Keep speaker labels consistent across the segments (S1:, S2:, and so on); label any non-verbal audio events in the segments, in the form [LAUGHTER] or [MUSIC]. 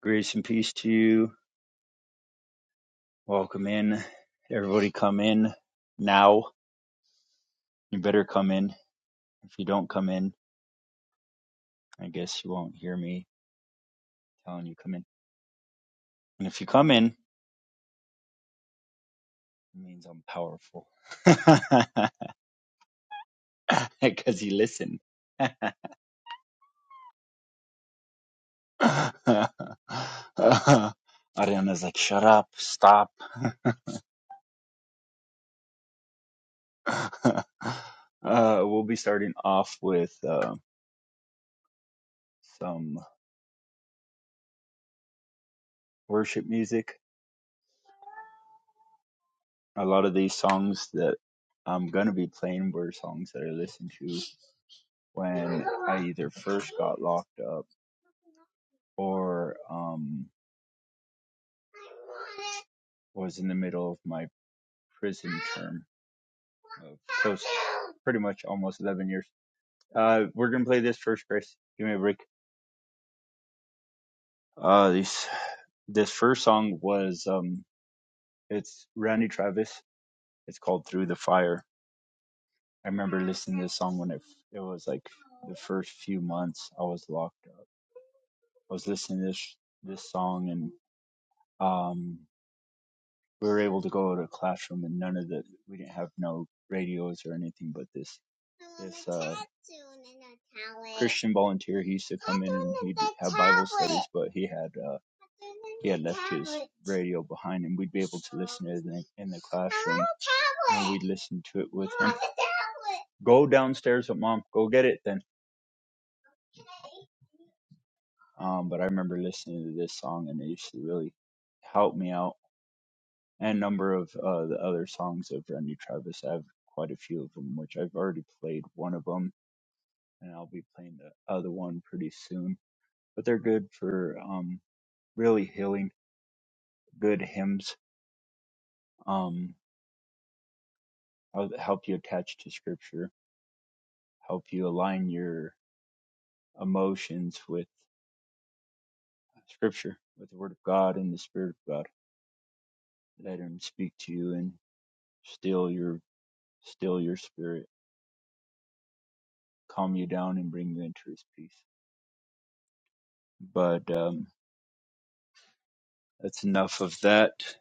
S1: Grace and peace to you. Welcome in. Everybody come in now. You better come in. If you don't come in, I guess you won't hear me telling you come in. And if you come in, it means I'm powerful. [LAUGHS] Because you listen. [LAUGHS] Ariana's like, shut up, stop. [LAUGHS] uh, we'll be starting off with uh, some worship music a lot of these songs that I'm gonna be playing were songs that I listened to when I either first got locked up or um, was in the middle of my prison term of close, pretty much almost 11 years. Uh, we're gonna play this first, Chris. Give me a break. Uh, this this first song was um, it's Randy Travis. It's called Through the Fire. I remember listening to this song when it it was like the first few months I was locked up I was listening to this this song and um we were able to go to a classroom and none of the we didn't have no radios or anything but this this uh Christian volunteer he used to come in and he'd have Bible studies but he had uh he had left his radio behind and we'd be able to listen to it in the, in the classroom and we'd listen to it with him. Go downstairs with mom, go get it then. Um, but I remember listening to this song and it used to really help me out. And a number of uh, the other songs of Randy Travis, I have quite a few of them, which I've already played one of them, and I'll be playing the other one pretty soon. But they're good for um, really healing, good hymns, um, hel- help you attach to Scripture, help you align your emotions with Scripture, with the Word of God and the Spirit of God. Let Him speak to you and still your still your spirit calm you down and bring you into his peace. But um, that's enough of that.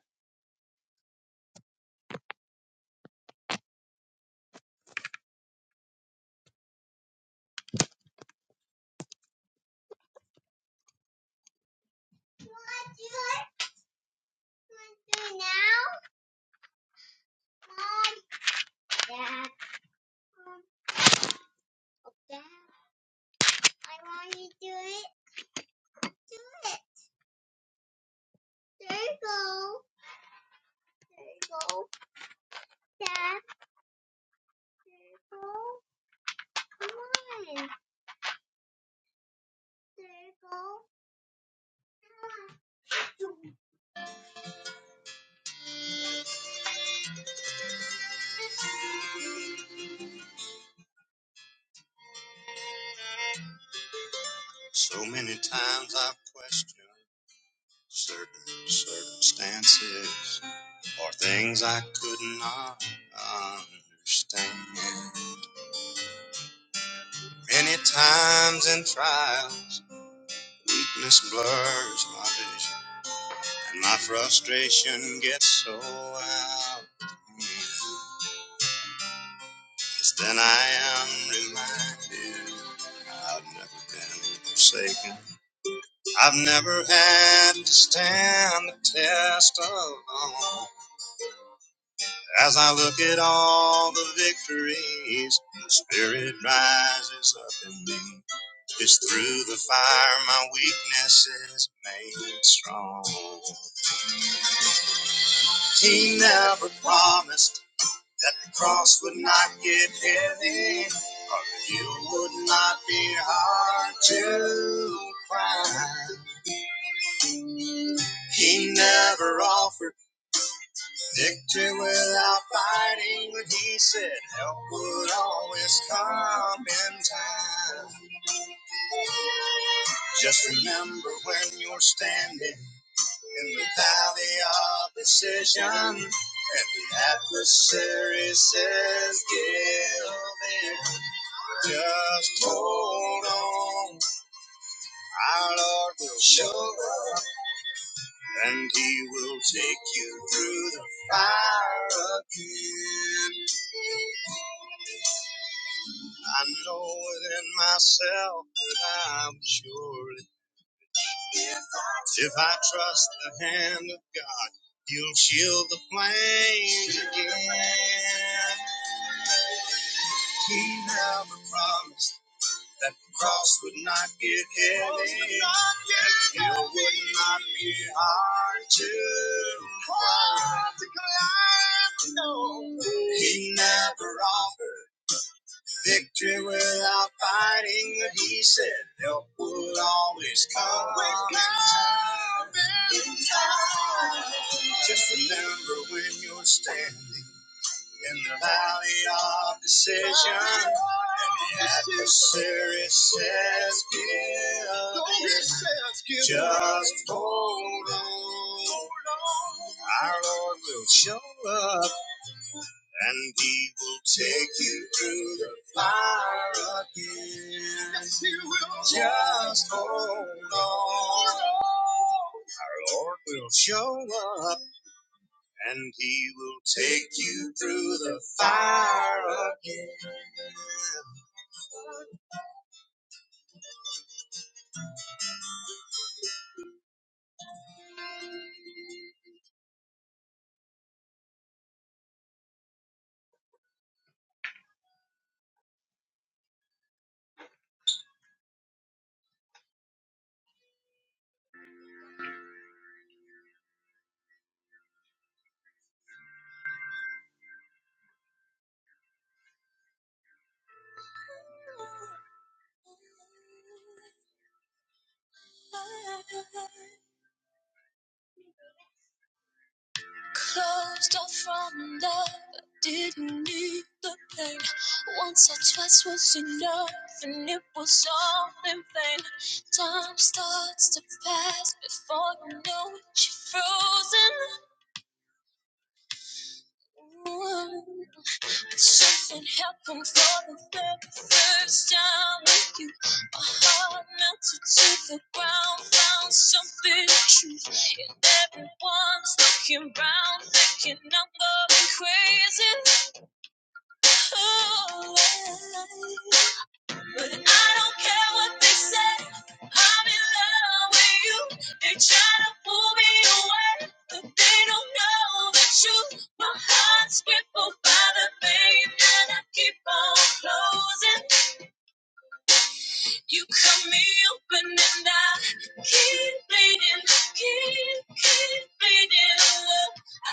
S1: So many times I've questioned certain circumstances or things I could not understand. Many times in trials, weakness blurs my vision, and my frustration gets so out. of hand. Yes, then I am reminded I've never been forsaken. I've never had to stand the test alone. As I look at all the victories, the spirit rises up in me. It's through the fire my weakness is made strong. He never promised that the cross would not get heavy, or you would not be hard to find. He never offered. Victory without fighting, what he said, help would always come in time. Just remember when you're standing in the valley of decision and the adversary says, Give in. Just hold on. Our Lord will show and he will take you through the fire again. I know within myself that I'm sure if I trust the hand of God, he'll shield the flames again. He never promised that the cross would not get heavy, the hill would not be hard to climb. He never offered victory without fighting, but he said help will always come. in time. Just remember when you're standing in the valley of decision. The adversary says, Give Just hold on. Our Lord will show up and He will take you through the fire again. Yes, Just hold on. Our Lord will show up and he will take you through the fire again. Closed off from love, didn't need the pain. Once or twice was enough, and it was all in vain. Time starts to pass before you know it, you're frozen. Something happened for the very first time with you. My heart melted to the ground, found something true. And everyone's looking round, thinking I'm going crazy. Oh, yeah. But I don't care what they say. I'm in love with you. They try to pull me away, but they don't know the truth. My heart's crippled by the pain that I keep on closing. You cut me open and I keep bleeding, keep, keep bleeding.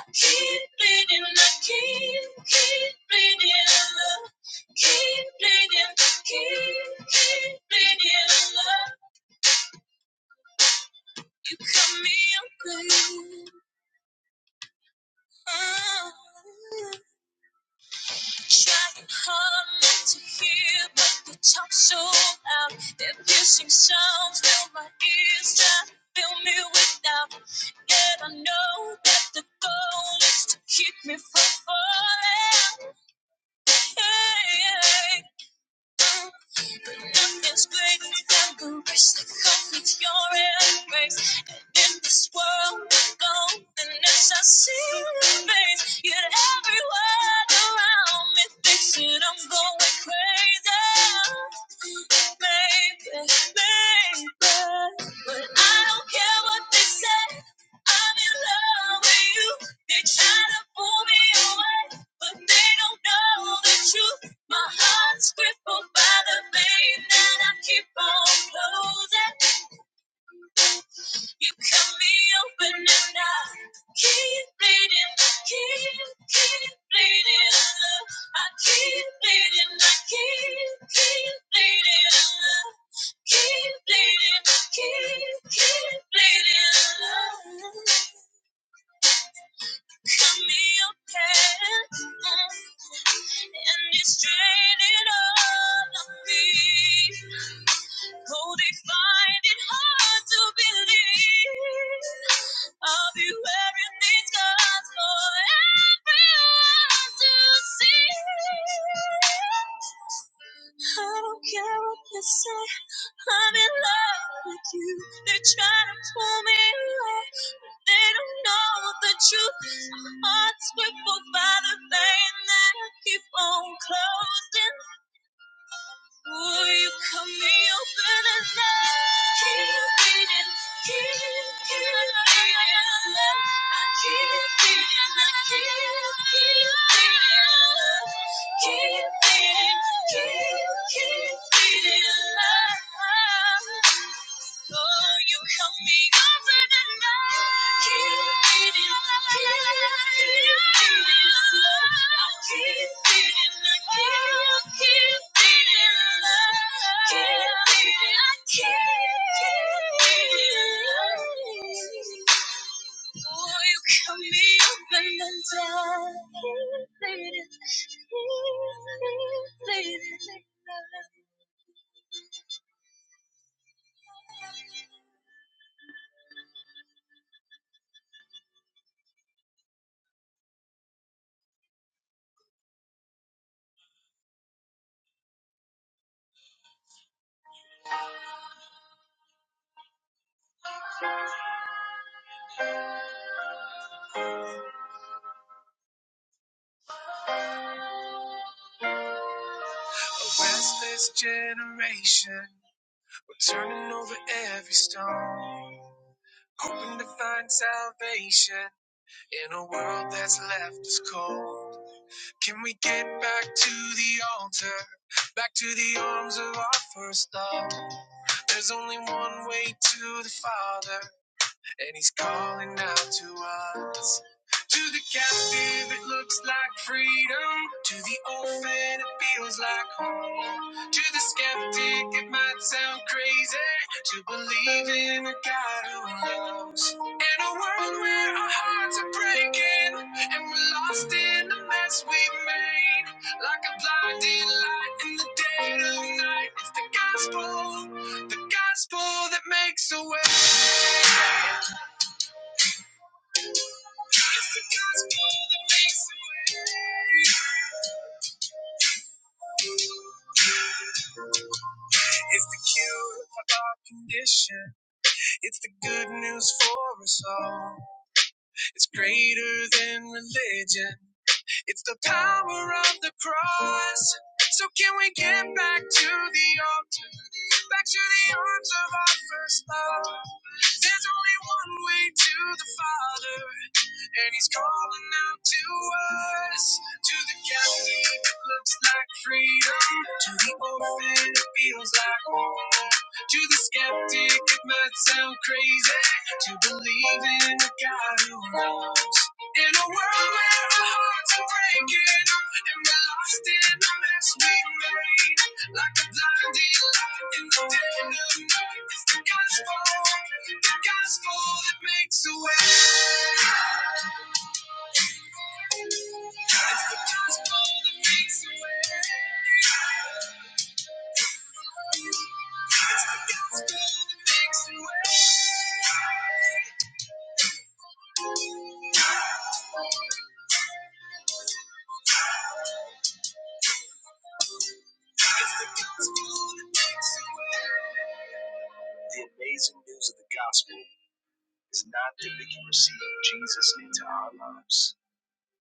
S1: Keep bleeding, I keep, keep bleeding, love. Keep bleeding, keep, keep bleeding, love. You cut me open. Oh. Trying hard not to hear, but you talk so loud. Their piercing sounds fill my ears, trying to fill me with doubt. Yet I know that the goal is to keep me from falling. Hey, hey, hey. But Nothing's greater than the race that comes with your embrace. And in this world of loneliness, I see your face. Yet everyone around me thinks that I'm going crazy. Maybe, maybe, but I don't care what they say. I'm in love with you. They try to pull me away, but they don't know the truth. My heart's crippled by the vein that I keep on closing. You cut me open and I keep bleeding, keep, keep bleeding. I keep bleeding, I keep, keep bleeding. Keep bleeding, keep, keep bleeding. Got me a pet, mm, and it's draining all of me. Oh, they find it hard to believe I'll be wearing these scars for everyone to see. I don't care what they say. I'm in love with you. They're trying to pull me away. but They don't know the truth. My heart's crippled by the pain that I keep on closing. Will you cut me open and love? Keep beating, keep, keep beating love. I keep beating, I keep, keep beating love. Keep beating, keep keep beating love. Oh, you help me over the night. Keep beating, keep, keep beating love. Keep beating, keep, keep beating love. Keep beating, keep, keep beating love. Oh, you come me up and down. Restless generation, we're turning over every stone, hoping to find salvation in a world that's left us cold. Can we get back to the altar, back to the arms of our first love? There's only one way to the Father. and he's calling out to us. To the captive, it looks like freedom. To the orphan, it feels like home. To the skeptic, it might sound crazy to believe in a God who loves. In a world where our hearts are breaking and we're lost in the mess we've made, like a blinding light in the dead of night, it's the gospel, the gospel that makes a way. It's the gospel that makes a way. It's the cure for condition. It's the good news for us all. It's greater than religion. It's the power of the cross. So can we get back to the altar? Back to the arms of our first love. There's only one way to the Father. and he's calling out to us, to the captive it looks like freedom, to the orphan it feels like home, to the skeptic it might sound crazy, to believe in a God who knows. In a world where our hearts are breaking, and we're lost in the mess we made, like a blinding light in the dead of night, it's the gospel, the gospel that makes a way. The amazing news of the gospel is not that we can receive Jesus into our lives,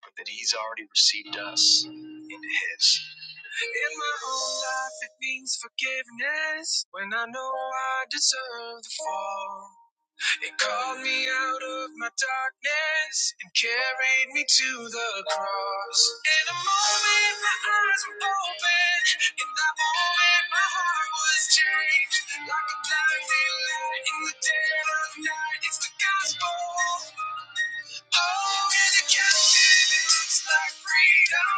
S1: but that he's already received us into his. In my own life, it means forgiveness when I know I deserve the fall. They called me of my darkness and carried me to the cross. In a moment, my eyes were open. In that moment, my heart was changed. Like a blinding light in the dead of night, it's the gospel. Oh, and it feels like freedom.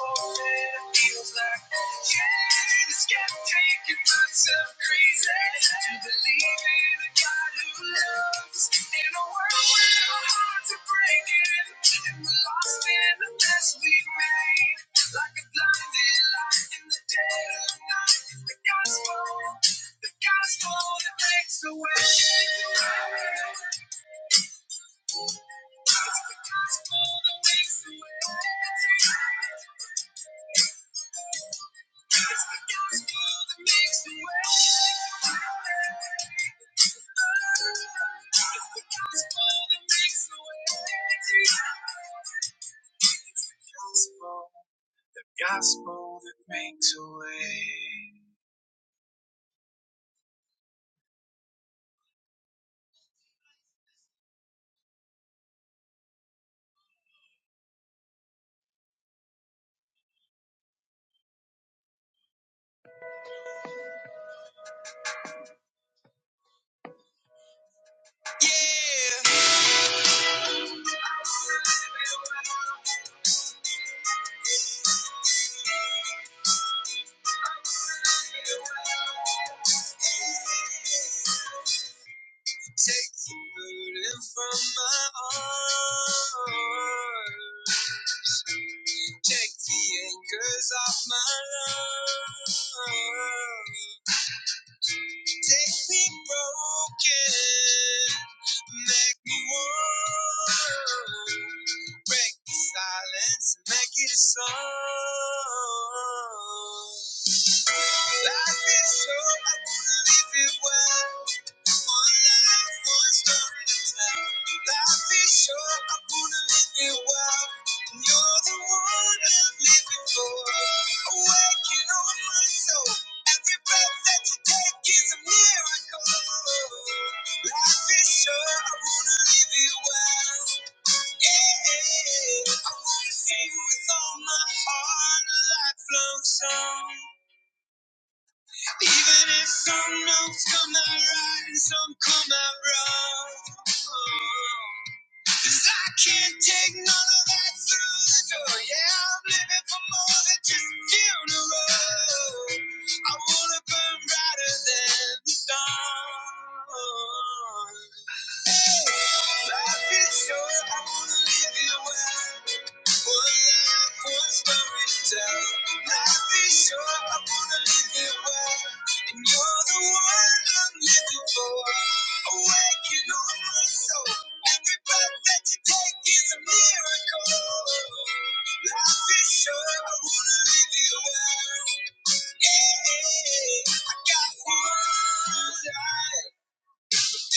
S1: Oh, and it feels like yeah, and it's kept taking myself crazy to believe in a God who loves in a world where our hearts are breaking and we're lost in the mess we've made. Like a blinded light in the dead of night, it's the gospel, the gospel that makes the way. Gospel that makes a way. Yeah. Take the burden from my arms. Take the anchors off my lungs. Take me broken, make me whole. Break the silence, and make it a song. Life is short, I wanna live it well. One life, one story to tell. Life is short, I wanna live it well. And you're the one I'm living for. Awaken on my soul. Every breath that you take is a miracle. Life is short, I wanna live it well. Yeah, I wanna sing with all my heart, a lifelong song. Even if some notes come out right and some come out wrong. 'Cause I can't take none of that through the door. Yeah, I'm living for more than just a funeral. I wanna burn brighter than the dawn. Life is short, I wanna live it well. One life, one story to tell. Life is short, I wanna live it well. And you're the one I'm living for. Awaken on my soul. Every breath that you take is a miracle. Life is short, I wanna live it well. Yeah, I got one life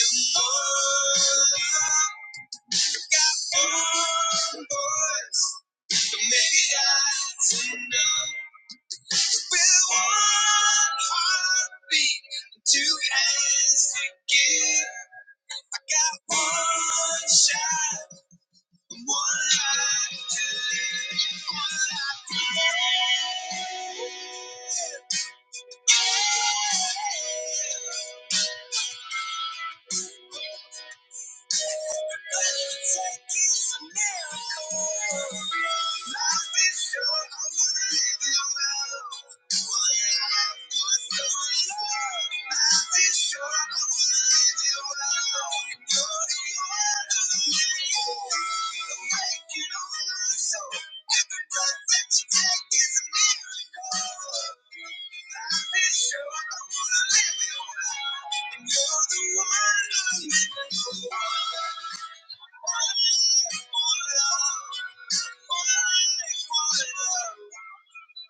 S1: one life. Every breath that you take is a miracle. I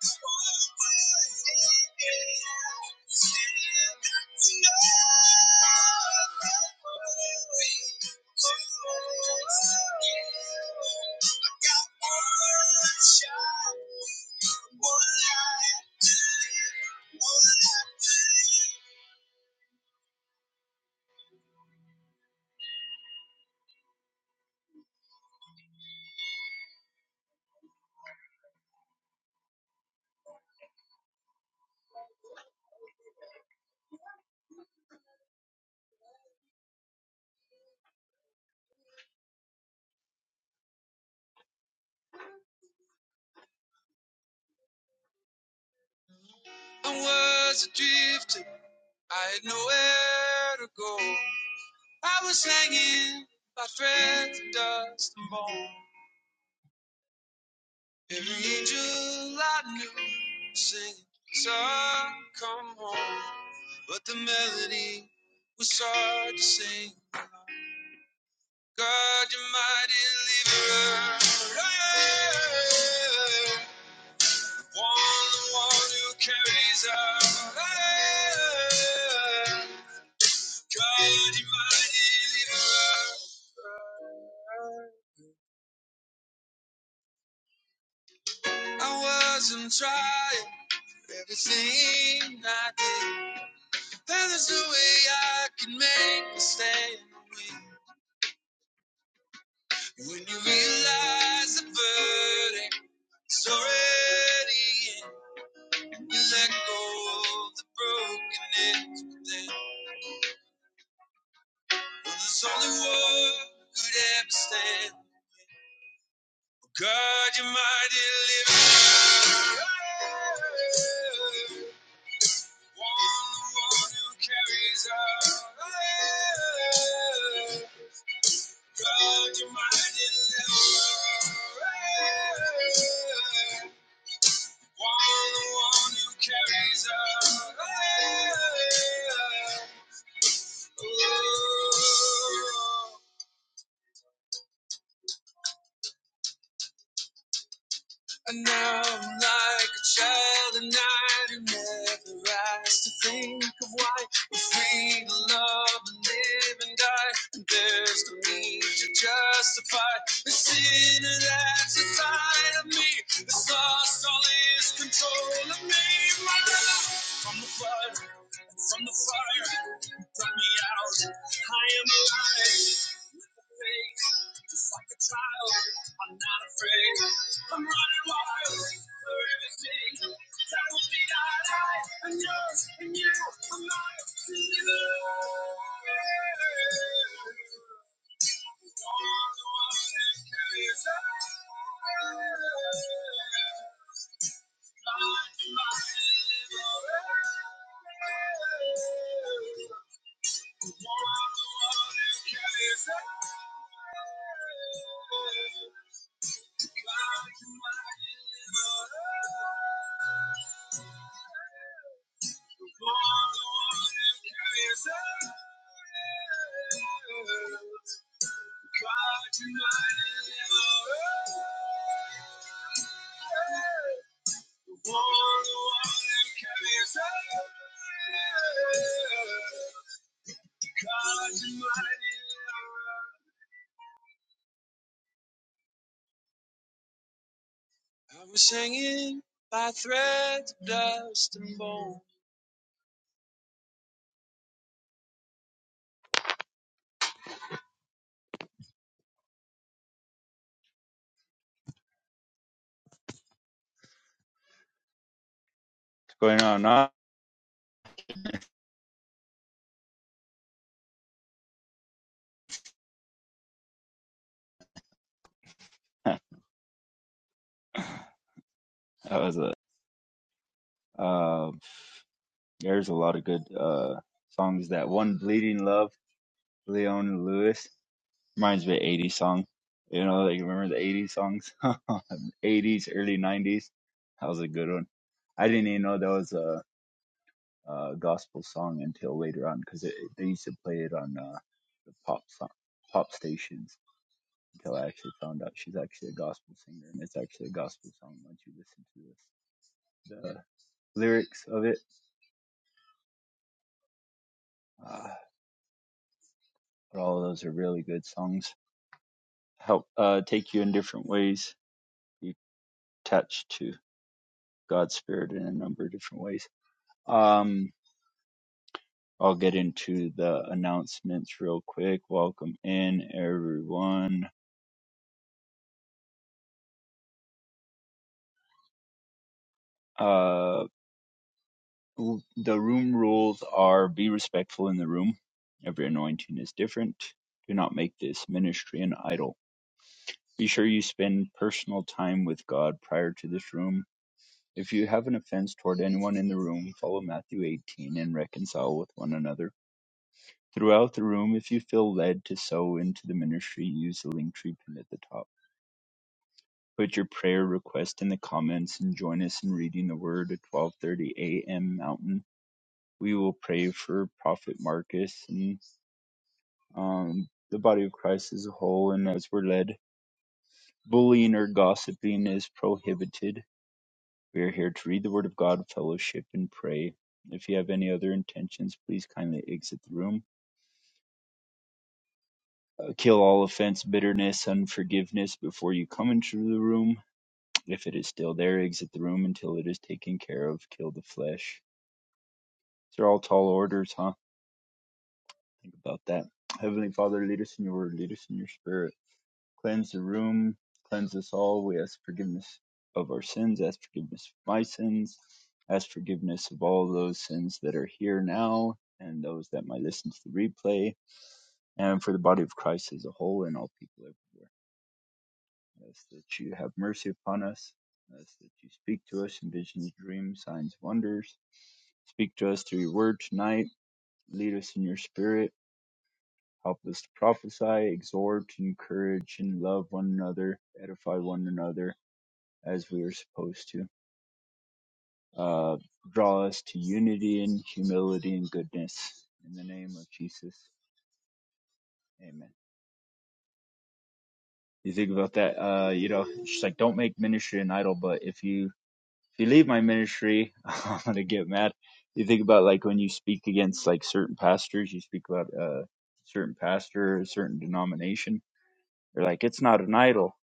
S1: was adrift, I had nowhere to go. I was hanging by threads of dust and bone. Every angel I knew singing, Son, come home. But the melody was hard to sing. God, you're my deliverer. Hey, One, the one who carries out. God, you're my deliverer. I wasn't trying. Everything I did, you balanced the way I could make a stand. When you realize the verdict is already in, you let go of the brokenness within. Well, there's only one could ever stand. God, you're my deliverer. One who carries all. God, you mighty deliverer. One who carries all. And now I'm like a child at night who never asked to think of why we're free to love and live and die. And there's no need to justify the sinner that's inside of me. It's lost all its control of me. My brother from the flood, from the fire, brought me out. I am alive. Just like a child, I'm not afraid. I'm running wild for everything that will be denied. I and yours and you are mine to live. I'm singing by threads, of dust, and bone. What's going on? [LAUGHS] That was it. There's a lot of good uh songs. That one, "Bleeding Love," Leona Lewis reminds me of '80s song. You know, like remember the '80s songs, [LAUGHS] '80s, early '90s. That was a good one. I didn't even know that was a, a gospel song until later on because they used to play it on uh, the pop song, pop stations. Until I actually found out she's actually a gospel singer and it's actually a gospel song once you listen to this, the lyrics of it. Uh, but all of those are really good songs. help uh, take you in different ways. You touch to God's Spirit in a number of different ways. Um, I'll get into the announcements real quick. Welcome in, everyone. Uh, w- the room rules are be respectful in the room. Every anointing is different. Do not make this ministry an idol. Be sure you spend personal time with God prior to this room. If you have an offense toward anyone in the room, follow Matthew 18 and reconcile with one another Throughout the room, if you feel led to sow into the ministry, use the link tree pin at the top. Put your prayer request in the comments and join us in reading the word at 12:30 a.m. Mountain. We will pray for Prophet Marcus and um, the body of Christ as a whole, and as we're led, bullying or gossiping is prohibited. We are here to read the word of God, fellowship, and pray. If you have any other intentions, please kindly exit the room. Uh, kill all offense, bitterness, unforgiveness before you come into the room. If it is still there, exit the room until it is taken care of. Kill the flesh. These are all tall orders, huh? Think about that. Heavenly Father, lead us in your word, lead us in your spirit. Cleanse the room, cleanse us all. We ask forgiveness of our sins, ask forgiveness of my sins, ask forgiveness of all those sins that are here now and those that might listen to the replay, and for the body of Christ as a whole and all people everywhere. Ask that you have mercy upon us. Ask that you speak to us in visions, dreams, signs, wonders. Speak to us through your word tonight. Lead us in your spirit. Help us to prophesy, exhort, encourage, and love one another, edify one another as we are supposed to. Uh, draw us to unity and humility and goodness. In the name of Jesus, amen. You think about that, uh, you know, it's just like don't make ministry an idol, but if you if you leave my ministry, [LAUGHS] I'm gonna get mad. You think about like when you speak against like certain pastors, you speak about a certain pastor or a certain denomination. They're like, it's not an idol.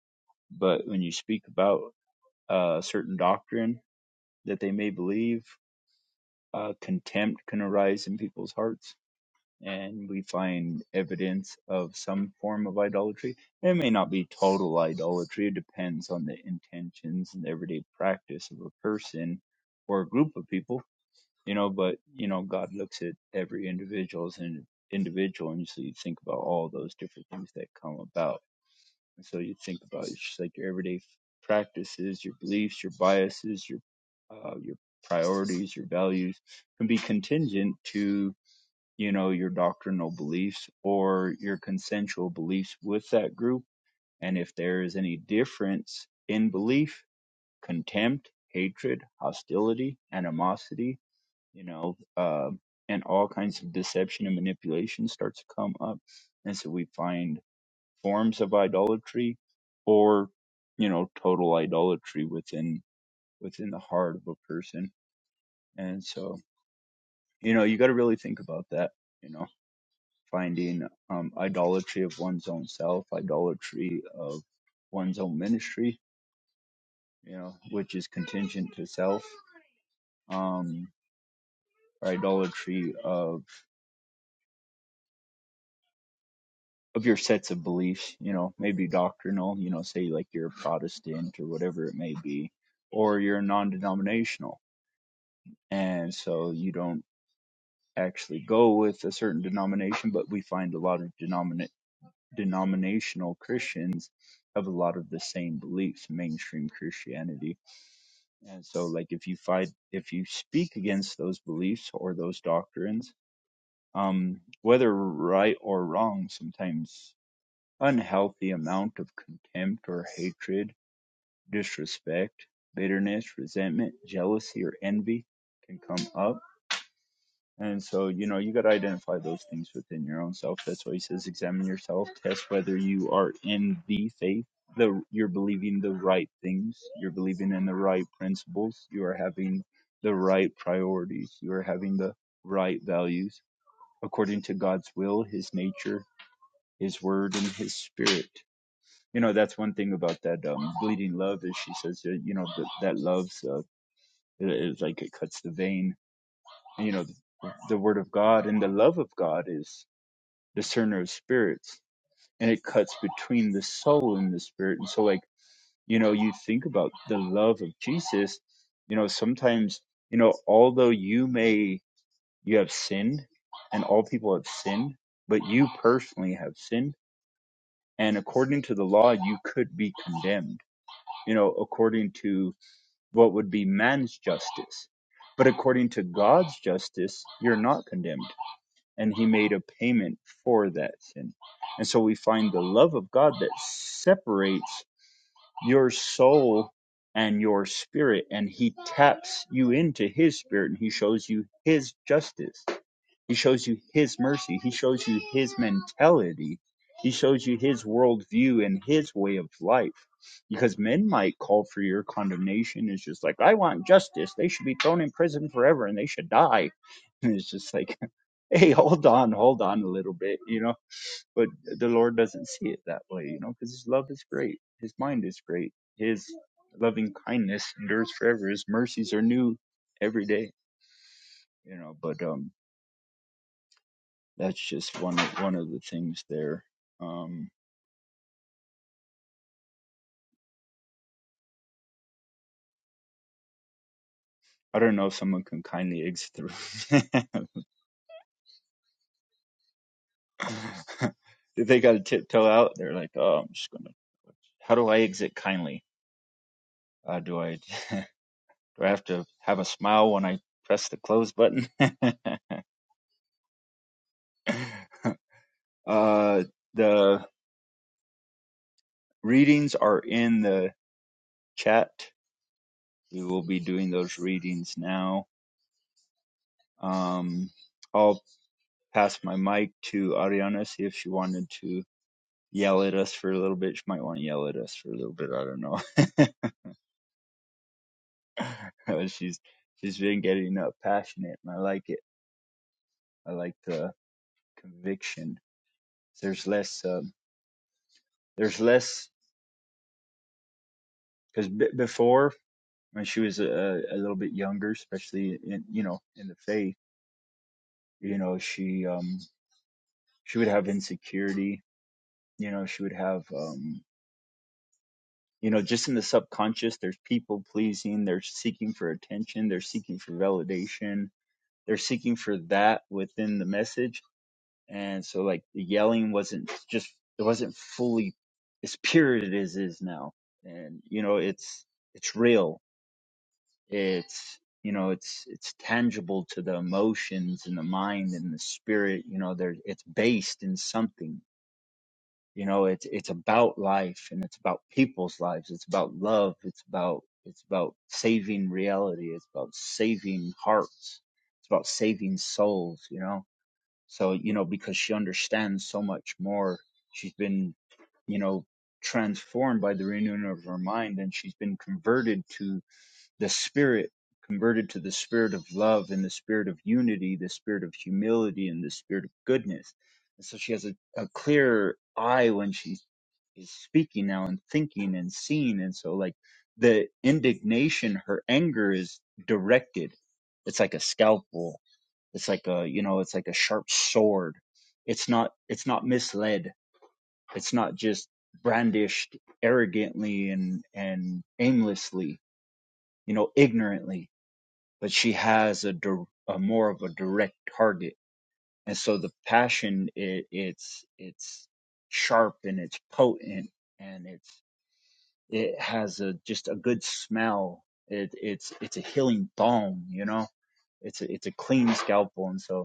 S1: But when you speak about uh, a certain doctrine that they may believe, uh, contempt can arise in people's hearts, and we find evidence of some form of idolatry. It may not be total idolatry. It depends on the intentions and everyday practice of a person or a group of people you know but you know god looks at every individual's and individual and so you think about all those different things that come about and so you think about it's just like your everyday practices your beliefs your biases your uh, your priorities your values can be contingent to you know your doctrinal beliefs or your consensual beliefs with that group and if there is any difference in belief contempt hatred hostility animosity you know, uh, and all kinds of deception and manipulation starts to come up. And so we find forms of idolatry or, you know, total idolatry within within the heart of a person. And so, you know, you got to really think about that, you know, finding um, idolatry of one's own self, idolatry of one's own ministry, you know, which is contingent to self, um, or idolatry of of your sets of beliefs, you know, maybe doctrinal, you know, say like you're a Protestant or whatever it may be, or you're non denominational. And so you don't actually go with a certain denomination, but we find a lot of denomina- denominational Christians have a lot of the same beliefs, mainstream Christianity. And so like if you fight if you speak against those beliefs or those doctrines, um, whether right or wrong, sometimes Unhealthy amount of contempt or hatred, disrespect, bitterness, resentment, jealousy, or envy can come up. And so, you know, you got to identify those things within your own self. That's why he says, examine yourself, test whether you are in the faith, the you're believing the right things, you're believing in the right principles, you are having the right priorities, you are having the right values according to God's will, His nature, His word, and His spirit you know that's one thing about that um, bleeding love is she says uh, you know that, that love's uh, it, it's like it cuts the vein and, you know the, the word of god and the love of god is discerner of spirits and it cuts between the soul and the spirit and so like you know you think about the love of jesus you know sometimes you know although you may you have sinned and all people have sinned but you personally have sinned and according to the law you could be condemned you know according to what would be man's justice. But according to God's justice, you're not condemned. And he made a payment for that sin. And so we find the love of God that separates your soul and your spirit. And he taps you into his spirit and he shows you his justice he shows you his mercy. He shows you his mentality. He shows you his worldview and his way of life. Because men might call for your condemnation. It's just like, I want justice. They should be thrown in prison forever and they should die. [LAUGHS] And it's just like, [LAUGHS] hey, hold on, hold on a little bit, you know. But the Lord doesn't see it that way, you know, because his love is great. His mind is great. His loving kindness endures forever. His mercies are new every day, you know. But, um, that's just one of, one of the things there. Um, I don't know if someone can kindly exit the room. [LAUGHS] if they got to tiptoe out, they're like, "Oh, I'm just gonna." How do I exit kindly? Uh, do I [LAUGHS] do I have to have a smile when I press the close button? [LAUGHS] uh, the readings are in the chat. We will be doing those readings now. Um, I'll pass my mic to Ariana see if she wanted to yell at us for a little bit. She might want to yell at us for a little bit. I don't know. [LAUGHS] she's she's been getting uh, passionate, and I like it. I like the conviction. There's less. Um, there's less because b- before when she was a, a little bit younger, especially in you know in the faith, you know she um she would have insecurity. You know she would have um you know just in the subconscious. There's people pleasing. They're seeking for attention. They're seeking for validation they're seeking for that within the message and so like the yelling wasn't just it wasn't fully as pure as it is is now and you know it's it's real it's you know it's it's tangible to the emotions and the mind and the spirit you know there it's based in something you know it's it's about life and it's about people's lives it's about love it's about it's about saving reality it's about saving hearts it's about saving souls you know so, you know, because she understands so much more, she's been, you know, transformed by the renewing of her mind and she's been converted to the spirit, converted to the spirit of love and the spirit of unity, the spirit of humility and the spirit of goodness. And so she has a, a clear eye when she is speaking now and thinking and seeing. And so like the indignation, her anger is directed. It's like a scalpel it's like a, you know, it's like a sharp sword. It's not, it's not misled. It's not just brandished arrogantly and, and aimlessly, you know, ignorantly, but she has a, dir- a more of a direct target. And so the passion, it, it's, it's sharp and it's potent and it's, it has a, just a good smell. It, it's, it's a healing balm, you know, it's a, it's a clean scalpel. And so,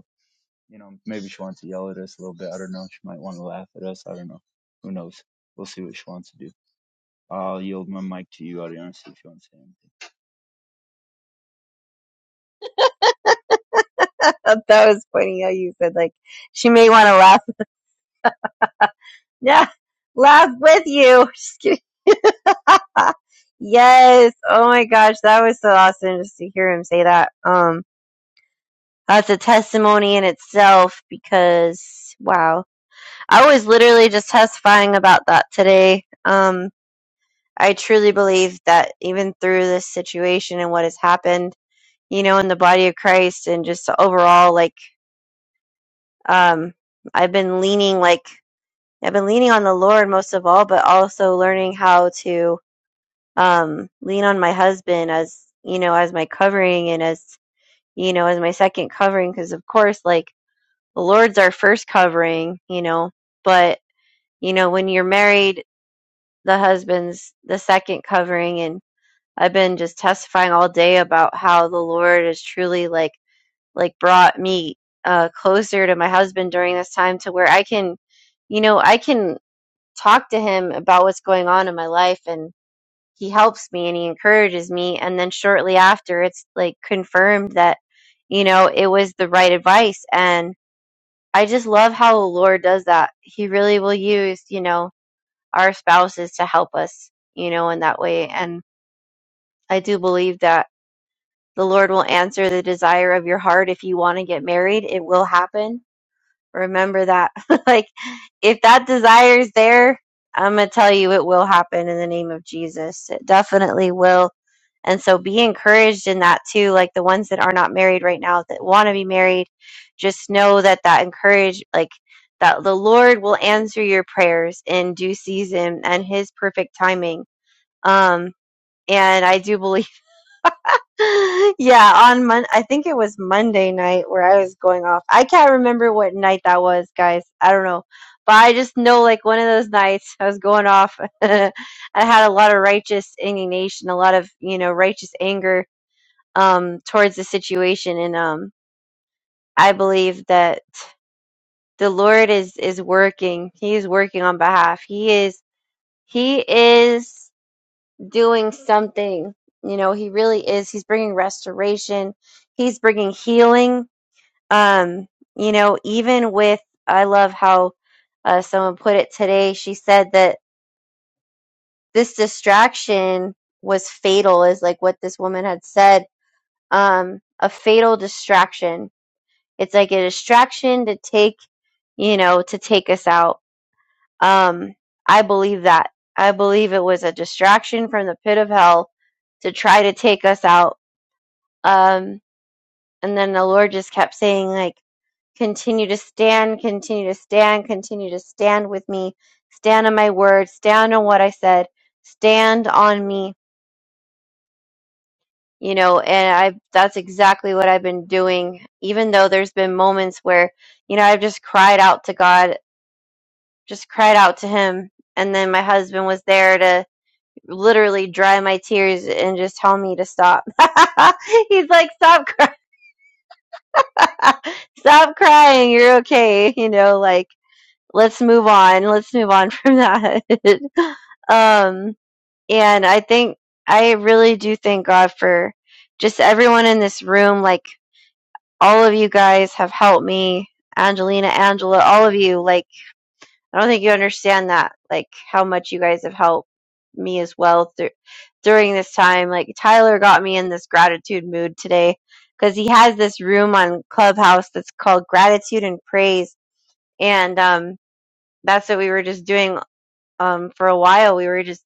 S1: You know, maybe she wants to yell at us a little bit. I don't know. She might want to laugh at us. I don't know. Who knows? We'll see what she wants to do. I'll yield my mic to you, Ariana, see if you want to say anything.
S2: That's that was funny how you said like she may want to laugh. Yeah, laugh with you. [LAUGHS] Just kidding. [LAUGHS] yes. Oh my gosh, that was so awesome just to hear him say that. Um, that's a testimony in itself because wow, I was literally just testifying about that today. Um, I truly believe that even through this situation and what has happened, you know, in the body of Christ and just overall, like, um, I've been leaning like. I've been leaning on the Lord most of all, but also learning how to um, lean on my husband as you know, as my covering and as you know, as my second covering. Because of course, like the Lord's our first covering, you know. But you know, when you're married, the husband's the second covering. And I've been just testifying all day about how the Lord has truly like like brought me uh, closer to my husband during this time, to where I can, you know, I can talk to him about what's going on in my life and he helps me and he encourages me and then shortly after it's like confirmed that you know it was the right advice and i just love how the lord does that he really will use you know our spouses to help us you know in that way and i do believe that the lord will answer the desire of your heart if you want to get married it will happen Remember that. [LAUGHS] like, if that desire is there, I'm going to tell you it will happen in the name of Jesus. It definitely will. And so be encouraged in that too. Like the ones that are not married right now that want to be married, just know that that encourage, like, that the Lord will answer your prayers in due season and his perfect timing. Um, and I do believe. [LAUGHS] yeah, on Mon I think it was Monday night where I was going off. I can't remember what night that was, guys. I don't know. But I just know like one of those nights I was going off. [LAUGHS] I had a lot of righteous indignation, a lot of, you know, righteous anger um towards the situation and um I believe that the Lord is is working. He is working on behalf. He is he is doing something. You know, he really is. He's bringing restoration. He's bringing healing. Um, you know, even with, I love how uh, someone put it today. She said that this distraction was fatal, is like what this woman had said. Um, a fatal distraction. It's like a distraction to take, you know, to take us out. Um, I believe that. I believe it was a distraction from the pit of hell to try to take us out Um, and then the Lord just kept saying, like, continue to stand, continue to stand, continue to stand with me, stand on my word, stand on what I said, stand on me, you know, and I that's exactly what I've been doing, even though there's been moments where, you know, I've just cried out to God, just cried out to him. And then my husband was there to literally dry my tears and just tell me to stop. [LAUGHS] He's like, stop [LAUGHS] Stop crying. You're okay. You know, like let's move on. Let's move on from that. [LAUGHS] um, and I think I really do thank God for just everyone in this room. Like all of you guys have helped me, Angelina, Angela, all of you. Like I don't think you understand that, like how much you guys have helped me as well through during this time. Like Tyler got me in this gratitude mood today because he has this room on Clubhouse that's called Gratitude and Praise, and um, that's what we were just doing um, for a while. We were just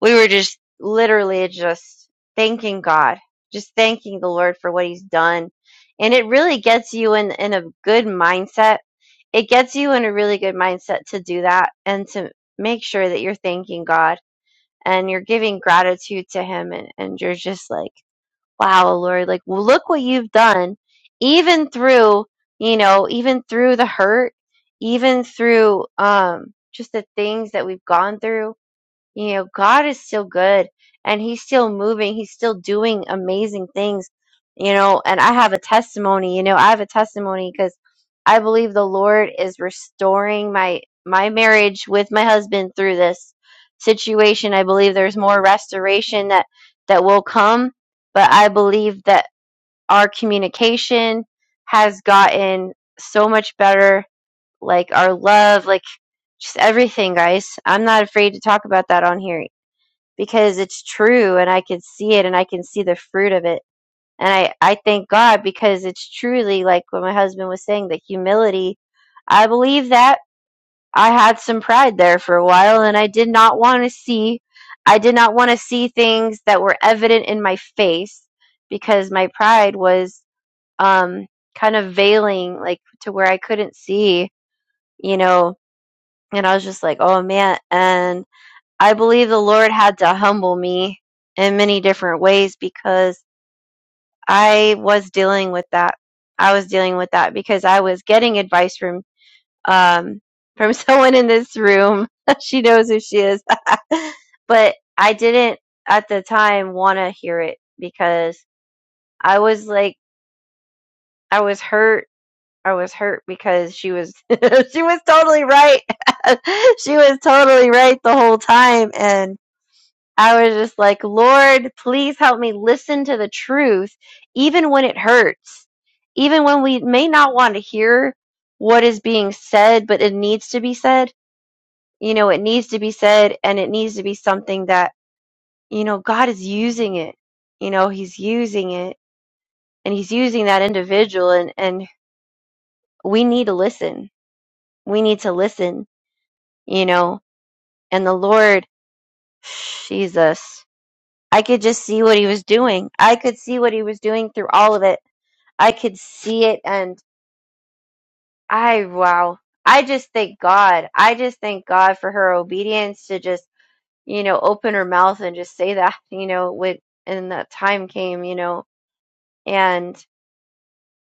S2: we were just literally just thanking God, just thanking the Lord for what He's done. And it really gets you in, in a good mindset. It gets you in a really good mindset to do that and to make sure that you're thanking God and you're giving gratitude to Him. And, and you're just like, wow, Lord, like, well, look what you've done, even through, you know, even through the hurt, even through um, just the things that we've gone through you know, God is still good and He's still moving. He's still doing amazing things, you know. And I have a testimony, you know, I have a testimony because I believe the Lord is restoring my my marriage with my husband through this situation. I believe there's more restoration that that will come, but I believe that our communication has gotten so much better, like our love, like just everything, guys. I'm not afraid to talk about that on here because it's true and I can see it and I can see the fruit of it. And I, I thank God because it's truly like what my husband was saying, the humility. I believe that I had some pride there for a while and I did not want to see, I did not want to see things that were evident in my face because my pride was, um, kind of veiling like to where I couldn't see, you know, and I was just like, oh man. and. I believe the Lord had to humble me in many different ways because I was dealing with that. I was dealing with that because I was getting advice from um [LAUGHS] from someone in this room. [LAUGHS] she knows who she is. [LAUGHS] but I didn't at the time want to hear it because I was like I was hurt. I was hurt because she was [LAUGHS] she was totally right. [LAUGHS] she was totally right the whole time and I was just like, Lord, please help me listen to the truth, even when it hurts, even when we may not want to hear what is being said, but it needs to be said. You know, it needs to be said, and it needs to be something that, you know, God is using it. You know, He's using it, and He's using that individual, and, and we need to listen. We need to listen, you know, and the Lord, [SIGHS] Jesus. I could just see what he was doing. I could see what he was doing through all of it I could see it and I wow. I just thank God. I just thank God for her obedience to just, you know, open her mouth and just say that, [LAUGHS] you know, with and that time came, you know. And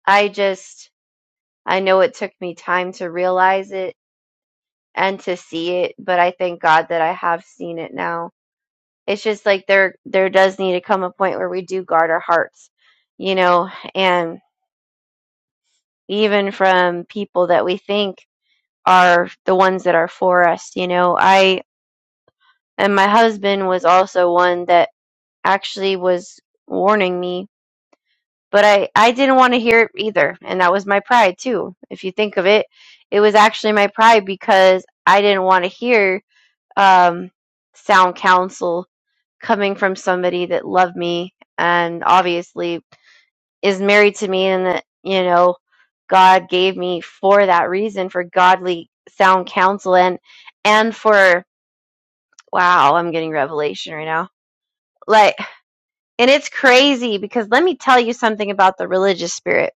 S2: I just I know it took me time to realize it and to see it, but I thank God that I have seen it now. It's just like there there does need to come a point where we do guard our hearts, you know, and even from people that we think are the ones that are for us you know i and my husband was also one that actually was warning me but i i didn't want to hear it either and that was my pride too if you think of it it was actually my pride because i didn't want to hear um sound counsel coming from somebody that loved me and obviously is married to me and that you know god gave me for that reason for godly sound counsel and and for Wow, I'm getting revelation right now. Like, and it's crazy because let me tell you something about the religious spirit.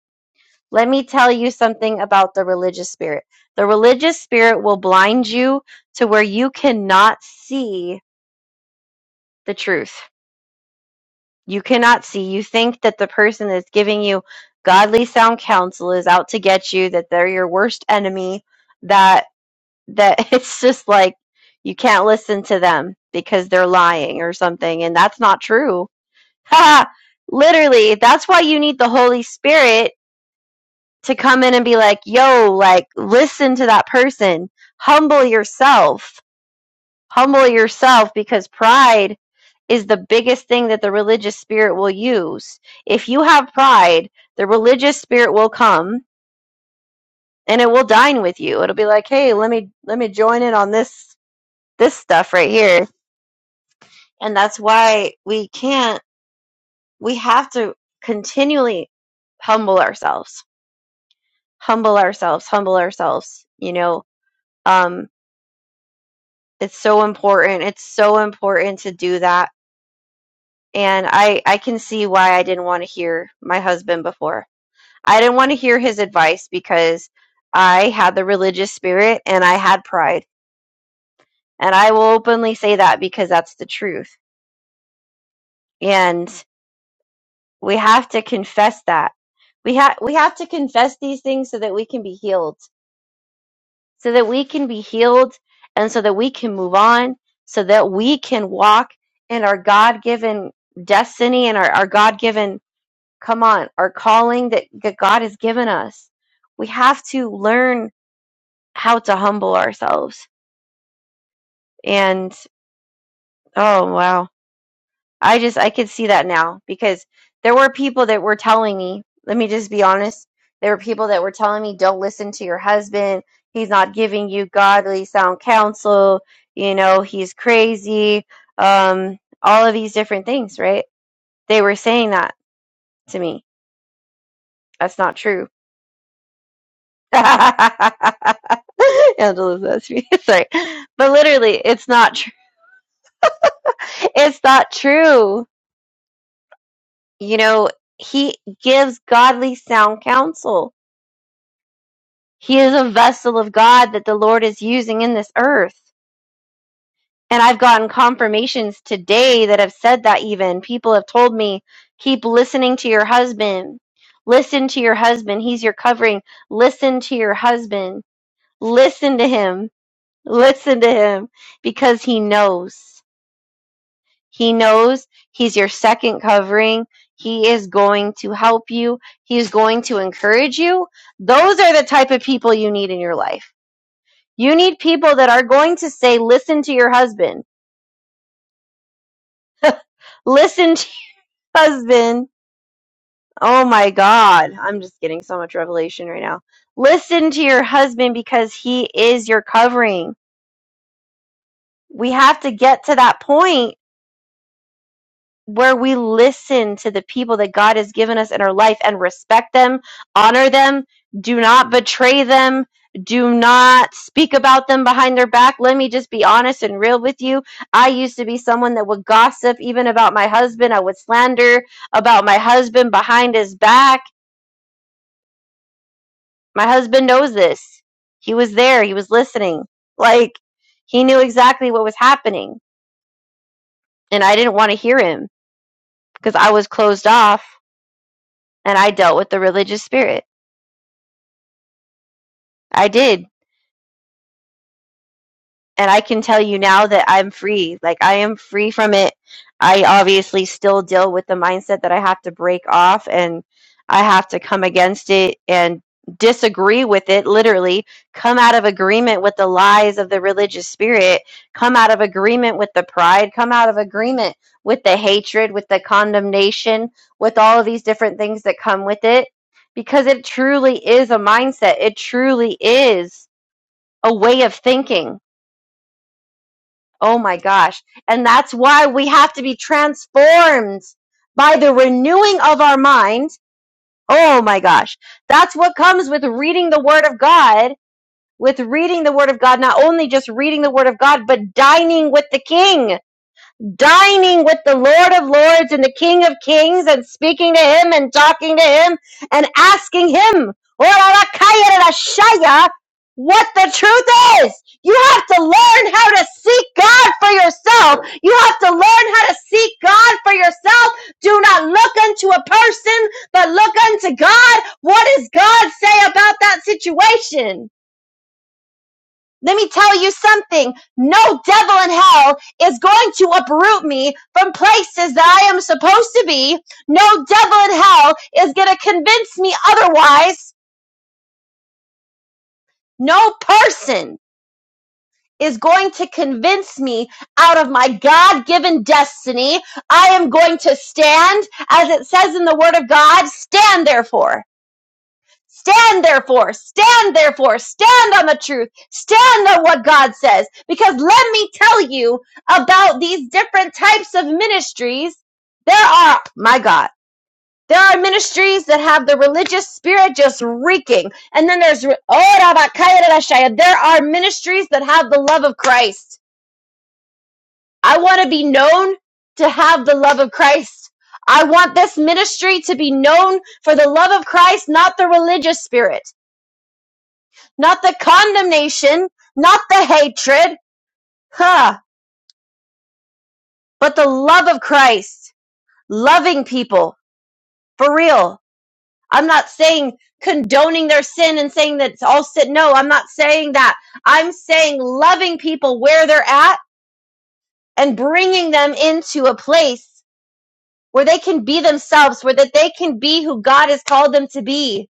S2: Let me tell you something about the religious spirit. The religious spirit will blind you to where you cannot see the truth. You cannot see. You think that the person that's giving you godly sound counsel is out to get you, that they're your worst enemy, that that [LAUGHS] it's just like you can't listen to them because they're lying or something and that's not true [LAUGHS] Haha, literally, that's why you need the Holy Spirit to come in and be like, yo, like, listen to that person. Humble yourself. Humble yourself because pride is the biggest thing that the religious spirit will use. If you have pride, the religious spirit will come and it will dine with you. It'll be like, hey, let me let me join in on this this stuff right here. And that's why we can't we have to continually humble ourselves humble ourselves, humble ourselves. You know, um, it's so important. It's so important to do that. And I, I can see why I didn't want to hear my husband before. I didn't want to hear his advice because I had the religious spirit and I had pride. And I will openly say that because that's the truth. And we have to confess that. We have we have to confess these things so that we can be healed. so that we can be healed and so that we can move on, so that we can walk in our God given destiny and our, our God given, come on, our calling that, that God has given us. We have to learn how to humble ourselves. And oh, wow. I just I could see that now because there were people that were telling me, let me just be honest, there were people that were telling me don't listen to your husband. He's not giving you godly sound counsel. You know, he's crazy. Um all of these different things, right? They were saying that to me. That's not true. [LAUGHS] Angela's that's me. [LAUGHS] Sorry. But literally, it's not true. [LAUGHS] It's not true. You know, he gives godly sound counsel He is a vessel of God that the Lord is using in this earth. And I've gotten confirmations today that have said that even. People have told me, keep listening to your husband. Listen to your husband. He's your covering. Listen to your husband. Listen to him. Listen to him because he knows. He knows he's your second covering. He is going to help you. He's going to encourage you. Those are the type of people you need in your life You need people that are going to say, listen to your husband. Listen to your husband. Oh my God. I'm just getting so much revelation right now. Listen to your husband because he is your covering. We have to get to that point where we listen to the people that God has given us in our life and respect them, honor them, do not betray them, do not speak about them behind their back. Let me just be honest and real with you. I used to be someone that would gossip even about my husband. I would slander about my husband behind his back. My husband knows this. He was there, he was listening. Like, he knew exactly what was happening, and I didn't want to hear him because I was closed off and I dealt with the religious spirit I did. And I can tell you now that I'm free. Like, I am free from it. I obviously still deal with the mindset that I have to break off and I have to come against it and disagree with it, literally, come out of agreement with the lies of the religious spirit, come out of agreement with the pride, come out of agreement with the hatred, with the condemnation, with all of these different things that come with it. Because it truly is a mindset, it truly is a way of thinking Oh my gosh. And that's why we have to be transformed by the renewing of our mind. Oh my gosh. That's what comes with reading the Word of God, with reading the Word of God, not only just reading the Word of God, but dining with the King dining with the Lord of Lords and the King of Kings and speaking to him and talking to him and asking him, what the truth is. You have to learn how to seek God for yourself. You have to learn how to seek God for yourself. Do not look unto a person, but look unto God. What does God say about that situation? Let me tell you something. No devil in hell is going to uproot me from places that I am supposed to be. No devil in hell is going to convince me otherwise. No person is going to convince me out of my God given destiny. I am going to stand, as it says in the Word of God, stand therefore. Stand therefore, stand therefore, stand on the truth, stand on what God says. Because let me tell you about these different types of ministries. There are, my God, there are ministries that have the religious spirit just reeking. And then there's, re- Ora bakaya rarashaya. there are ministries that have the love of Christ. I want to be known to have the love of Christ. I want this ministry to be known for the love of Christ, not the religious spirit. Not the condemnation, not the hatred, huh, but the love of Christ. Loving people. For real. I'm not saying condoning their sin and saying that it's all sin. No, I'm not saying that. I'm saying loving people where they're at and bringing them into a place where they can be themselves, where that they can be who God has called them to be.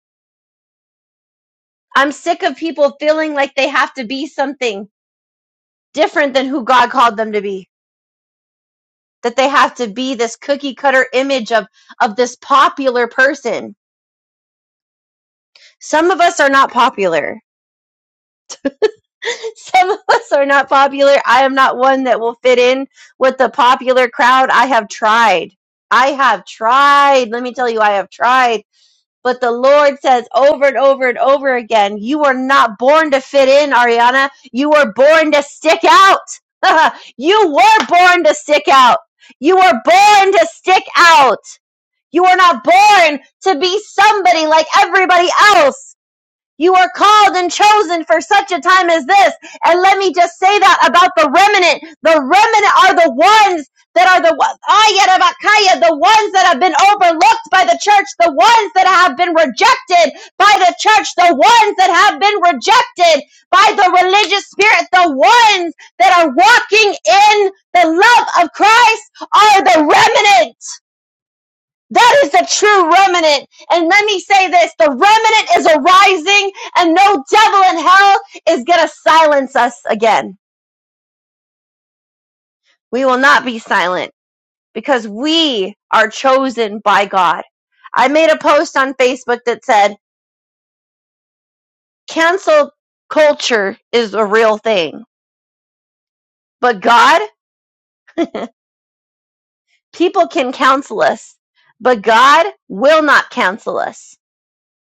S2: I'm sick of people feeling like they have to be something different than who God called them to be. that they have to be this cookie cutter image of of this popular person some of us are not popular [LAUGHS] some of us are not popular i am not one that will fit in with the popular crowd i have tried i have tried let me tell you i have tried but the lord says over and over and over again you are not born to fit in ariana you were born to stick out [LAUGHS] you were born to stick out you were born to stick out You are not born to be somebody like everybody else. You are called and chosen for such a time as this. And let me just say that about the remnant. The remnant are the ones that are the one- the ones that have been overlooked by the church, the ones that have been rejected by the church, the ones that have been rejected by the religious spirit, the ones that are walking in the love of Christ are the remnant. That is the true remnant. And let me say this, the remnant is arising and no devil in hell is going to silence us again. We will not be silent because we are chosen by God. I made a post on Facebook that said, cancel culture is a real thing, but God, people can counsel us, but God will not counsel us.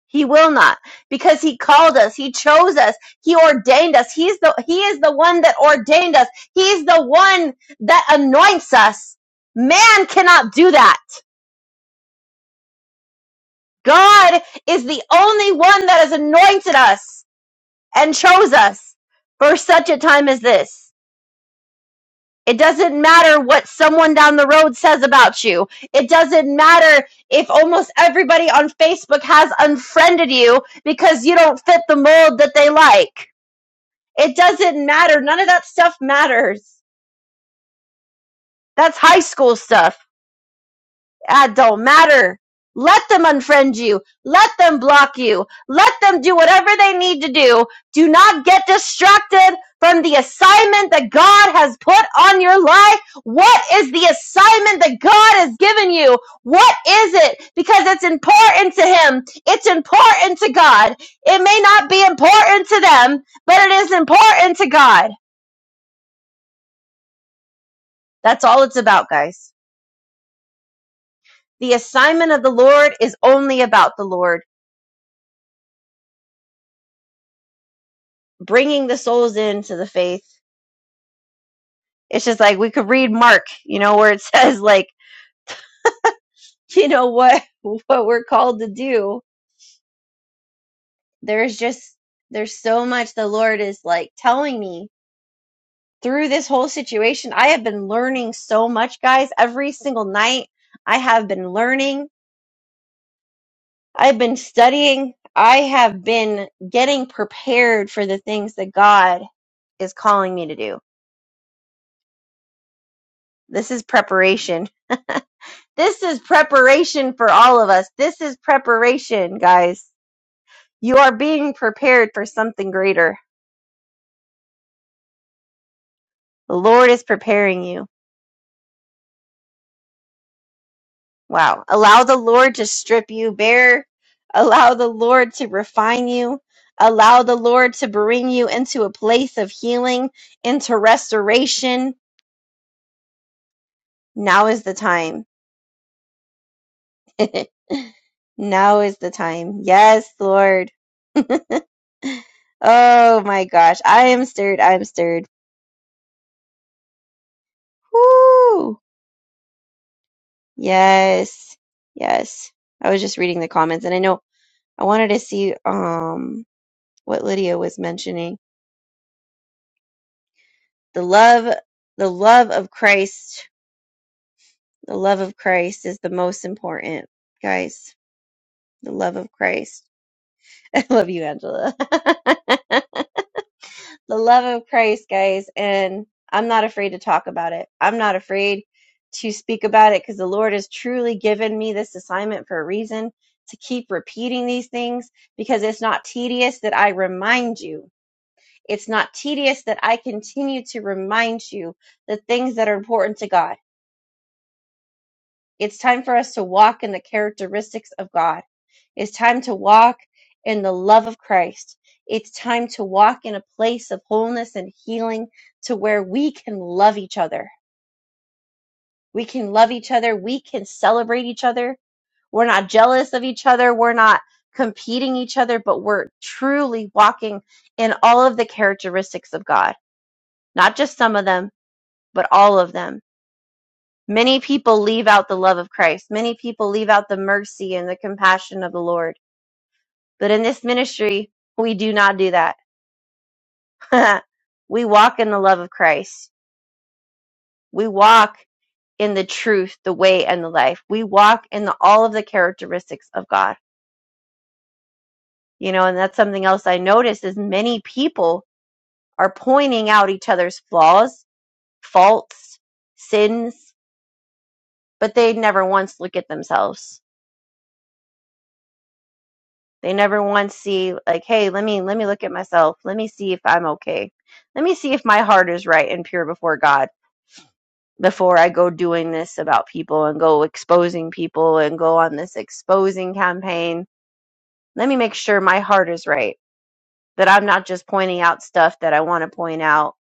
S2: He will not because he called us. He chose us. He ordained us. He's the, he is the one that ordained us. He's the one that anoints us. Man cannot do that. God is the only one that has anointed us and chose us for such a time as this. It doesn't matter what someone down the road says about you. It doesn't matter if almost everybody on Facebook has unfriended you because you don't fit the mold that they like It doesn't matter. None of that stuff matters. That's high school stuff. That don't matter. Let them unfriend you. Let them block you. Let them do whatever they need to do. Do not get distracted from the assignment that God has put on your life. What is the assignment that God has given you? What is it? Because it's important to Him. It's important to God. It may not be important to them, but it is important to God. That's all it's about, guys. The assignment of the Lord is only about the Lord bringing the souls into the faith. It's just like we could read Mark, you know, where it [LAUGHS] says like, you know what what we're called to do. There's just there's so much the Lord is like telling me through this whole situation. I have been learning so much, guys. Every single night I have been learning. I've been studying. I have been getting prepared for the things that God is calling me to do. This is preparation This is preparation for all of us. This is preparation, guys. You are being prepared for something greater. The Lord is preparing you. Wow. Allow the Lord to strip you bare. Allow the Lord to refine you. Allow the Lord to bring you into a place of healing, into restoration. Now is the time. [LAUGHS] now is the time. Yes, Lord. [LAUGHS] Oh my gosh. I am stirred. I'm stirred. Woo! Yes. Yes. I was just reading the comments and I know I wanted to see um what Lydia was mentioning. The love the love of Christ, the love of Christ is the most important, guys. The love of Christ. [LAUGHS] I love you, Angela. [LAUGHS] the love of Christ, guys. And I'm not afraid to talk about it. I'm not afraid to speak about it because the Lord has truly given me this assignment for a reason to keep repeating these things because it's not tedious that I remind you. It's not tedious that I continue to remind you the things that are important to God. It's time for us to walk in the characteristics of God. It's time to walk in the love of Christ. It's time to walk in a place of wholeness and healing to where we can love each other. We can love each other. We can celebrate each other. We're not jealous of each other. We're not competing each other, but we're truly walking in all of the characteristics of God. Not just some of them, but all of them. Many people leave out the love of Christ. Many people leave out the mercy and the compassion of the Lord. But in this ministry, we do not do that [LAUGHS] we walk in the love of Christ. We walk in the truth, the way, and the life. We walk in the, all of the characteristics of God. You know, and that's something else I noticed is many people are pointing out each other's flaws, faults, sins, but they never once look at themselves. They never once see like, hey, let me let me look at myself. Let me see if I'm okay. Let me see if my heart is right and pure before God before I go doing this about people and go exposing people and go on this exposing campaign, let me make sure my heart is right, that I'm not just pointing out stuff that I want to point out,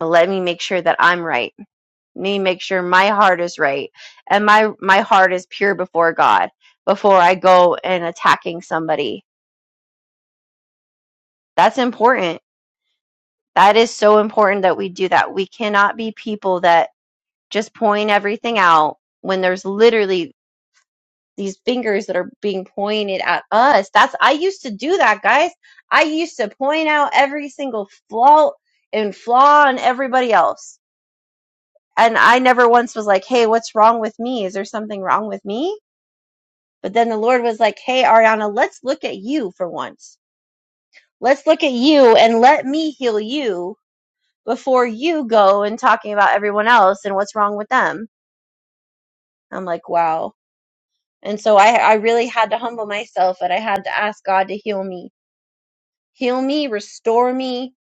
S2: but let me make sure that I'm right. Let me make sure my heart is right and my my heart is pure before God before I go and attacking somebody. That's important. That is so important that we do that. We cannot be people that just point everything out when there's literally these fingers that are being pointed at us. That's I used to do that, guys. I used to point out every single flaw and flaw in everybody else. And I never once was like, "Hey, what's wrong with me? Is there something wrong with me?" But then the Lord was like, "Hey, Ariana, let's look at you for once. Let's look at you and let me heal you before you go and talking about everyone else and what's wrong with them." I'm like, "Wow." And so I I really had to humble myself and I had to ask God to heal me heal me, restore me.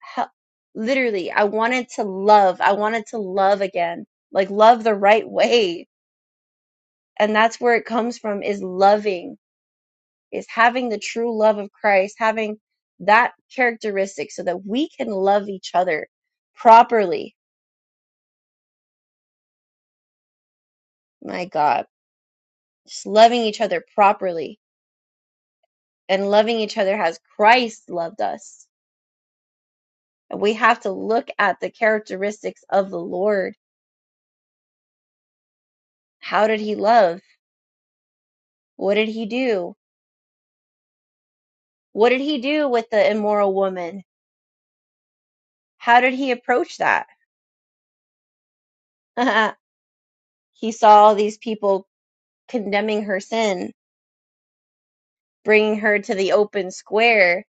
S2: Hel- Literally, I wanted to love. I wanted to love again, like love the right way. And that's where it comes from is loving, is having the true love of Christ, having that characteristic so that we can love each other properly. My God, just loving each other properly and loving each other as Christ loved us. And we have to look at the characteristics of the Lord. How did he love? What did he do? What did he do with the immoral woman? How did he approach that? [LAUGHS] he saw all these people condemning her sin, bringing her to the open square.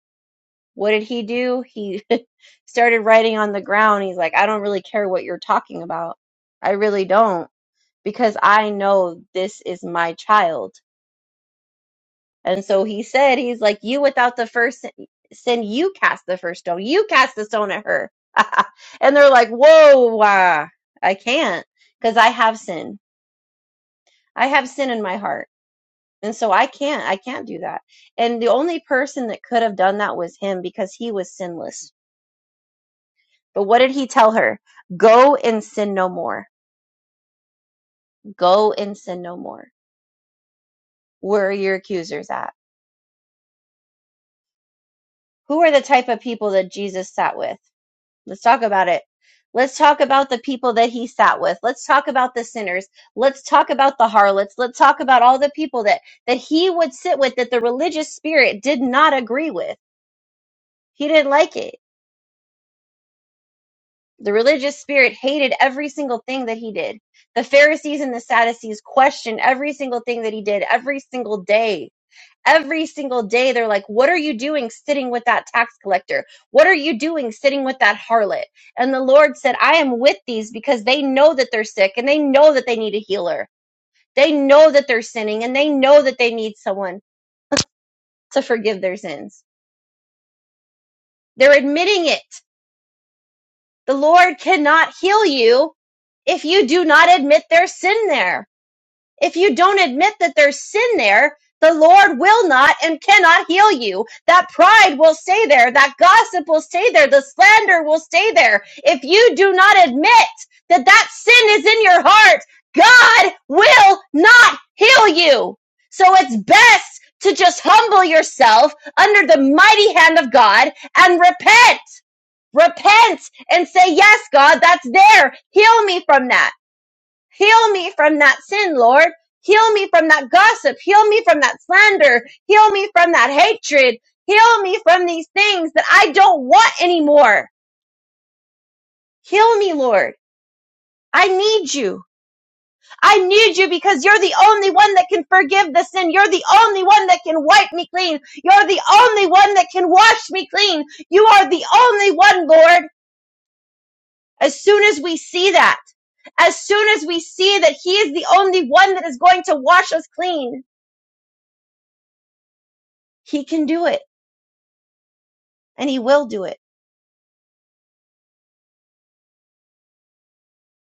S2: What did he do? He [LAUGHS] started writing on the ground. He's like, I don't really care what you're talking about. I really don't, because I know this is my child. And so he said, he's like, you without the first sin, sin, you cast the first stone. You cast the stone at her. [LAUGHS] and they're like, whoa, uh, I can't because I have sin. I have sin in my heart. And so I can't, I can't do that. And the only person that could have done that was him because he was sinless. But what did he tell her? Go and sin no more. Go and sin no more. Where are your accusers at? Who are the type of people that Jesus sat with? Let's talk about it. Let's talk about the people that he sat with. Let's talk about the sinners. Let's talk about the harlots. Let's talk about all the people that that he would sit with that the religious spirit did not agree with. He didn't like it. The religious spirit hated every single thing that he did. The Pharisees and the Sadducees questioned every single thing that he did every single day. every single day they're like what are you doing sitting with that tax collector what are you doing sitting with that harlot and the lord said i am with these because they know that they're sick and they know that they need a healer they know that they're sinning and they know that they need someone to forgive their sins they're admitting it the lord cannot heal you if you do not admit their sin there If you don't admit that there's sin there, the Lord will not and cannot heal you. That pride will stay there. That gossip will stay there. The slander will stay there. If you do not admit that that sin is in your heart, God will not heal you. So it's best to just humble yourself under the mighty hand of God and repent. Repent and say, yes, God, that's there. Heal me from that. Heal me from that sin, Lord. Heal me from that gossip. Heal me from that slander. Heal me from that hatred. Heal me from these things that I don't want anymore. Heal me, Lord. I need you. I need you because you're the only one that can forgive the sin. You're the only one that can wipe me clean. You're the only one that can wash me clean. You are the only one, Lord. As soon as we see that, as soon as we see that He is the only one that is going to wash us clean, he can do it and he will do it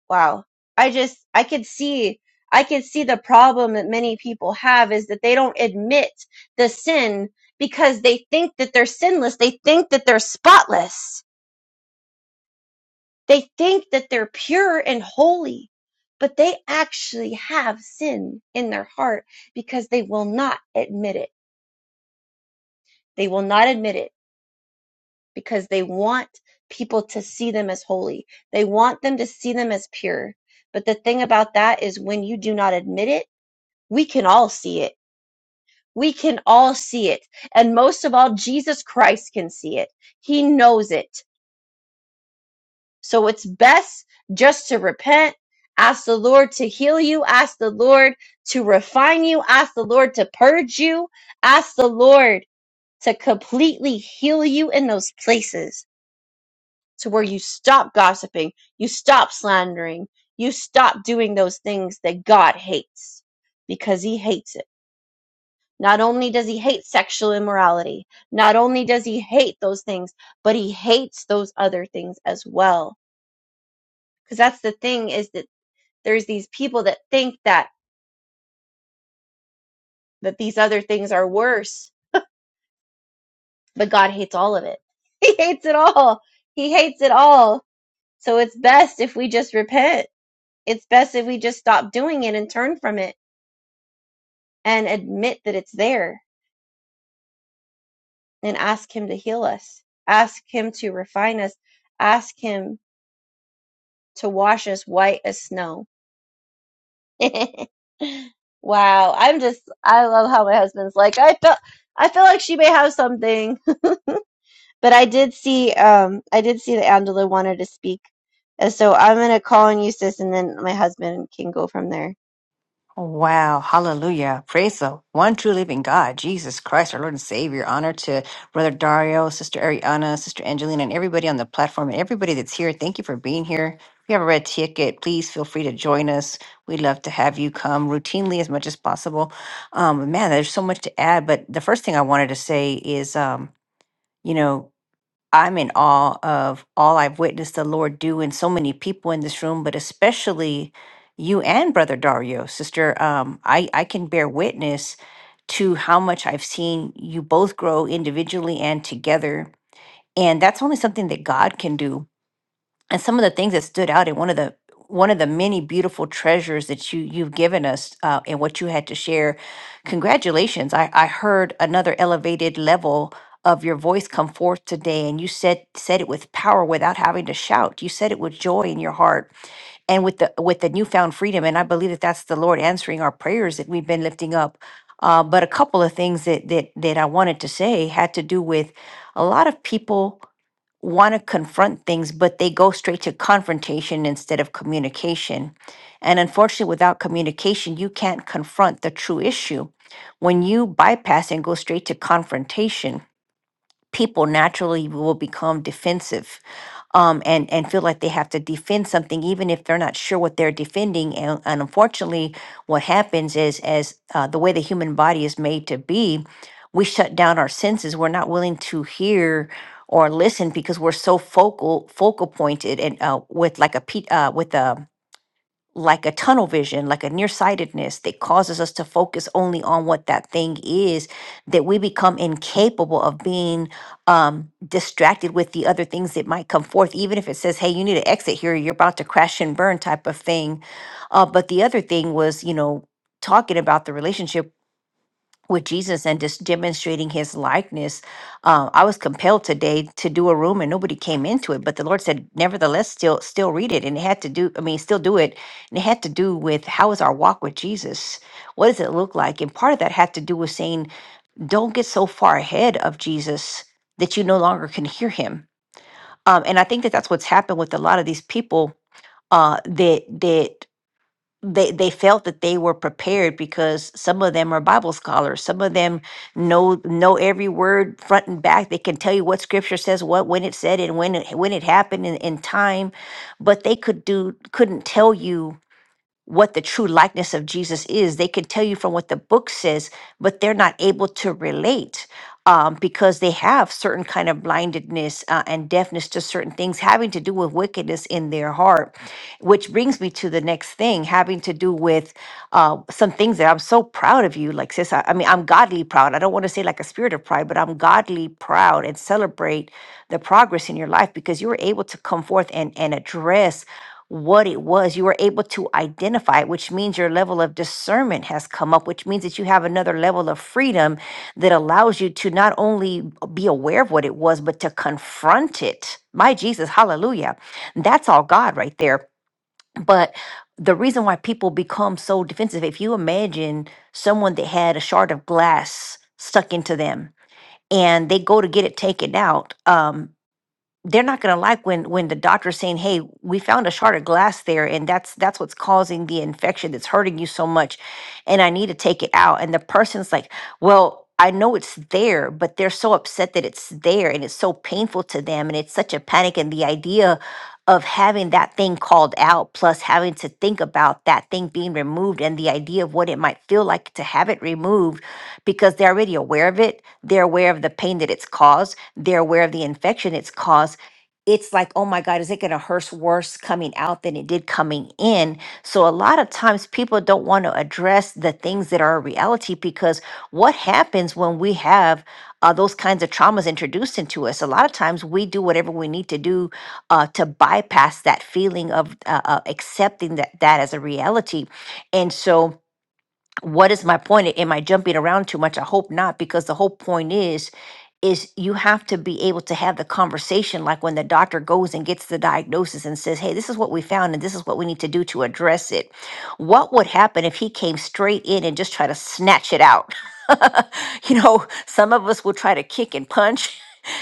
S2: wow i just i could see i could see the problem that many people have is that they don't admit the sin because they think that they're sinless they think that they're spotless they think that they're pure and holy but they actually have sin in their heart because they will not admit it they will not admit it because they want people to see them as holy. They want them to see them as pure. But the thing about that is when you do not admit it, we can all see it. We can all see it. And most of all, Jesus Christ can see it. He knows it. So it's best just to repent, ask the Lord to heal you, ask the Lord to refine you, ask the Lord to purge you, ask the Lord to completely heal you in those places to where you stop gossiping, you stop slandering, you stop doing those things that God hates because he hates it. Not only does he hate sexual immorality, not only does he hate those things, but he hates those other things as well. Because that's the thing is that there's these people that think that that these other things are worse, but God hates all of it. [LAUGHS] He hates it all. He hates it all. So it's best if we just repent. It's best if we just stop doing it and turn from it and admit that it's there and ask Him to heal us, ask Him to refine us, ask Him to wash us white as snow. [LAUGHS] wow, I'm just, I love how my husband's like, I feel, I feel like she may have something, [LAUGHS] but I did see, um, I did see that Angela wanted to speak, and so I'm gonna call on you, sis, and then my husband can go from there.
S3: Wow, hallelujah. Praise the one true living God, Jesus Christ, our Lord and Savior. Honor to Brother Dario, Sister Ariana, Sister Angelina, and everybody on the platform and everybody that's here. Thank you for being here. If you have a red ticket, please feel free to join us. We'd love to have you come routinely as much as possible. Um, man, there's so much to add, but the first thing I wanted to say is, um, you know, I'm in awe of all I've witnessed the Lord do in so many people in this room, but especially you and Brother Dario, sister. Um, I, I can bear witness to how much I've seen you both grow individually and together. And that's only something that God can do and some of the things that stood out in one of the one of the many beautiful treasures that you you've given us uh, and what you had to share congratulations i i heard another elevated level of your voice come forth today and you said said it with power without having to shout you said it with joy in your heart and with the with the newfound freedom and i believe that that's the lord answering our prayers that we've been lifting up uh, but a couple of things that that that i wanted to say had to do with a lot of people want to confront things, but they go straight to confrontation instead of communication. And unfortunately, without communication, you can't confront the true issue. When you bypass and go straight to confrontation, people naturally will become defensive um, and and feel like they have to defend something, even if they're not sure what they're defending. And, and unfortunately, what happens is, as uh, the way the human body is made to be, we shut down our senses. We're not willing to hear or listen because we're so focal focal pointed and uh, with like a pe- uh, with a like a tunnel vision, like a nearsightedness that causes us to focus only on what that thing is, that we become incapable of being um, distracted with the other things that might come forth, even if it says, hey, you need to exit here, you're about to crash and burn type of thing. Uh, but the other thing was, you know, talking about the relationship with Jesus and just demonstrating his likeness. Uh, I was compelled today to do a room and nobody came into it, but the Lord said, nevertheless, still still read it. And it had to do, I mean, still do it. And it had to do with how is our walk with Jesus? What does it look like? And part of that had to do with saying, don't get so far ahead of Jesus that you no longer can hear him. Um, and I think that that's what's happened with a lot of these people uh, that that they they felt that they were prepared because some of them are bible scholars some of them know know every word front and back they can tell you what scripture says what when it said and when it when it happened in, in time but they could do couldn't tell you what the true likeness of Jesus is. They can tell you from what the book says, but they're not able to relate um, because they have certain kind of blindedness uh, and deafness to certain things having to do with wickedness in their heart. Which brings me to the next thing, having to do with uh, some things that I'm so proud of you, like sis. I, I mean, I'm godly proud. I don't want to say like a spirit of pride, but I'm godly proud and celebrate the progress in your life because you were able to come forth and and address what it was. You were able to identify it, which means your level of discernment has come up, which means that you have another level of freedom that allows you to not only be aware of what it was, but to confront it. My Jesus, hallelujah. That's all God right there. But the reason why people become so defensive, if you imagine someone that had a shard of glass stuck into them and they go to get it taken out, um they're not going to like when when the doctor's saying hey we found a shard of glass there and that's that's what's causing the infection that's hurting you so much and i need to take it out and the person's like well i know it's there but they're so upset that it's there and it's so painful to them and it's such a panic and the idea of having that thing called out plus having to think about that thing being removed and the idea of what it might feel like to have it removed because they're already aware of it they're aware of the pain that it's caused they're aware of the infection it's caused it's like, oh my God, is it going to hurt worse coming out than it did coming in? So, a lot of times people don't want to address the things that are a reality because what happens when we have uh, those kinds of traumas introduced into us? A lot of times we do whatever we need to do uh, to bypass that feeling of uh, uh, accepting that, that as a reality. And so, what is my point? Am I jumping around too much? I hope not, because the whole point is, is you have to be able to have the conversation, like when the doctor goes and gets the diagnosis and says, "Hey, this is what we found, and this is what we need to do to address it." What would happen if he came straight in and just try to snatch it out? [LAUGHS] you know, some of us will try to kick and punch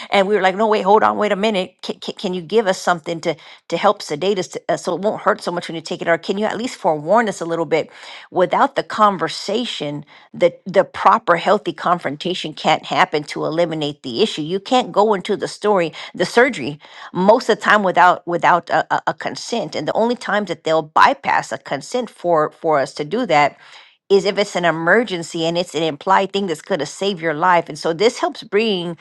S3: and we were like, no, wait, hold on, wait a minute. Can, can, can you give us something to to help sedate us to, uh, so it won't hurt so much when you take it? Or can you at least forewarn us a little bit? Without the conversation, the the proper healthy confrontation can't happen to eliminate the issue. You can't go into the story, the surgery, most of the time without without a, a a consent. And the only times that they'll bypass a consent for for us to do that is if it's an emergency and it's an implied thing that's going to save your life. And so this helps bring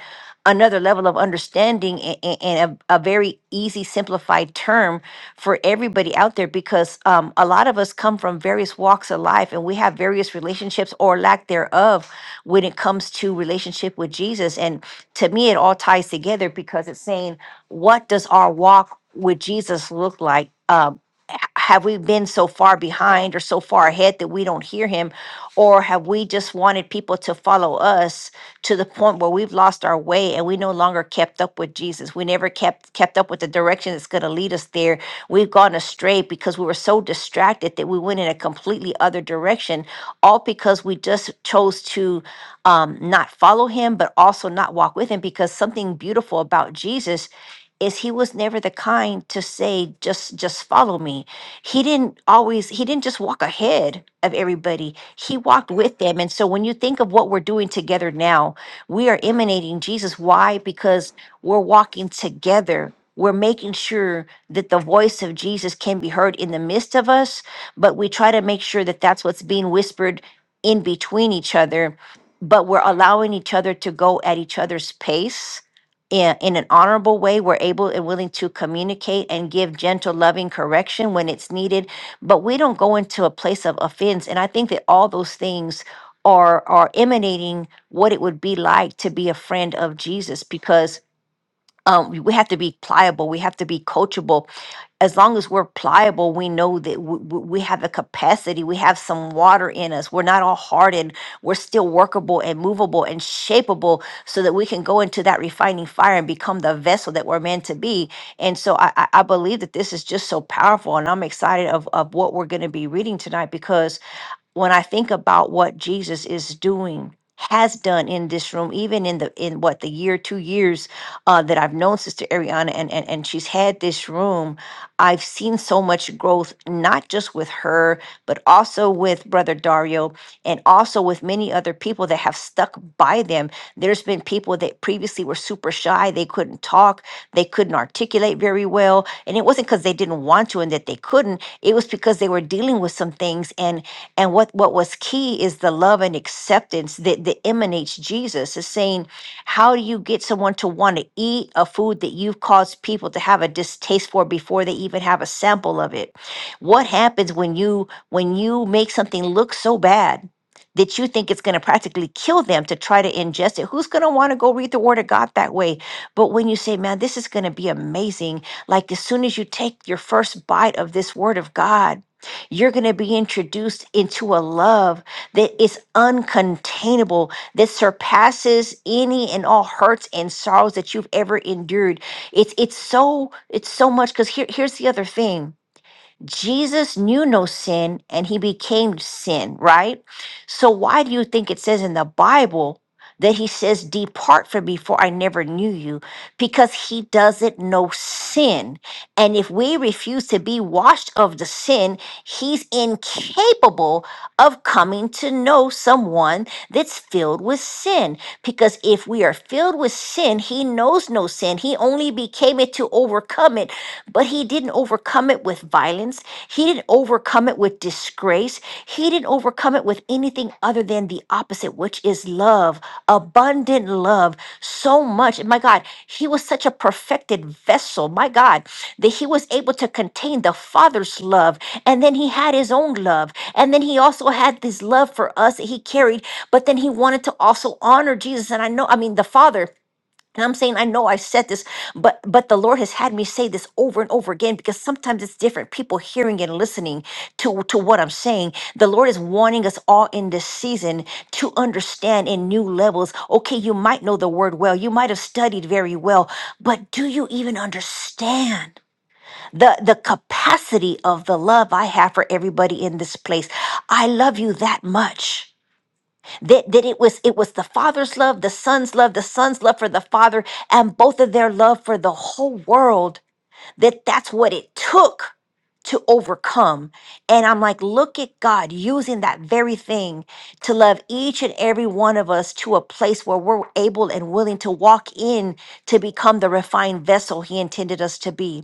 S3: another level of understanding a- a- and a, a very easy, simplified term for everybody out there because um, a lot of us come from various walks of life and we have various relationships or lack thereof when it comes to relationship with Jesus. And to me, it all ties together because it's saying, what does our walk with Jesus look like? Um, h- have we been so far behind or so far ahead that we don't hear him or have we just wanted people to follow us to the point where we've lost our way and we no longer kept up with jesus we never kept kept up with the direction that's going to lead us there we've gone astray because we were so distracted that we went in a completely other direction all because we just chose to um, not follow him but also not walk with him because something beautiful about jesus is he was never the kind to say just just follow me he didn't always he didn't just walk ahead of everybody he walked with them and so when you think of what we're doing together now we are emanating jesus why because we're walking together we're making sure that the voice of jesus can be heard in the midst of us but we try to make sure that that's what's being whispered in between each other but we're allowing each other to go at each other's pace in, in an honorable way, we're able and willing to communicate and give gentle, loving correction when it's needed. But we don't go into a place of offense. And I think that all those things are are emanating what it would be like to be a friend of Jesus because um, we we have to be pliable. We have to be coachable as long as we're pliable, we know that w- w- we have the capacity, we have some water in us. We're not all hardened. We're still workable and movable and shapeable so that we can go into that refining fire and become the vessel that we're meant to be. And so I, I I believe that this is just so powerful. And I'm excited of, of what we're going to be reading tonight because when I think about what Jesus is doing, has done in this room, even in the in what the year, two years uh, that I've known Sister Ariana and, and and she's had this room, I've seen so much growth, not just with her, but also with Brother Dario and also with many other people that have stuck by them. There's been people that previously were super shy, they couldn't talk, they couldn't articulate very well. And it wasn't because they didn't want to and that they couldn't, it was because they were dealing with some things and. And what, what was key is the love and acceptance that, that emanates Jesus is saying, how do you get someone to want to eat a food that you've caused people to have a distaste for before they even have a sample of it? What happens when you when you make something look so bad that you think it's going to practically kill them to try to ingest it? Who's going to want to go read the word of God that way? But when you say, "Man, this is going to be amazing," like as soon as you take your first bite of this word of God, you're going to be introduced into a love that is uncontainable, that surpasses any and all hurts and sorrows that you've ever endured. It's it's so it's so much because here, here's the other thing. Jesus knew no sin and he became sin, right? So why do you think it says in the Bible that he says, Depart from me, for I never knew you? Because he doesn't know sin. And if we refuse to be washed of the sin, he's incapable of coming to know someone that's filled with sin. Because if we are filled with sin, he knows no sin. He only became it to overcome it but he didn't overcome it with violence. He didn't overcome it with disgrace. He didn't overcome it with anything other than the opposite, which is love, abundant love. So much. And My God, he was such a perfected vessel, my God, that he was able to contain the Father's love. And then he had his own love. And then he also had this love for us that he carried, but then he wanted to also honor Jesus. And I know, I mean, the Father. And I'm saying, I know I've said this, but but the Lord has had me say this over and over again because sometimes it's different. People hearing and listening to, to what I'm saying. The Lord is wanting us all in this season to understand in new levels. Okay, you might know the word well, you might have studied very well, but do you even understand the, the capacity of the love I have for everybody in this place? I love you that much that, that it was it was the father's love the son's love the son's love for the father and both of their love for the whole world that that's what it took to overcome and i'm like look at god using that very thing to love each and every one of us to a place where we're able and willing to walk in to become the refined vessel he intended us to be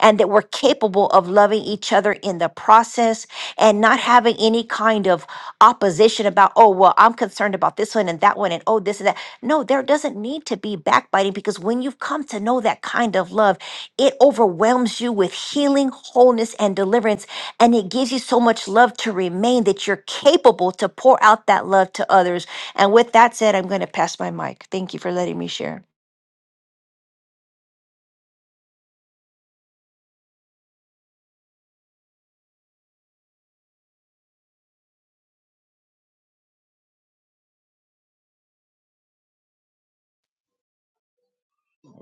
S3: and that we're capable of loving each other in the process and not having any kind of opposition about, oh, well, I'm concerned about this one and that one and oh, this and that. No, there doesn't need to be backbiting because when you've come to know that kind of love, it overwhelms you with healing, wholeness, and deliverance. And it gives you so much love to remain that you're capable to pour out that love to others. And with that said, I'm going to pass my mic. Thank you for letting me share.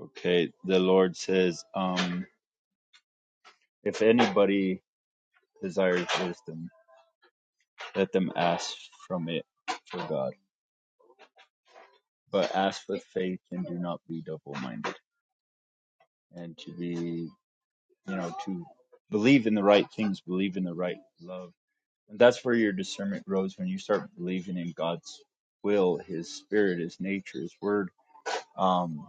S1: Okay. The Lord says, um, if anybody desires wisdom, let them ask from it for God. But ask with faith and do not be double minded. And to be, you know, to believe in the right things, believe in the right love And that's where your discernment grows when you start believing in God's will, His Spirit, His nature, His Word, um,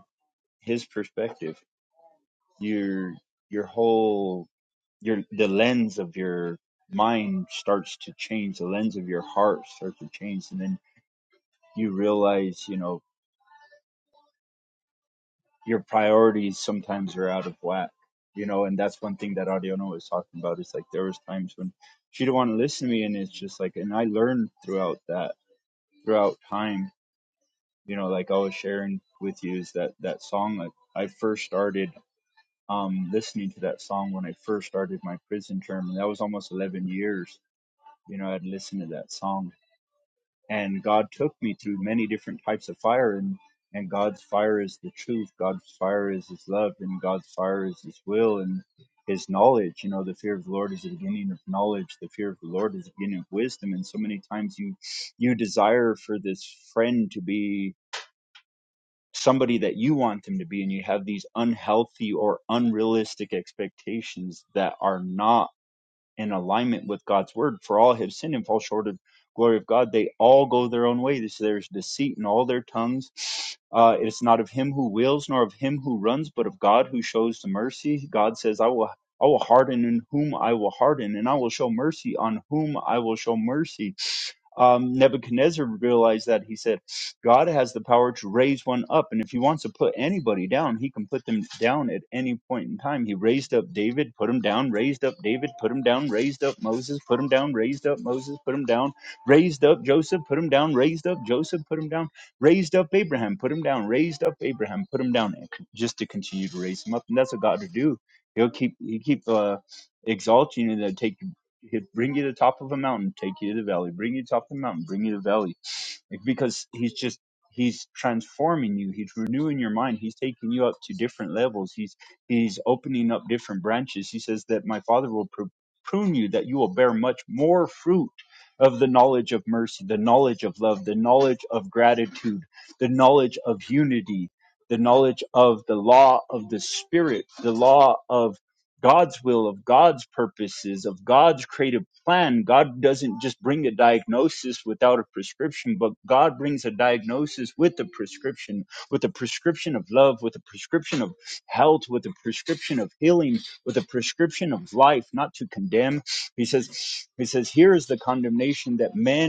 S1: His perspective. Your your whole your the lens of your mind starts to change. The lens of your heart starts to change, and then you realize, you know, your priorities sometimes are out of whack. You know, and that's one thing that Audiono was talking about. It's like there was times when she didn't want to listen to me, and it's just like, and I learned throughout that throughout time you know like i was sharing with you is that that song like i first started um listening to that song when i first started my prison term and that was almost 11 years you know i'd listened to that song and god took me through many different types of fire and and god's fire is the truth god's fire is his love and god's fire is his will and his knowledge you know the fear of the lord is the beginning of knowledge the fear of the lord is the beginning of wisdom and so many times you you desire for this friend to be somebody that you want them to be and you have these unhealthy or unrealistic expectations that are not in alignment with God's word for all have sinned and fall short of glory of God they all go their own way this there's deceit in all their tongues uh, it is not of him who wills nor of him who runs but of God who shows the mercy God says I will I will harden in whom I will harden and I will show mercy on whom I will show mercy um, Nebuchadnezzar realized that he said, God has the power to raise one up. And if he wants to put anybody down, he can put them down at any point in time. He raised up David, put him down, raised up David, put him down, raised up Moses, put him down, raised up Moses, put him down, raised up Joseph, put him down, raised up Joseph, put him down, raised up Abraham, put him down, raised up Abraham, put him down, and con- just to continue to raise him up. And that's what God will do. He'll keep, he keep, uh, exalting you and then take you He'd bring you to the top of a mountain, take you to the valley, bring you to the top of the mountain, bring you to the valley. Like, because he's just he's transforming you. He's renewing your mind. He's taking you up to different levels. He's he's opening up different branches. He says that my father will pr- prune you that you will bear much more fruit of the knowledge of mercy, the knowledge of love, the knowledge of gratitude, the knowledge of unity, the knowledge of the law of the spirit, the law of God's will, of God's purposes, of God's creative plan. God doesn't just bring a diagnosis without a prescription, but God brings a diagnosis with a prescription, with a prescription of love, with a prescription of health, with a prescription of healing, with a prescription of life, not to condemn. He says, He says, here is the condemnation that men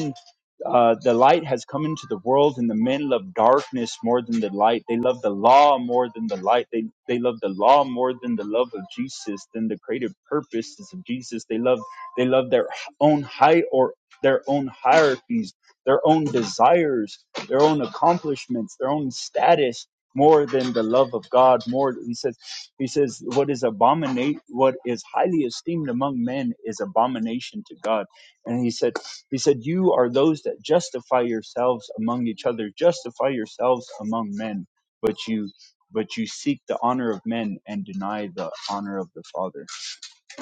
S1: uh, the light has come into the world and the men love darkness more than the light they love the law more than the light they they love the law more than the love of jesus than the creative purposes of jesus they love they love their own high or their own hierarchies their own desires their own accomplishments their own status more than the love of god more he says he says what is abominate what is highly esteemed among men is abomination to god and he said he said, You are those that justify yourselves among each other, justify yourselves among men, but you but you seek the honor of men and deny the honor of the Father.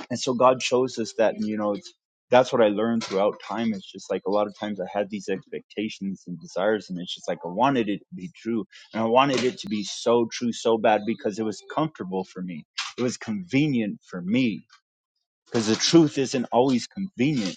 S1: And so God shows us that and you know it's that's what I learned throughout time. It's just like a lot of times I had these expectations and desires, and it's just like I wanted it to be true. And I wanted it to be so true, so bad because it was comfortable for me. It was convenient for me because the truth isn't always convenient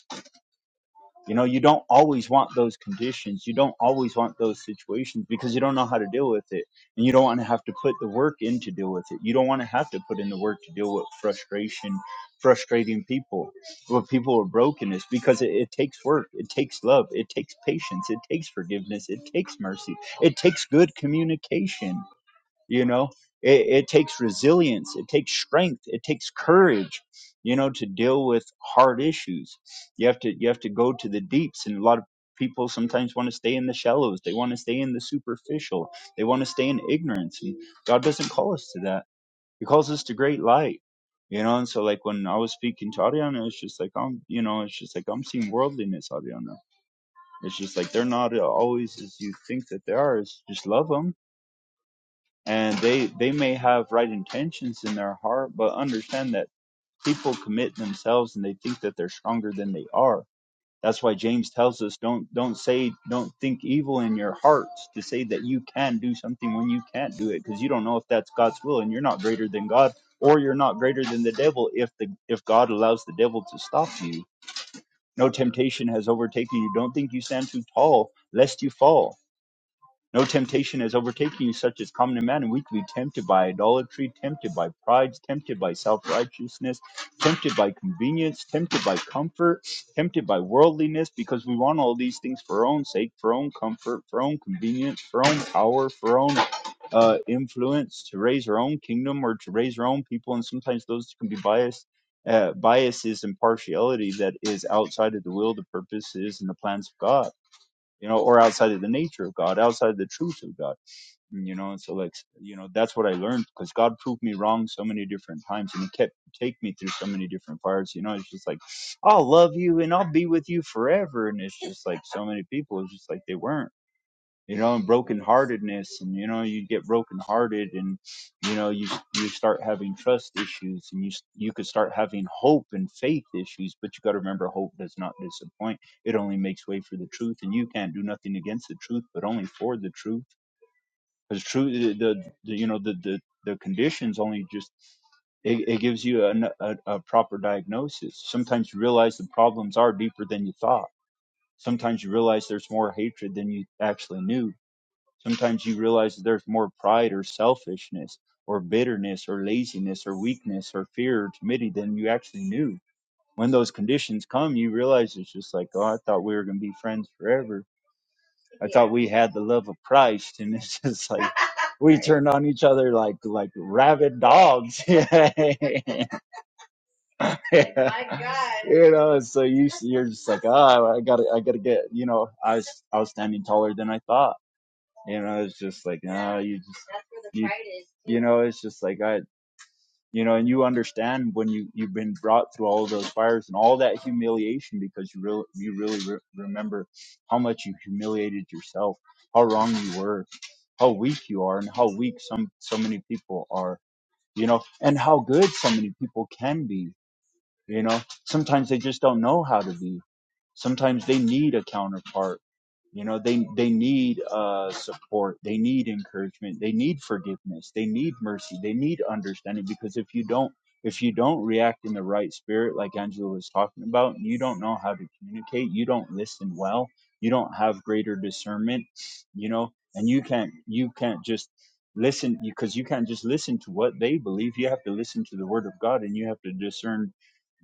S1: you know, you don't always want those conditions. You don't always want those situations because you don't know how to deal with it. And you don't want to have to put the work in to deal with it. You don't want to have to put in the work to deal with frustration, frustrating people. What people are brokenness. because it, it takes work, it takes love, it takes patience, it takes forgiveness, it takes mercy, it takes good communication you know it, it takes resilience it takes strength it takes courage you know to deal with hard issues you have to you have to go to the deeps and a lot of people sometimes want to stay in the shallows they want to stay in the superficial they want to stay in ignorance and god doesn't call us to that he calls us to great light you know and so like when i was speaking to ariana it's just like i'm you know it's just like i'm seeing worldliness ariana it's just like they're not always as you think that they are it's just love 'em and they they may have right intentions in their heart but understand that people commit themselves and they think that they're stronger than they are that's why james tells us don't don't say don't think evil in your hearts to say that you can do something when you can't do it because you don't know if that's god's will and you're not greater than god or you're not greater than the devil if the if god allows the devil to stop you no temptation has overtaken you don't think you stand too tall lest you fall no temptation has overtaken you such as common to man, and we can be tempted by idolatry, tempted by pride, tempted by self righteousness, tempted by convenience, tempted by comfort, tempted by worldliness, because we want all these things for our own sake, for our own comfort, for our own convenience, for our own power, for our own uh, influence, to raise our own kingdom or to raise our own people. And sometimes those can be biased. Uh, biases and partiality that is outside of the will, the purposes, and the plans of God you know, or outside of the nature of God, outside of the truth of God, you know. And so, like, you know, that's what I learned because God proved me wrong so many different times, and He kept take me through so many different fires. You know, it's just like I'll love you and I'll be with you forever, and it's just like so many people, it's just like they weren't you know, and brokenheartedness, and you know, you get brokenhearted, and you know, you you start having trust issues, and you you could start having hope and faith issues. But you got to remember, hope does not disappoint. It only makes way for the truth, and you can't do nothing against the truth, but only for the truth, because truth, the, the, the you know the the the conditions only just. It, it gives you an, a, a proper diagnosis. Sometimes you realize the problems are deeper than you thought. Sometimes you realize there's more hatred than you actually knew Sometimes you realize that there's more pride or selfishness or bitterness or laziness or weakness or fear or timidity than you actually knew. When those conditions come, you realize it's just like, oh, I thought we were going to be friends forever. I thought we had the love of Christ, and it's just like [LAUGHS] we turned on each other like like rabid dogs. [LAUGHS] [LAUGHS] You know, so you you're just like, ah, I gotta I gotta get. You know, I was I was standing taller than I thought you know, it's just like, no, you just, that's where the you, pride is, too. you know, it's just like, I, you know, and you understand when you, you've been brought through all of those fires and all that humiliation because you really, you really re- remember how much you humiliated yourself, how wrong you were, how weak you are and how weak some, so many people are, you know, and how good so many people can be you know, sometimes they just don't know how to be. Sometimes they need a counterpart. You know, they they need uh, support. They need encouragement. They need forgiveness. They need mercy. They need understanding because if you don't if you don't react in the right spirit, like Angela was talking about, you don't know how to communicate. You don't listen well. You don't have greater discernment. You know, and you can't you can't just listen because you can't just listen to what they believe. You have to listen to the word of God, and you have to discern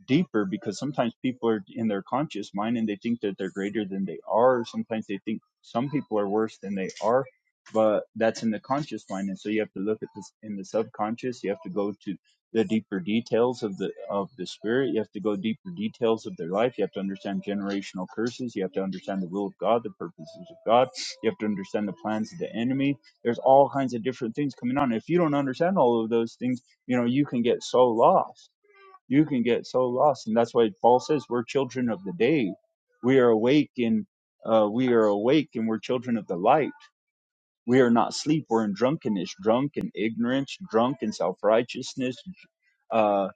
S1: deeper because sometimes people are in their conscious mind and they think that they're greater than they are. Sometimes they think some people are worse than they are, but that's in the conscious mind. And so you have to look at this in the subconscious. You have to go to the deeper details of the of the spirit. You have to go deeper details of their life. You have to understand generational curses. You have to understand the will of God, the purposes of God. You have to understand the plans of the enemy. There's all kinds of different things coming on. If you don't understand all of those things, you know you can get so lost you can get so lost and that's why paul says we're children of the day we are awake and uh, we are awake and we're children of the light we are not asleep we're in drunkenness drunk in ignorance drunk in self-righteousness uh,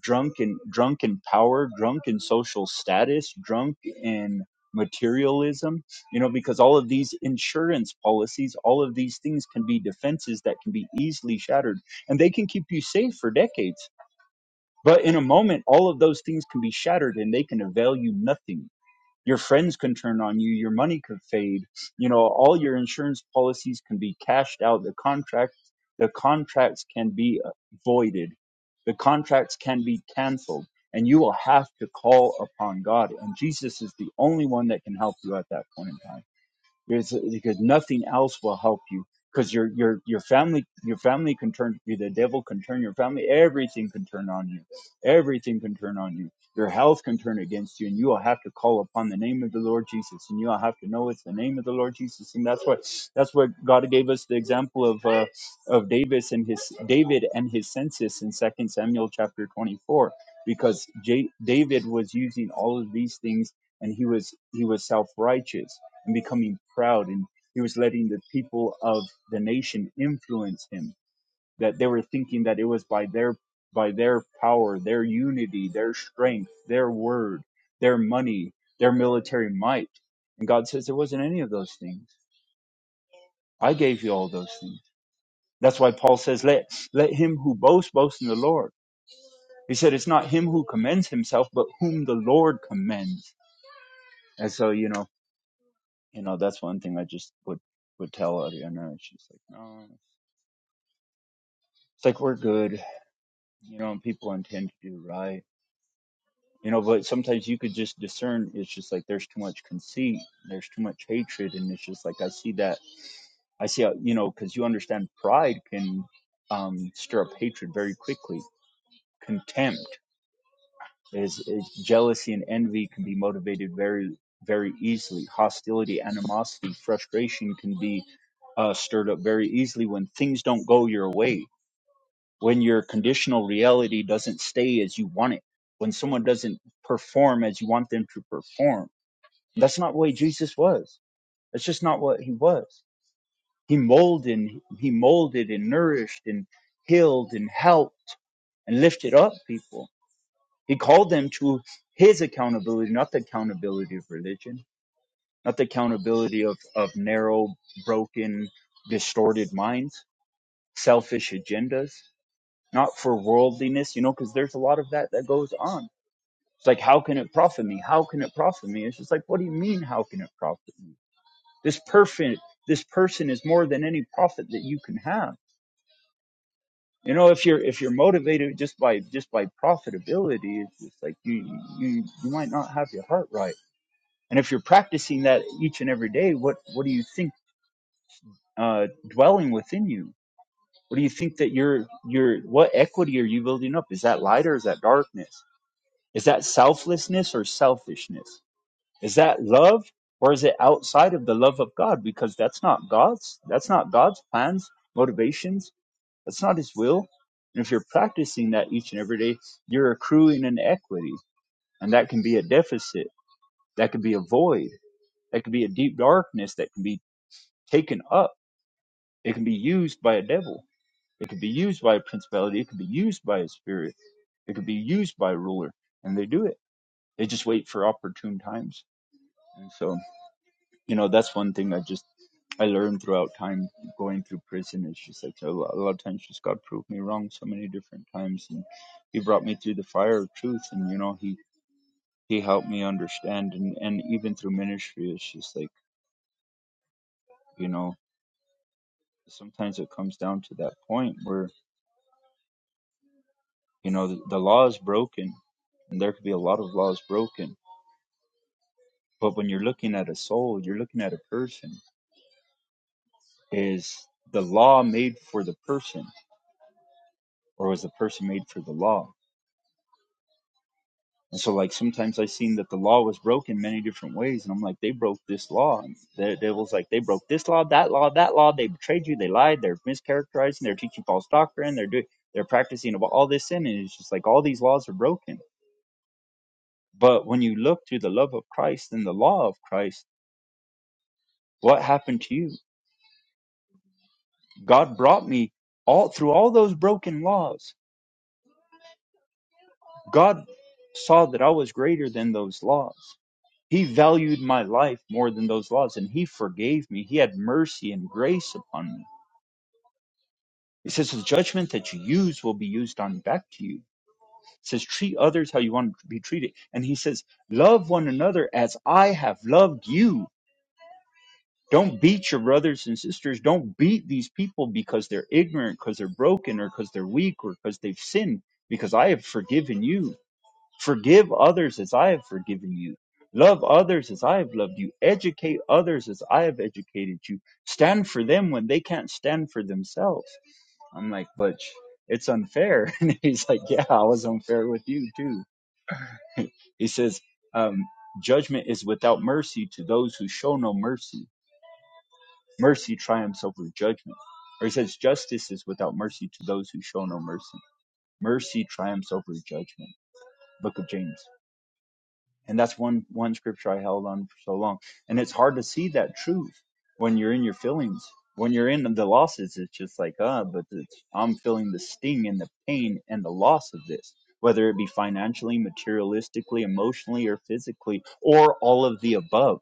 S1: drunk in drunk in power drunk in social status drunk in materialism you know because all of these insurance policies all of these things can be defenses that can be easily shattered and they can keep you safe for decades but in a moment, all of those things can be shattered and they can avail you nothing. Your friends can turn on you, your money could fade, you know, all your insurance policies can be cashed out, the contract the contracts can be uh, voided, the contracts can be canceled, and you will have to call upon God. And Jesus is the only one that can help you at that point in time. There's because nothing else will help you because your your your family your family can turn you the devil can turn your family everything can turn on you everything can turn on you your health can turn against you and you will have to call upon the name of the Lord Jesus and you will have to know it's the name of the Lord Jesus and that's what that's what God gave us the example of uh, of Davis and his David and his census in Second Samuel chapter 24 because J- David was using all of these things and he was he was self-righteous and becoming proud. And he was letting the people of the nation influence him, that they were thinking that it was by their by their power, their unity, their strength, their word, their money, their military might. And God says there wasn't any of those things. I gave you all those things. That's why Paul says, let, let him who boasts boast in the Lord. He said, it's not him who commends himself, but whom the Lord commends. And so, you know, you know, that's one thing I just would would tell Ariana. She's like, no. It's like we're good, you know, and people intend to do right. You know, but sometimes you could just discern it's just like there's too much conceit, there's too much hatred, and it's just like I see that I see how you know, because you understand pride can um stir up hatred very quickly. Contempt is, is jealousy and envy can be motivated very very easily. Hostility, animosity, frustration can be uh, stirred up very easily when things don't go your way when your conditional reality doesn't stay as you want it, when someone doesn't perform as you want them to perform. That's not the way Jesus was. That's just not what he was. He molded and he molded and nourished and healed and helped and lifted up people. He called them to his accountability, not the accountability of religion, not the accountability of, of narrow, broken, distorted minds, selfish agendas not for worldliness, you know, because there's a lot of that that goes on. It's like, how can it profit me? How can it profit me? It's just like, what do you mean, how can it profit me? This person, this person is more than any profit that you can have. You know, if you're if you're motivated just by just by profitability, it's just like you you you might not have your heart right. And if you're practicing that each and every day, what what do you think uh, dwelling within you? What do you think that you're you're what equity are you building up? Is that light or is that darkness? Is that selflessness or selfishness? Is that love or is it outside of the love of God? Because that's not God's. That's not God's plans, motivations. That's not His will. And if you're practicing that each and every day, you're accruing an equity, and that can be a deficit. That can be a void. That can be a deep darkness that can be taken up. It can be used by a devil. It can be used by a principality. It can be used by a spirit. It can be used by a ruler, and they do it. They just wait for opportune times And so, you know, that's one thing I just I learned throughout time going through prison. It's just like a lot, a lot of times, just God proved me wrong so many different times, and He brought me through the fire of truth, and you know, He He helped me understand, and and even through ministry, it's just like you know, sometimes it comes down to that point where you know the, the law is broken, and there could be a lot of laws broken, but when you're looking at a soul, you're looking at a person. Is the law made for the person, or was the person made for the law? And so, like, sometimes I seen that the law was broken many different ways, and I'm like, they broke this law. And the devil's like, they broke this law, that law, that law. They betrayed you. They lied. They're mischaracterizing. They're teaching false doctrine. They're doing. They're practicing about all this sin, and it's just like all these laws are broken. But when you look to the love of Christ and the law of Christ, what happened to you? God brought me all through all those broken laws. God saw that I was greater than those laws. He valued my life more than those laws, and he forgave me. He had mercy and grace upon me. He says, The judgment that you use will be used on back to you. He says, Treat others how you want to be treated. And he says, Love one another as I have loved you. Don't beat your brothers and sisters. Don't beat these people because they're ignorant, because they're broken, or because they're weak, or because they've sinned, because I have forgiven you Forgive others as I have forgiven you. Love others as I have loved you. Educate others as I have educated you. Stand for them when they can't stand for themselves. I'm like, but it's unfair. [LAUGHS] And he's like, yeah, I was unfair with you too. [LAUGHS] He says, um, judgment is without mercy to those who show no mercy. Mercy triumphs over judgment. Or he says, justice is without mercy to those who show no mercy. Mercy triumphs over judgment. Book of James. and that's one one scripture I held on for so long. And it's hard to see that truth when you're in your feelings. When you're in the losses, it's just like, ah, uh, but it's, I'm feeling the sting and the pain and the loss of this, whether it be financially, materialistically, emotionally, or physically, or all of the above.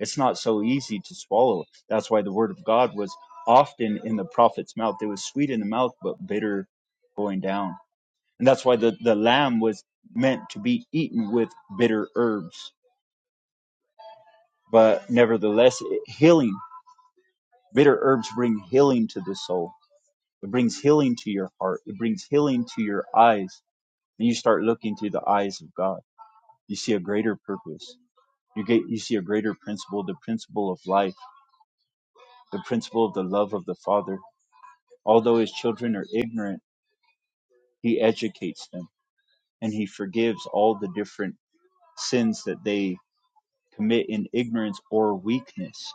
S1: It's not so easy to swallow. That's why the word of God was often in the prophet's mouth. It was sweet in the mouth, but bitter going down. And that's why the, the lamb was meant to be eaten with bitter herbs but nevertheless, it, healing. Bitter herbs bring healing to the soul. It brings healing to your heart. It brings healing to your eyes. And you start looking through the eyes of God. You see a greater purpose. You get, you see a greater principle, the principle of life, the principle of the love of the Father. Although his children are ignorant, he educates them and he forgives all the different sins that they commit in ignorance or weakness.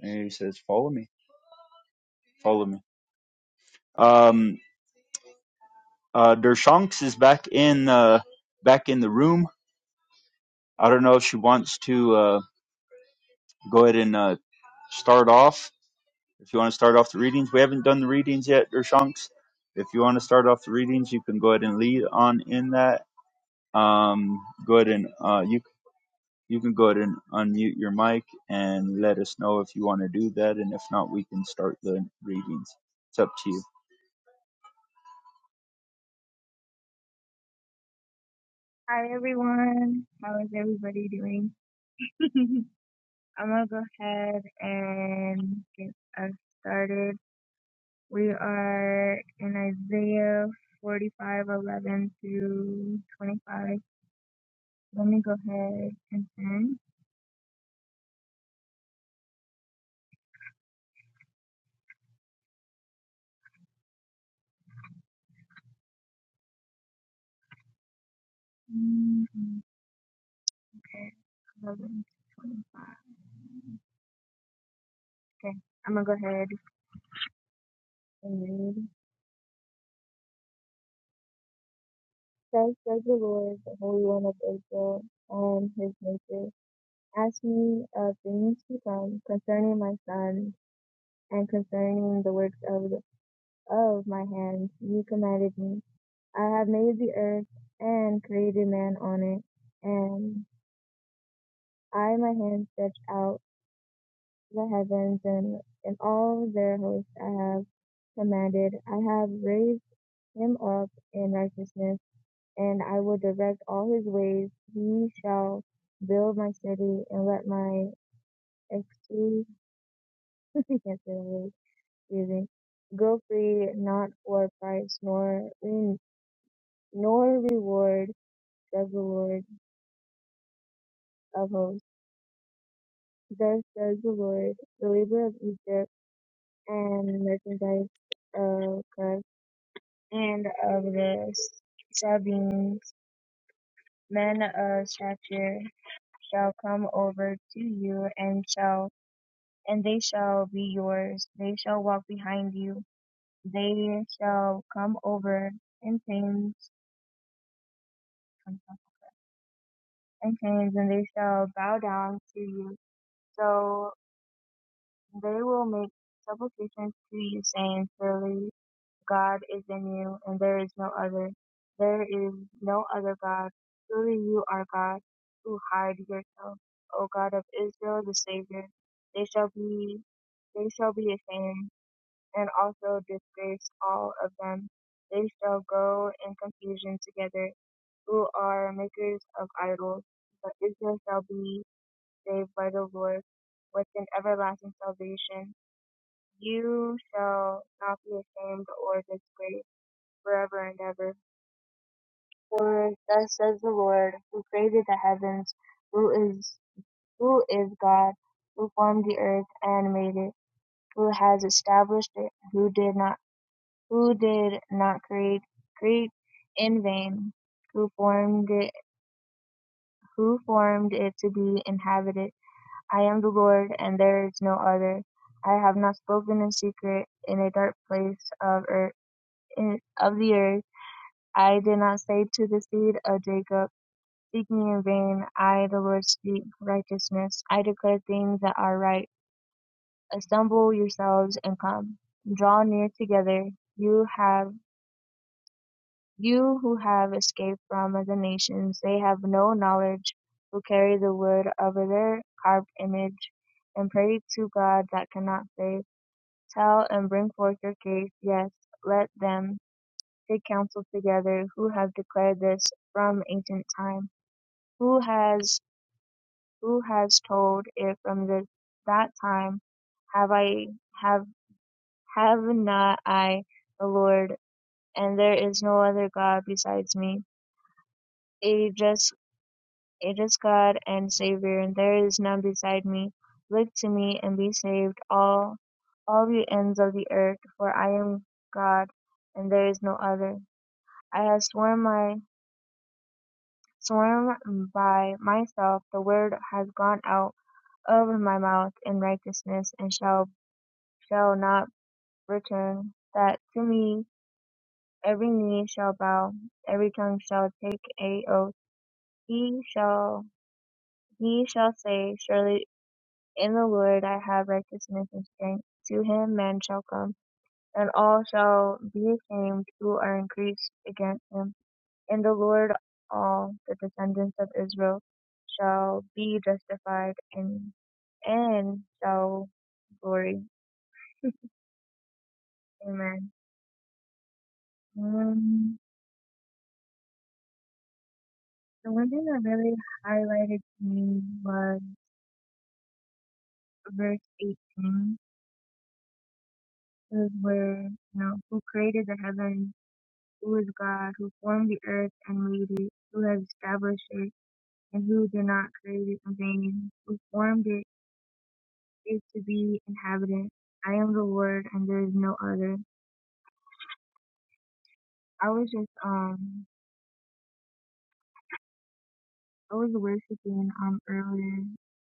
S1: And he says, follow me, follow me. Um, Uh, Dershonks is back in uh, back in the room. I don't know if she wants to uh, go ahead and uh, start off. If you want to start off the readings, we haven't done the readings yet, Dershanks. If you want to start off the readings, you can go ahead and lead on in that. Um, go ahead and uh, you you can go ahead and unmute your mic and let us know if you want to do that, and if not, we can start the readings. It's up to you.
S4: Hi everyone. How is everybody doing? [LAUGHS] I'm gonna go ahead and get us started. We are in Isaiah 45:11 through 25. Let me go ahead and send. Mhm. Okay, 11 to 25. Okay, I'm gonna go ahead and read. Thus says the Lord, the Holy One of Israel, and his nature. Ask me of things to come concerning my son. and concerning the works of, the, of my hands, you commanded me. I have made the earth and created man on it, and I my hand stretched out the heavens and, in all their hosts I have commanded. I have raised him up in righteousness, and I will direct all his ways. He shall build my city and let my excuse. [LAUGHS] I can't say the word. giving. Go free, not for price, nor re- nor reward says the Lord of hosts. Thus says the Lord, the labor of Egypt and merchandise of Cush and of the Sabines, men of stature, shall come over to you and shall and they shall be yours. They shall walk behind you. They shall come over in pains and kings, and they shall bow down to you. So they will make supplications to you, saying, Surely God is in you, and there is no other. There is no other God. Truly you are God, who hide yourself, O God of Israel, the Savior. They shall be, they shall be ashamed, and also disgrace all of them. They shall go in confusion together, who are makers of idols. But Israel shall be saved by the Lord with an everlasting salvation. You shall not be ashamed or disgraced forever and ever. For thus says the Lord, who created the heavens, who is who is God, who formed the earth and made it, who has established it, who did not who did not create create in vain, who formed it who formed it to be inhabited I am the Lord, and there is no other. I have not spoken in secret in a dark place of earth, in, of the earth. I did not say to the seed of Jacob, Seek me in vain. I, the Lord, speak righteousness. I declare things that are right. Assemble yourselves and come. Draw near together. You have you who have escaped from the nations. They have no knowledge. Who carry the wood over their carved image and pray to God that cannot save Tell and bring forth your case, yes, let them take counsel together, who have declared this from ancient time, who has who has told it from this that time, have I have have not I the Lord, and there is no other God besides me. It is just it is God and Savior, and there is none beside me. Look to me and be saved, all all the ends of the earth, for I am God, and there is no other. I have sworn my sworn by myself, the word has gone out of my mouth in righteousness, and shall shall not return. That to me every knee shall bow, every tongue shall take a oath. He shall he shall say, Surely in the Lord I have righteousness and strength. To him man shall come, and all shall be ashamed who are increased against him. In the Lord all the descendants of Israel shall be justified and and shall glory. Amen. Um, the one thing that really highlighted to me was verse 18, is where, you know, who created the heavens, who is God, who formed the earth and made it, who has established it, and who did not create it in vain, who formed it is to be inhabitant. I am the Lord, and there is no other. I was just um I was worshiping um earlier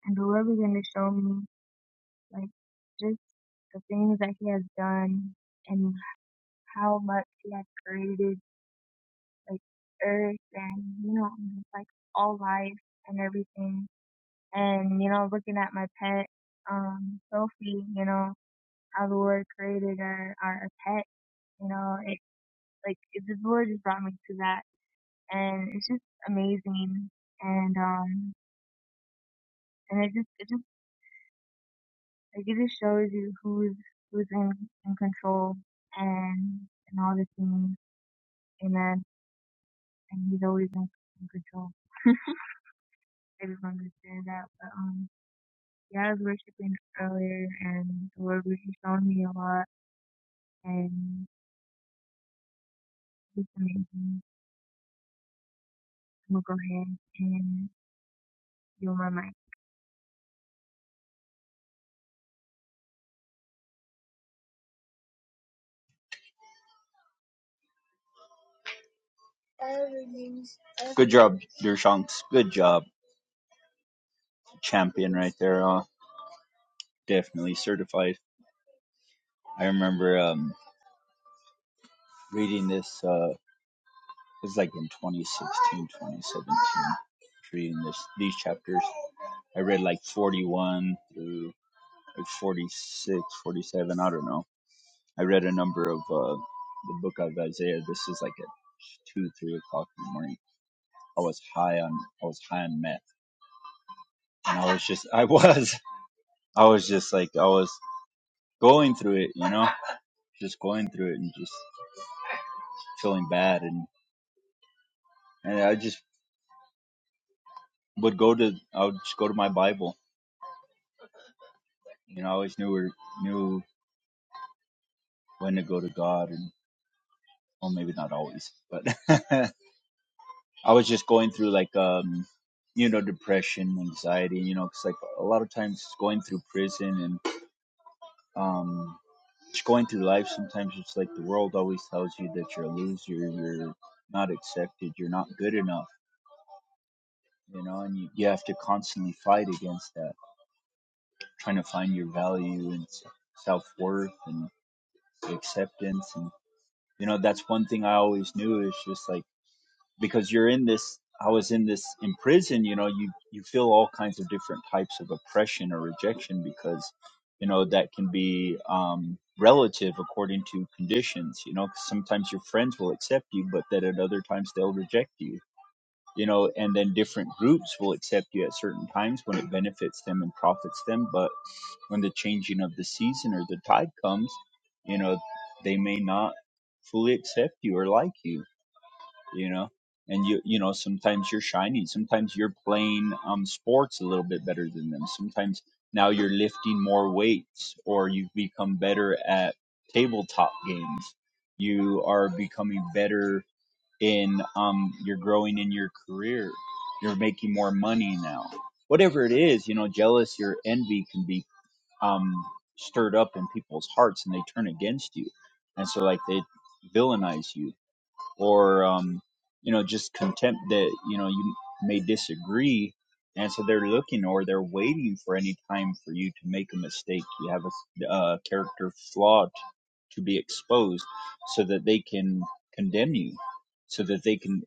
S4: and the Lord began to show me like just the things that he has done and how much he has created like earth and you know just, like all life and everything and you know looking at my pet um Sophie you know how the Lord created our our pet you know it like it, the Lord just brought me to that and it's just amazing and um and it just it just Like it just shows you who's who's in, in control and and all the things. Amen. And he's always in, in control. I just understand that. But um yeah, I was worshiping earlier and the Lord was just showing me a lot and it's amazing. I'm gonna go ahead and do my mic.
S1: Good job, Dershanks. Good job, champion, right there. Uh, definitely certified. I remember um, reading this. Uh, it was like in 2016, 2017. Reading this, these chapters, I read like 41 through like 46, 47. I don't know. I read a number of uh, the book of Isaiah. This is like at two, three o'clock in the morning. I was high on, I was high on meth, and I was just, [LAUGHS] I was, I was just like, I was going through it, you know, just going through it and just feeling bad and and I just would go to I would just go to my Bible. You know, I always knew where, knew when to go to God, and well, maybe not always, but [LAUGHS] I was just going through like um, you know, depression, anxiety. You know, because like a lot of times going through prison and um, just going through life. Sometimes it's like the world always tells you that you're a loser, you're not accepted, you're not good enough. You know, and you, you have to constantly fight against that, trying to find your value and self worth and acceptance and you know that's one thing i always knew is just like because you're in this i was in this in prison you know you you feel all kinds of different types of oppression or rejection because you know that can be um relative according to conditions you know 'cause sometimes your friends will accept you but then at other times they'll reject you you know and then different groups will accept you at certain times when it benefits them and profits them but when the changing of the season or the tide comes, you know, they may not fully accept you or like you, you know. And you, you know, sometimes you're shining. Sometimes you're playing um, sports a little bit better than them. Sometimes now you're lifting more weights, or you've become better at tabletop games. You are becoming better in, um, you're growing in your career. You're making more money now. Whatever it is, you know, jealous or envy can be um, stirred up in people's hearts and they turn against you. And so, like, they villainize you or um, you know just contempt that you know you may disagree and so they're looking or they're waiting for any time for you to make a mistake you have a uh, character flaw t- to be exposed so that they can condemn you so that they can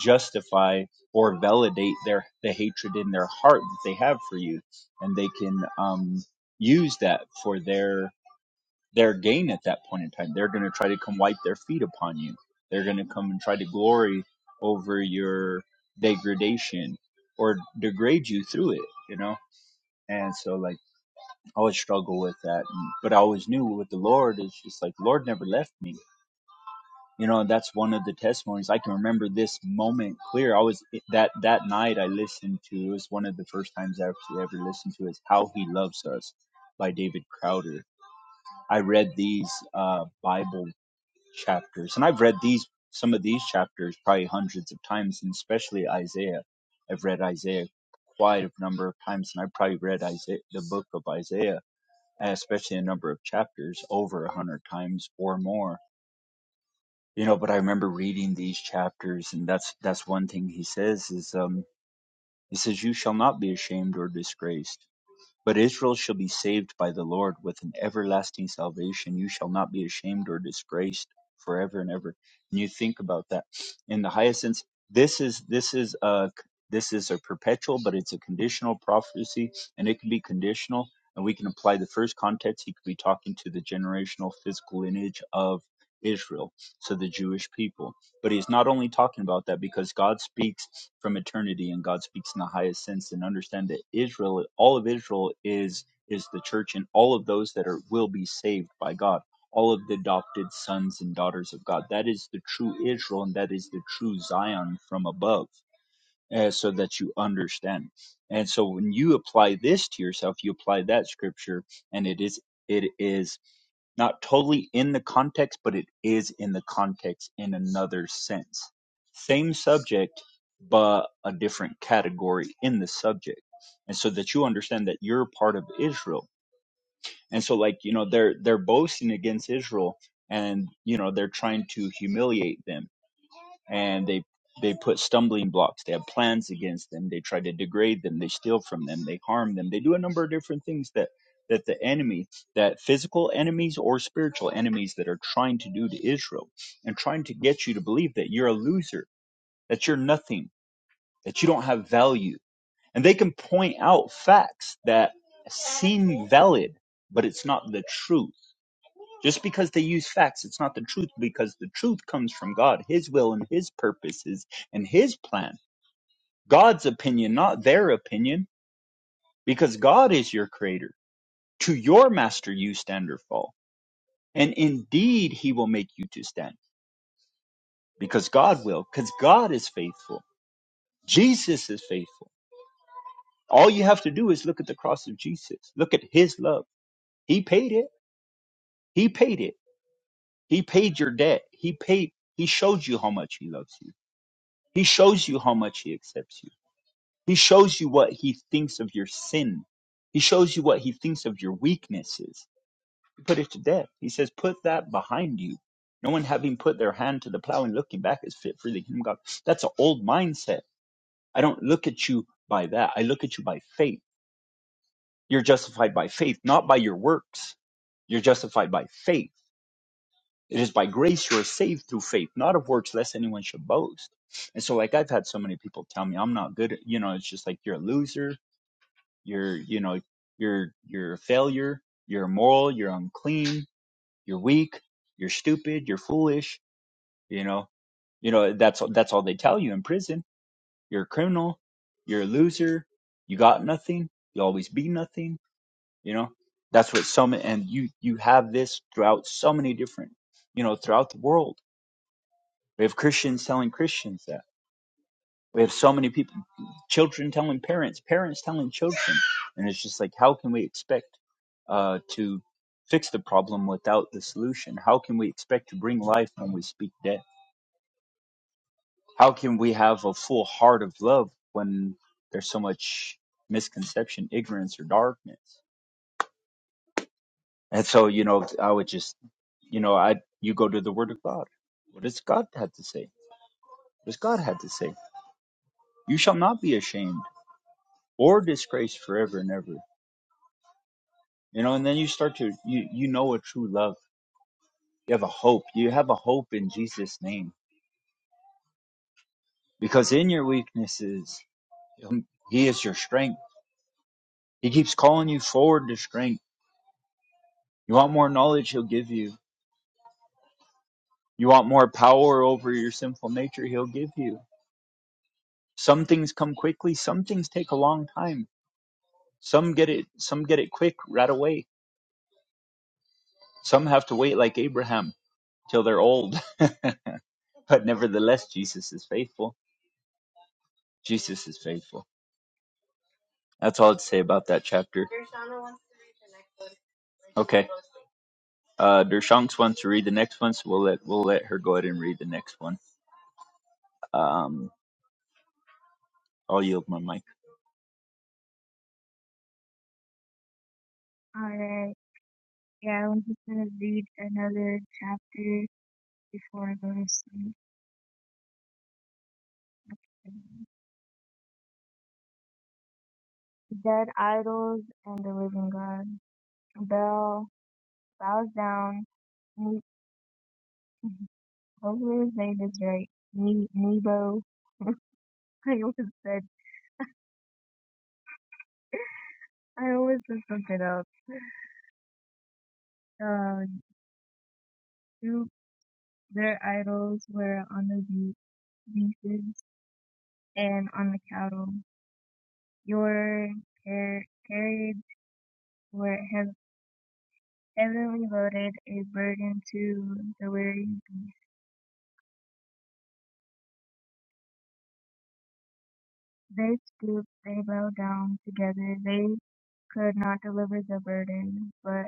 S1: justify or validate their the hatred in their heart that they have for you and they can um, use that for their their gain at that point in time. They're going to try to come wipe their feet upon you. They're going to come and try to glory over your degradation or degrade you through it, you know? And so, like, I always struggle with that. And, but I always knew with the Lord, it's just like, Lord never left me. You know, and that's one of the testimonies. I can remember this moment clear. I was that that night I listened to it was one of the first times I actually ever listened to is How He Loves Us by David Crowder. I read these uh, Bible chapters, and I've read these some of these chapters probably hundreds of times, and especially Isaiah. I've read Isaiah quite a number of times, and I've probably read Isaiah, the book of Isaiah, especially a number of chapters over a hundred times or more. You know, but I remember reading these chapters, and that's that's one thing he says is um, he says you shall not be ashamed or disgraced. But Israel shall be saved by the Lord with an everlasting salvation. You shall not be ashamed or disgraced forever and ever. And you think about that in the highest sense. This is this is a this is a perpetual, but it's a conditional prophecy, and it can be conditional. And we can apply the first context. He could be talking to the generational physical lineage of Israel, so the Jewish people but he's not only talking about that because God speaks from eternity and God speaks in the highest sense and understand that Israel, all of Israel is is the church and all of those that are will be saved by God. All of the adopted sons and daughters of God. That is the true Israel and that is the true Zion from above. uh, so that you understand. And so when you apply this to yourself, you apply that scripture and it is it is not totally in the context, but it is in the context in another sense. Same subject, but a different category in the subject. And so that you understand that you're part of Israel. And so like, you know, they're they're boasting against Israel and you know, they're trying to humiliate them and they they put stumbling blocks they have plans against them they try to degrade them they steal from them they harm them they do a number of different things that that the enemy that physical enemies or spiritual enemies that are trying to do to israel and trying to get you to believe that you're a loser that you're nothing that you don't have value and they can point out facts that seem valid but it's not the truth just because they use facts, it's not the truth because the truth comes from God, His will and His purposes and His plan. God's opinion, not their opinion, because God is your creator. To your master you stand or fall. And indeed He will make you to stand because God will, because God is faithful. Jesus is faithful. All you have to do is look at the cross of Jesus. Look at His love. He paid it. He paid it. He paid your debt. He paid, He showed you how much He loves you He shows you how much he accepts you. He shows you what he thinks of your sin. He shows you what he thinks of your weaknesses. He put it to death. He says, Put that behind you. No one having put their hand to the plow and looking back is fit for the kingdom of God. That's an old mindset. I don't look at you by that. I look at you by faith. You're justified by faith, not by your works. You're justified by faith It is by grace you are saved through faith, not of works, lest anyone should boast. And so, like I've had so many people tell me, I'm not good. At, you know, it's just like you're a loser. You're, you know, you're you're a failure. You're immoral. You're unclean. You're weak. You're stupid. You're foolish. You know, you know that's that's all they tell you in prison. You're a criminal. You're a loser. You got nothing. You always be nothing. You know, that's what so many, and you you have this throughout so many different, you know, throughout the world We have Christians telling Christians that. We have so many people, children telling parents, parents telling children. And it's just like, how can we expect uh, to fix the problem without the solution? How can we expect to bring life when we speak death? How can we have a full heart of love when there's so much misconception, ignorance, or darkness? And so, you know, I would just, you know, I you go to the Word of God. What does God have to say? What does God have to say? You shall not be ashamed. or disgrace forever and ever. You know, and then you start to you you know a true love. You have a hope. You have a hope in Jesus' name. Because in your weaknesses, He'll- He is your strength. He keeps calling you forward to strength. You want more knowledge, He'll give you. You want more power over your sinful nature, He'll give you. Some things come quickly, some things take a long time. Some get it some get it quick right away. Some have to wait like Abraham till they're old. [LAUGHS] but nevertheless, Jesus is faithful Jesus is faithful. That's all I'd say about that chapter. Okay. Uh, Dershanks wants to read the next one, so we'll let we'll let her go ahead and read the next one. Um, I'll yield my mic.
S4: Alright. Yeah, I'm just gonna read another chapter before I go to sleep. Dead idols and the living God. Bell bows down Ne- [LAUGHS] What was his name is right. Ne- Nebo. [LAUGHS] I always said I always just looked it up. Um, two their idols were on the be- beaches and on the cattle. Your car- carriage were heav heavily loaded, a burden to the weary beast. They stooped, they bowed down together. They could not deliver the burden, but.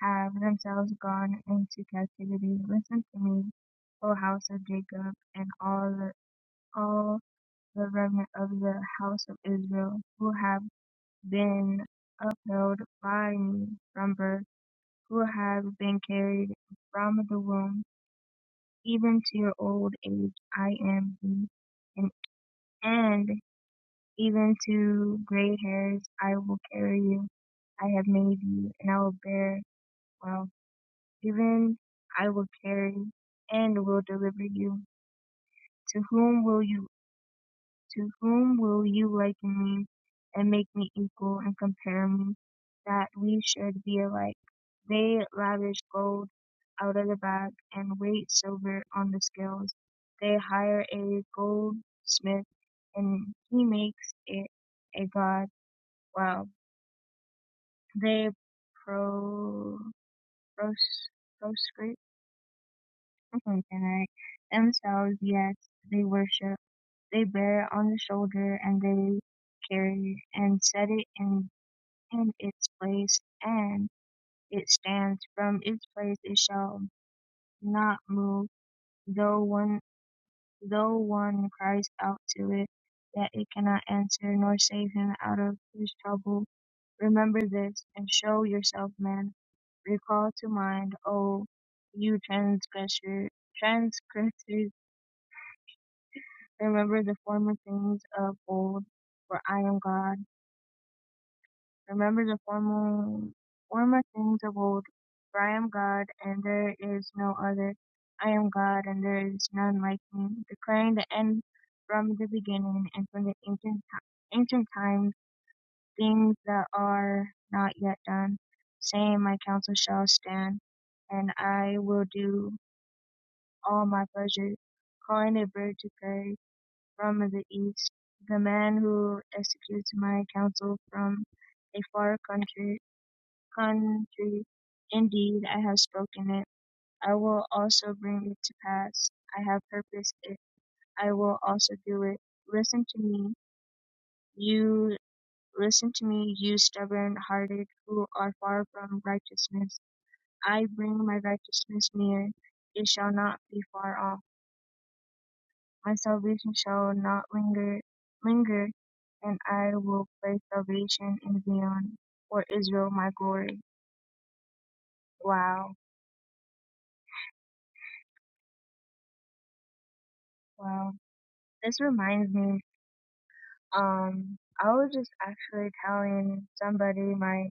S4: have themselves gone into captivity, listen to me, O house of Jacob, and all the, all the remnant of the house of Israel, who have been upheld by me from birth, who have been carried from the womb, even to your old age I am he, and, and even to gray hairs I will carry you. I have made you, and I will bear well. Even I will carry and will deliver you. To whom will you to whom will you liken me and make me equal and compare me that we should be alike? They lavish gold out of the bag and weight silver on the scales. They hire a goldsmith and he makes it a god. Wow. They pro, pros, proscribe Mhm, Right. Themselves, yes, they worship, they bear it on the shoulder, and they carry and set it in, in its place, and it stands from its place, it shall not move, though one, though one cries out to it, that it cannot answer, nor save him out of his trouble. Remember this, and show yourself man. Recall to mind, O you transgressor, transgressors, Remember the former things of old, for I am God. Remember the former, former things of old, for I am God, and there is no other. I am God, and there is none like me, declaring the end from the beginning and from the ancient, ti- ancient times, things that are not yet done, saying, My counsel shall stand, and I will do all my pleasures, calling a bird to pass from the East, the man who executes my counsel from a far country, country. Indeed, I have spoken it. I will also bring it to pass. I have purposed it. I will also do it. Listen to me, you listen to me, you stubborn-hearted who are far from righteousness. I bring my righteousness near; it shall not be far off. My salvation shall not linger, linger, and I will place salvation in Zion for Israel, my glory. Wow, wow. This reminds me. Um, I was just actually telling somebody my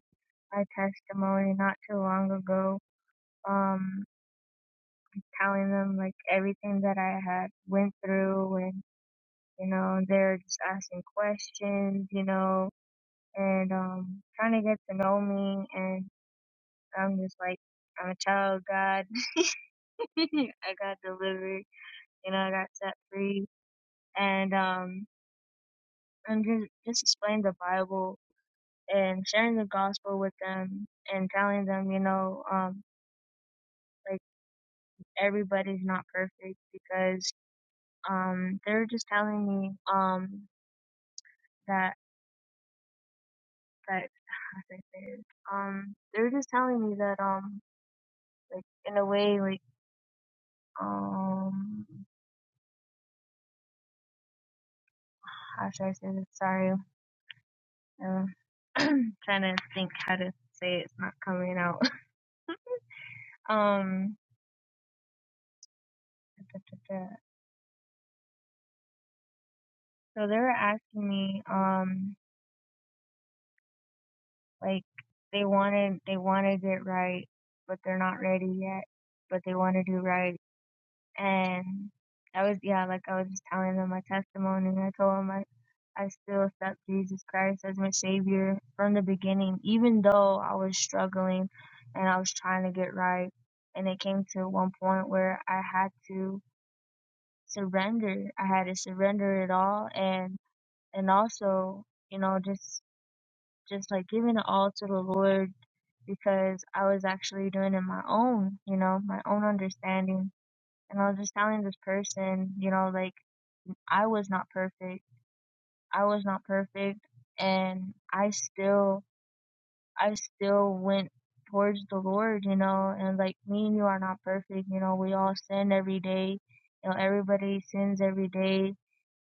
S4: my testimony not too long ago. Um, telling them like everything that I had went through, and you know they're just asking questions, you know, and um trying to get to know me and. I'm just like, I'm a child of God. [LAUGHS] I got delivered, you know, I got set free. And, um, am just, just explaining the Bible and sharing the gospel with them and telling them, you know, um, like everybody's not perfect because, um, they are just telling me, um, that, that, [LAUGHS] how do I say this? um, they are just telling me that, um, like in a way, like, um, how should I say this? Sorry. Uh, [CLEARS THROAT] trying to think how to say it. it's not coming out. [LAUGHS] Um, da, da, da, da. so they were asking me, um, like they wanted they wanted it right, but they're not ready yet, but they want to do right. And I was yeah, like I was just telling them my testimony. and I told them I I still accept Jesus Christ as my savior from the beginning, even though I was struggling and I was trying to get right. And it came to one point where I had to surrender. I had to surrender it all and and also, you know, just just like giving it all to the Lord because I was actually doing it my own, you know, my own understanding. And I was just telling this person, you know, like I was not perfect. I was not perfect and I still I still went towards the Lord, you know, and like me and you are not perfect, you know, we all sin every day. You know, everybody sins every day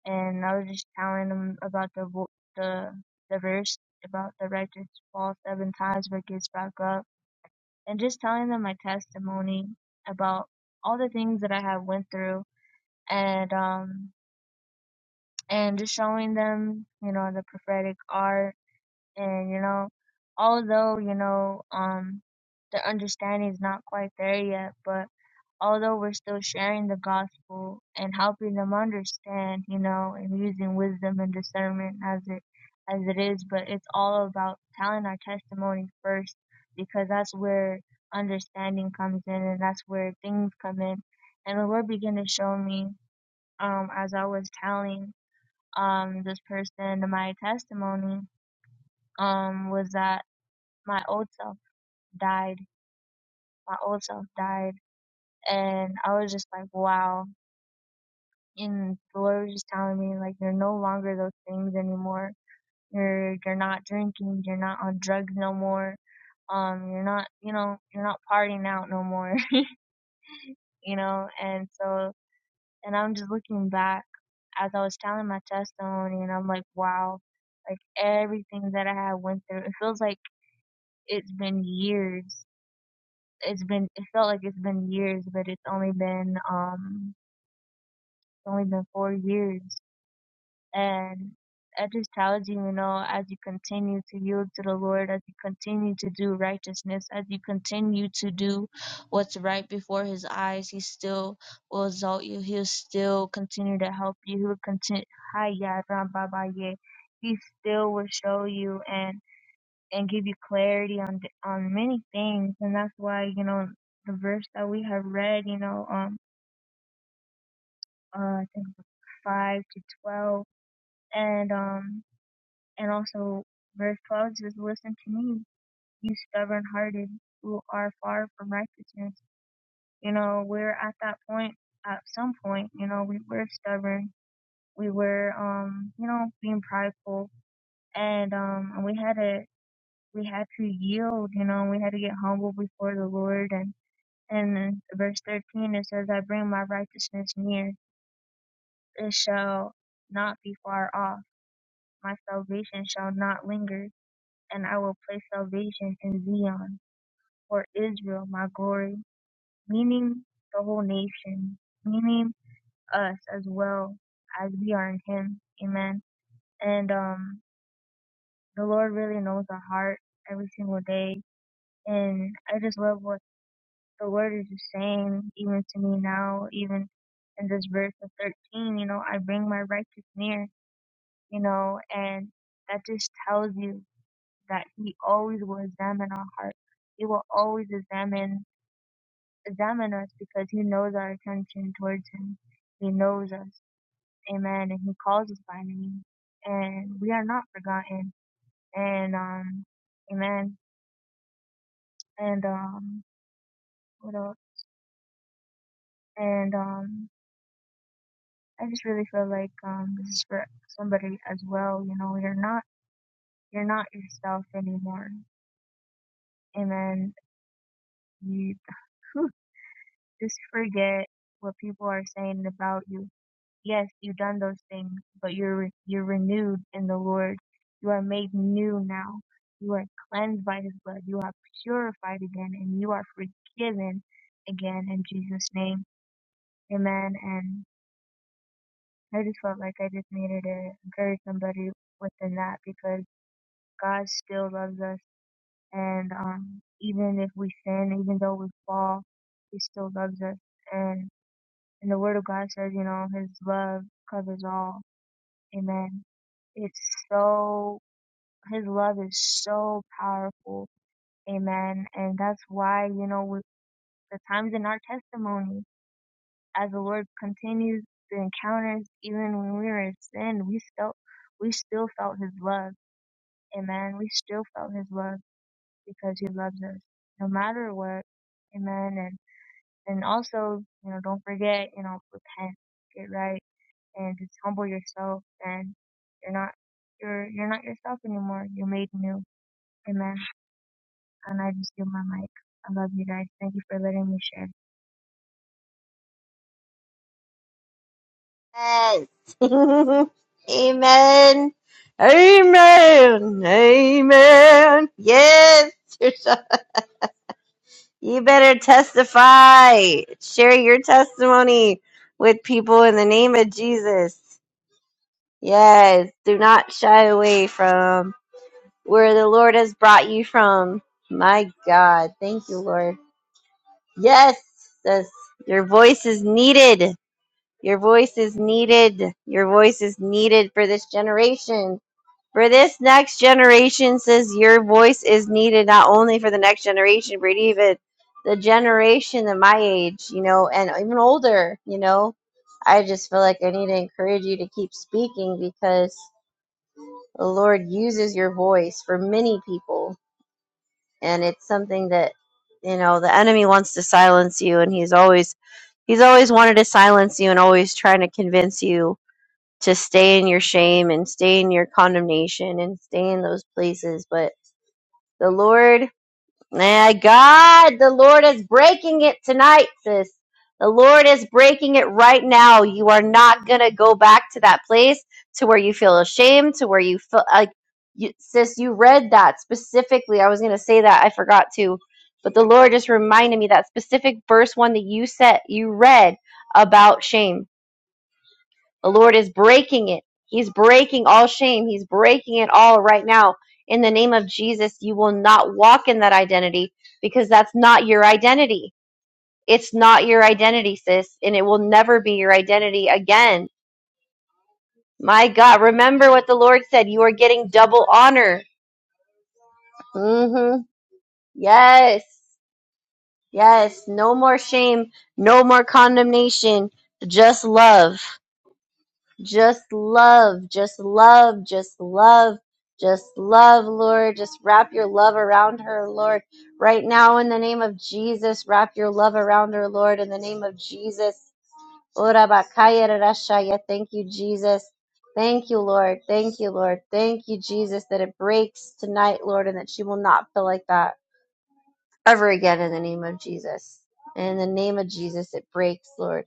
S4: and I was just telling him about the vo- the the verse about the righteous falls seven times but gets back up, and just telling them my testimony about all the things that I have went through, and um and just showing them you know the prophetic art, and you know although you know um the understanding is not quite there yet, but although we're still sharing the gospel and helping them understand, you know, and using wisdom and discernment as it as it is, but it's all about telling our testimony first because that's where understanding comes in and that's where things come in. And the Lord began to show me, um, as I was telling um this person my testimony, um, was that my old self died. My old self died and I was just like, Wow, and the Lord was just telling me like you're no longer those things anymore. You're you're not drinking, you're not on drugs no more. Um, you're not you know, you're not partying out no more, [LAUGHS] you know, and so and I'm just looking back as I was telling my testimony and I'm like, Wow, like everything that I had went through, it feels like it's been years. It's been it felt like it's been years, but it's only been um it's only been four years And I just tells you, you know, as you continue to yield to the Lord, as you continue to do righteousness, as you continue to do what's right before His eyes, He still will exalt you. He'll still continue to help you. He'll continue. Hiya, Rambabaye. He still will show you and and give you clarity on th- on many things, and that's why you know the verse that we have read, you know, um, uh, I think five to twelve, and um. And also, verse 12 says, Listen to me, you stubborn hearted who are far from righteousness. You know, we're at that point, at some point, you know, we were stubborn. We were, um, you know, being prideful. And, um, and we had to, we had to yield, you know, we had to get humble before the Lord. And, and in verse 13, it says, I bring my righteousness near. It shall not be far off. My salvation shall not linger and I will place salvation in Zion for Israel, my glory, meaning the whole nation, meaning us as well as we are in Him. Amen. And um, the Lord really knows our heart every single day, and I just love what the Word is just saying, even to me now, even in this verse of 13. You know, I bring my righteous near. You know, and that just tells you that He always will examine our heart. He will always examine examine us because he knows our attention towards him. He knows us. Amen. And he calls us by name. And we are not forgotten. And um Amen. And um what else? And um I just really feel like um this is for somebody as well, you know, you're not you're not yourself anymore. Amen. You [LAUGHS] whew, just forget what people are saying about you Yes, you've done those things, but you're re- you're renewed in the Lord. You are made new now. You are cleansed by His blood. You are purified again, and you are forgiven again in Jesus' name. Amen. And I just felt like I just needed to encourage somebody within that because God still loves us, and um, even if we sin, even though we fall, He still loves us. And and the Word of God says, you know, His love covers all Amen. It's so, his love is so powerful. Amen. And that's why, you know, with the times in our testimony, as the Lord continues the encounters, even when we were in sin, we still, we still felt his love. Amen. We still felt his love because he loves us no matter what. Amen. And, and also, you know, don't forget, you know, repent, get right and just humble yourself and you're not you're you're not yourself anymore. You're made new. Amen. And I just give my mic. I love you guys. Thank you for letting me share.
S2: Amen. [LAUGHS] Amen. Amen. Amen. Yes. [LAUGHS] you better testify. Share your testimony with people in the name of Jesus. Yes. Do not shy away from where the Lord has brought you from. My God. Thank you, Lord. Yes. This, your voice is needed. Your voice is needed. Your voice is needed for this generation. For this next generation, says your voice is needed not only for the next generation, but even the generation of my age, you know, and even older, you know. I just feel like I need to encourage you to keep speaking because the Lord uses your voice for many people. And it's something that, you know, the enemy wants to silence you and he's always he's always wanted to silence you and always trying to convince you to stay in your shame and stay in your condemnation and stay in those places. But the Lord, my God, the Lord is breaking it tonight, sis. The Lord is breaking it right now. You are not going to go back to that place to where you feel ashamed, to where you feel like, you, sis, you read that specifically. I was going to say that. I forgot to. But the Lord just reminded me that specific verse one that you said, you read about shame the Lord is breaking it. He's breaking all shame. He's breaking it all right now. In the name of Jesus, you will not walk in that identity because that's not your identity. It's not your identity, sis, and it will never be your identity again. My God, remember what the Lord said. You are getting double honor. Mm-hmm. Yes. Yes. No more shame. No more condemnation. Just love. Just love, just love, just love, just love, Lord. Just wrap your love around her, Lord. Right now, in the name of Jesus, wrap your love around her, Lord, in the name of Jesus. Ora bakaya rarashaya. Thank you, Jesus. Thank you, Lord. Thank you, Lord. Thank you, Jesus, that it breaks tonight, Lord, and that she will not feel like that ever again in the name of Jesus. In the name of Jesus, it breaks, Lord.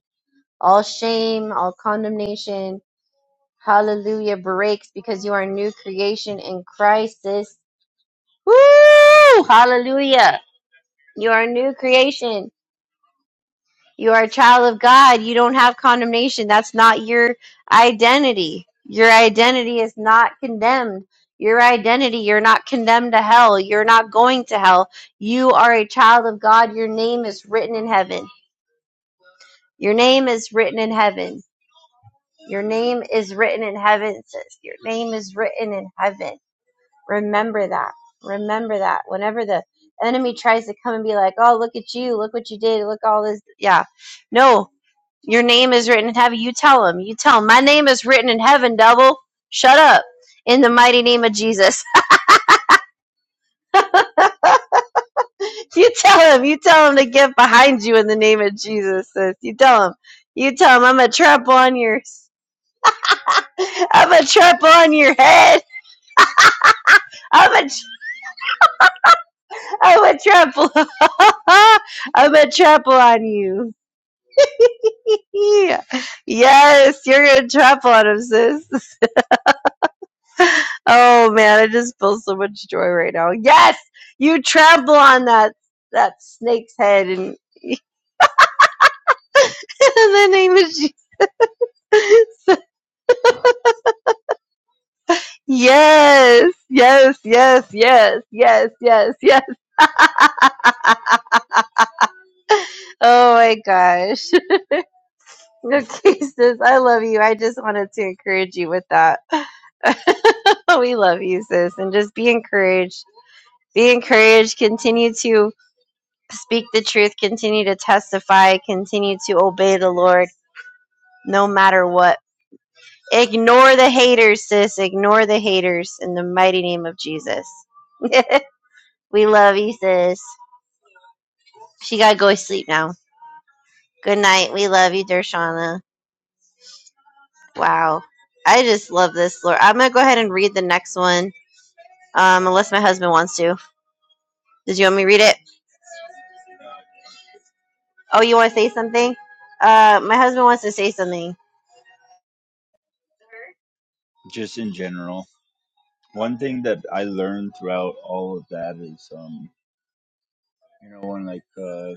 S2: All shame, all condemnation, Hallelujah breaks because you are a new creation in Christ, sis. Woo! Hallelujah. You are a new creation. You are a child of God. You don't have condemnation. That's not your identity. Your identity is not condemned. Your identity, you're not condemned to hell. You're not going to hell. You are a child of God. Your name is written in heaven. Your name is written in heaven. Your name is written in heaven, sis. Your name is written in heaven. Remember that. Remember that. Whenever the enemy tries to come and be like, oh, look at you. Look what you did. Look all this. Yeah. No, your name is written in heaven. You tell him. You tell him, my name is written in heaven, devil. Shut up. In the mighty name of Jesus. [LAUGHS] you tell him. You tell him to get behind you in the name of Jesus. sis. You tell him. You tell him, I'm going to trample on your, [LAUGHS] I'm going to trample on your head. I'm a. am a trample. [LAUGHS] I'm a trample on you. [LAUGHS] Yeah. Yes, you're gonna trap on him, sis. [LAUGHS] Oh man, I just feel so much joy right now. Yes, you trample on that that snake's head, and [LAUGHS] in the name of Jesus. [LAUGHS] Yes, yes, yes, yes, yes, yes, yes. [LAUGHS] Oh my gosh. [LAUGHS] Okay, sis, I love you. I just wanted to encourage you with that. [LAUGHS] we love you, sis, and just be encouraged. Be encouraged. Continue to. speak the truth, continue to testify, continue to obey the Lord no matter what. Ignore the haters, sis. Ignore the haters in the mighty name of Jesus. [LAUGHS] we love you, sis. She got to go to sleep now. Good night. We love you, Dershana. Wow. I just love this, Lord. I'm going to go ahead and read the next one, um, unless my husband wants to. Did you want me to read it? Oh, you want to say something? Uh, my husband wants to say something.
S1: Just in general, one thing that I learned throughout all of that is, um, you know, when like uh,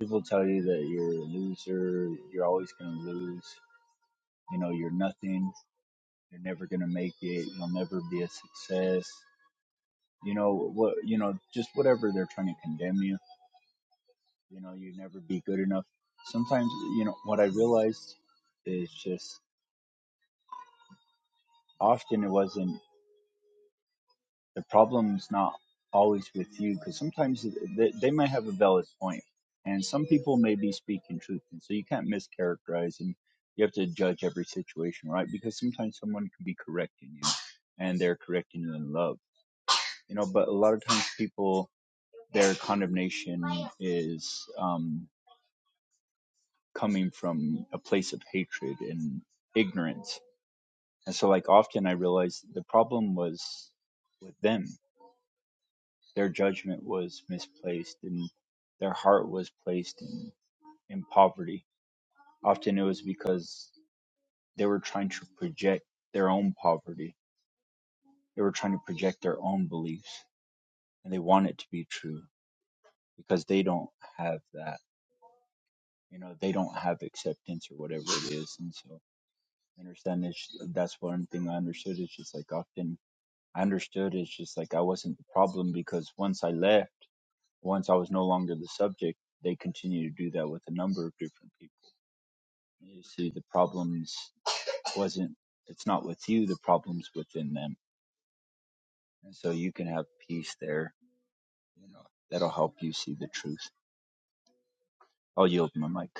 S1: people tell you that you're a loser, you're always gonna lose. You know, you're nothing. You're never gonna make it. You'll never be a success. You know what? You know, just whatever they're trying to condemn you You know, you never be good enough. Sometimes, you know, what I realized is just often it wasn't the problem's not always with you because sometimes they, they might have a valid point, and some people may be speaking truth, and so you can't mischaracterize and you have to judge every situation, right? Because sometimes someone can be correcting you, and they're correcting you in love, you know. But a lot of times, people their condemnation is um, coming from a place of hatred and ignorance And so, like, often I realized the problem was with them. Their judgment was misplaced and their heart was placed in, in poverty. Often it was because they were trying to project their own poverty, they were trying to project their own beliefs, and they want it to be true because they don't have that. You know, they don't have acceptance or whatever it is. And so, I understand this. That's one thing I understood. It's just like often I understood it's just like I wasn't the problem because once I left, Once I was no longer the subject, they continued to do that with a number of different people. You see, the problems wasn't, it's not with you, the problem's within them. And so you can have peace there. You know, that'll help you see the truth. I'll yield my mic.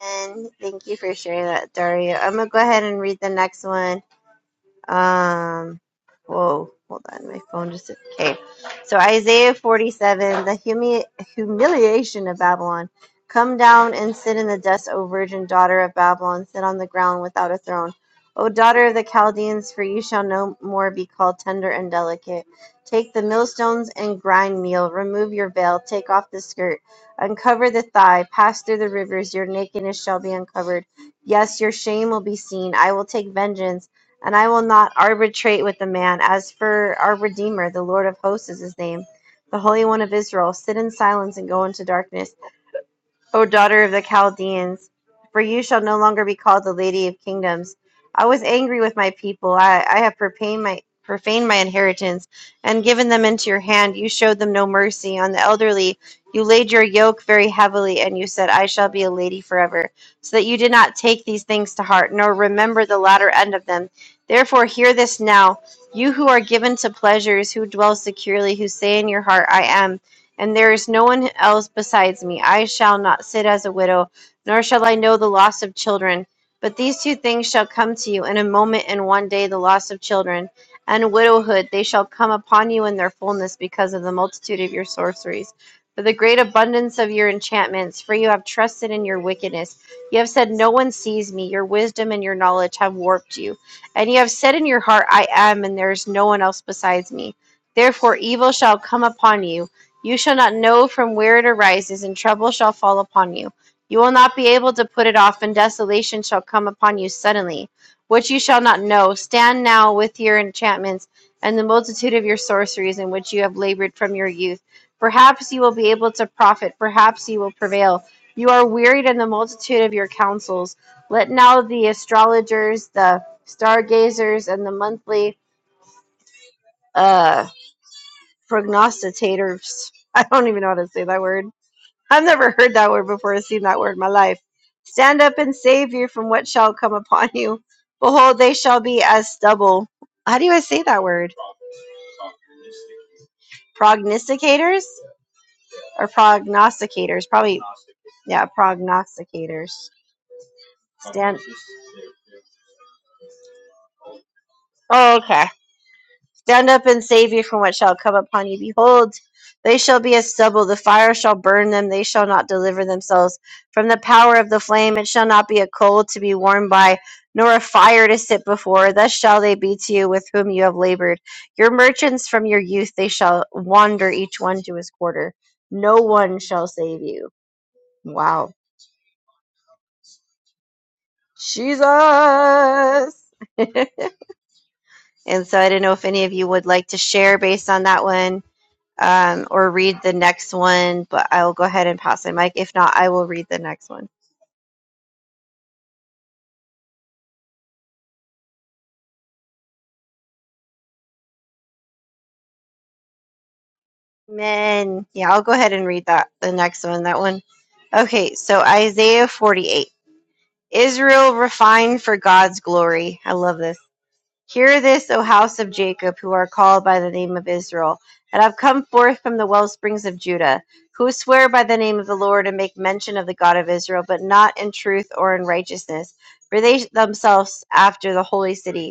S2: And thank you for sharing that, Dario. I'm gonna go ahead and read the next one. Um, whoa, hold on, my phone just okay. So Isaiah 47, the humi- humiliation of Babylon. Come down and sit in the dust, O virgin daughter of Babylon, sit on the ground without a throne. O daughter of the Chaldeans, for you shall no more be called tender and delicate. Take the millstones and grind meal. Remove your veil. Take off the skirt. Uncover the thigh. Pass through the rivers. Your nakedness shall be uncovered. Yes, your shame will be seen. I will take vengeance and I will not arbitrate with the man. As for our Redeemer, the Lord of hosts is his name, the Holy One of Israel, sit in silence and go into darkness. O daughter of the Chaldeans, for you shall no longer be called the Lady of Kingdoms. I was angry with my people. I, I have profaned my, profaned my inheritance and given them into your hand. You showed them no mercy. On the elderly, you laid your yoke very heavily, and you said, I shall be a lady forever. So that you did not take these things to heart, nor remember the latter end of them. Therefore, hear this now. You who are given to pleasures, who dwell securely, who say in your heart, I am and there is no one else besides me. I shall not sit as a widow, nor shall I know the loss of children. But these two things shall come to you in a moment and one day the loss of children and widowhood. They shall come upon you in their fullness because of the multitude of your sorceries, for the great abundance of your enchantments. For you have trusted in your wickedness. You have said, No one sees me. Your wisdom and your knowledge have warped you. And you have said in your heart, I am, and there is no one else besides me. Therefore, evil shall come upon you you shall not know from where it arises, and trouble shall fall upon you. You will not be able to put it off, and desolation shall come upon you suddenly, which you shall not know. Stand now with your enchantments and the multitude of your sorceries in which you have labored from your youth. Perhaps you will be able to profit, perhaps you will prevail. You are wearied in the multitude of your counsels. Let now the astrologers, the stargazers, and the monthly uh, prognosticators, [LAUGHS] I don't even know how to say that word I've never heard that word before or seen that word in my life. Stand up and save you from what shall come upon you. Behold, they shall be as stubble. How do I say that word? Prognosticators or prognosticators? Probably, yeah, prognosticators. Stand. Oh, okay. Stand up and save you from what shall come upon you. Behold, they shall be as stubble. The fire shall burn them. They shall not deliver themselves from the power of the flame. It shall not be a coal to be warmed by, nor a fire to sit before. Thus shall they be to you with whom you have labored. Your merchants from your youth, they shall wander each one to his quarter. No one shall save you. Wow. Jesus. [LAUGHS] and so I don't know if any of you would like to share based on that one um, or read the next one, but I'll go ahead and pass the mic. If not, I will read the next one. Amen. Yeah, I'll go ahead and read that, the next one, that one. Okay, so Isaiah 48. Israel refined for God's glory. I love this. Hear this, O house of Jacob, who are called by the name of Israel, and have come forth from the well springs of Judah, who swear by the name of the Lord and make mention of the God of Israel, but not in truth or in righteousness, for they themselves after the holy city.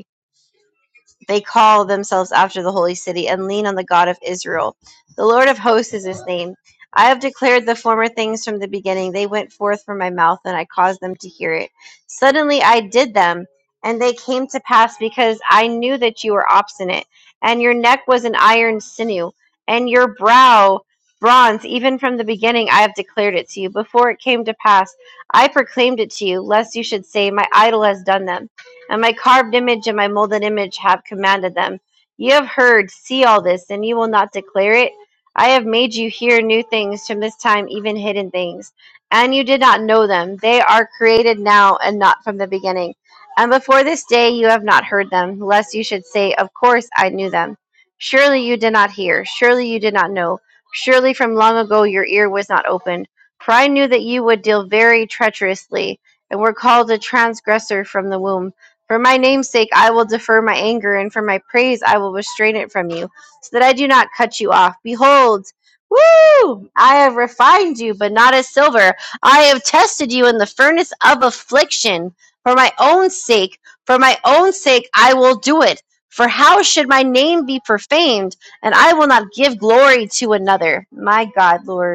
S2: They call themselves after the holy city and lean on the God of Israel. The Lord of hosts is his name. I have declared the former things from the beginning. They went forth from my mouth, and I caused them to hear it. Suddenly I did them, and they came to pass because I knew that you were obstinate, and your neck was an iron sinew, and your brow bronze. Even from the beginning I have declared it to you. Before it came to pass, I proclaimed it to you, lest you should say, My idol has done them and my carved image and my molded image have commanded them. You have heard, see all this, and you will not declare it. I have made you hear new things from this time, even hidden things, and you did not know them. They are created now and not from the beginning. And before this day you have not heard them, lest you should say, Of course I knew them. Surely you did not hear, surely you did not know, surely from long ago your ear was not opened. For I knew that you would deal very treacherously, and were called a transgressor from the womb. For my name's sake, I will defer my anger, and for my praise, I will restrain it from you, so that I do not cut you off. Behold, woo! I have refined you, but not as silver. I have tested you in the furnace of affliction. For my own sake, for my own sake, I will do it. For how should my name be profaned? And I will not give glory to another. My God, Lord.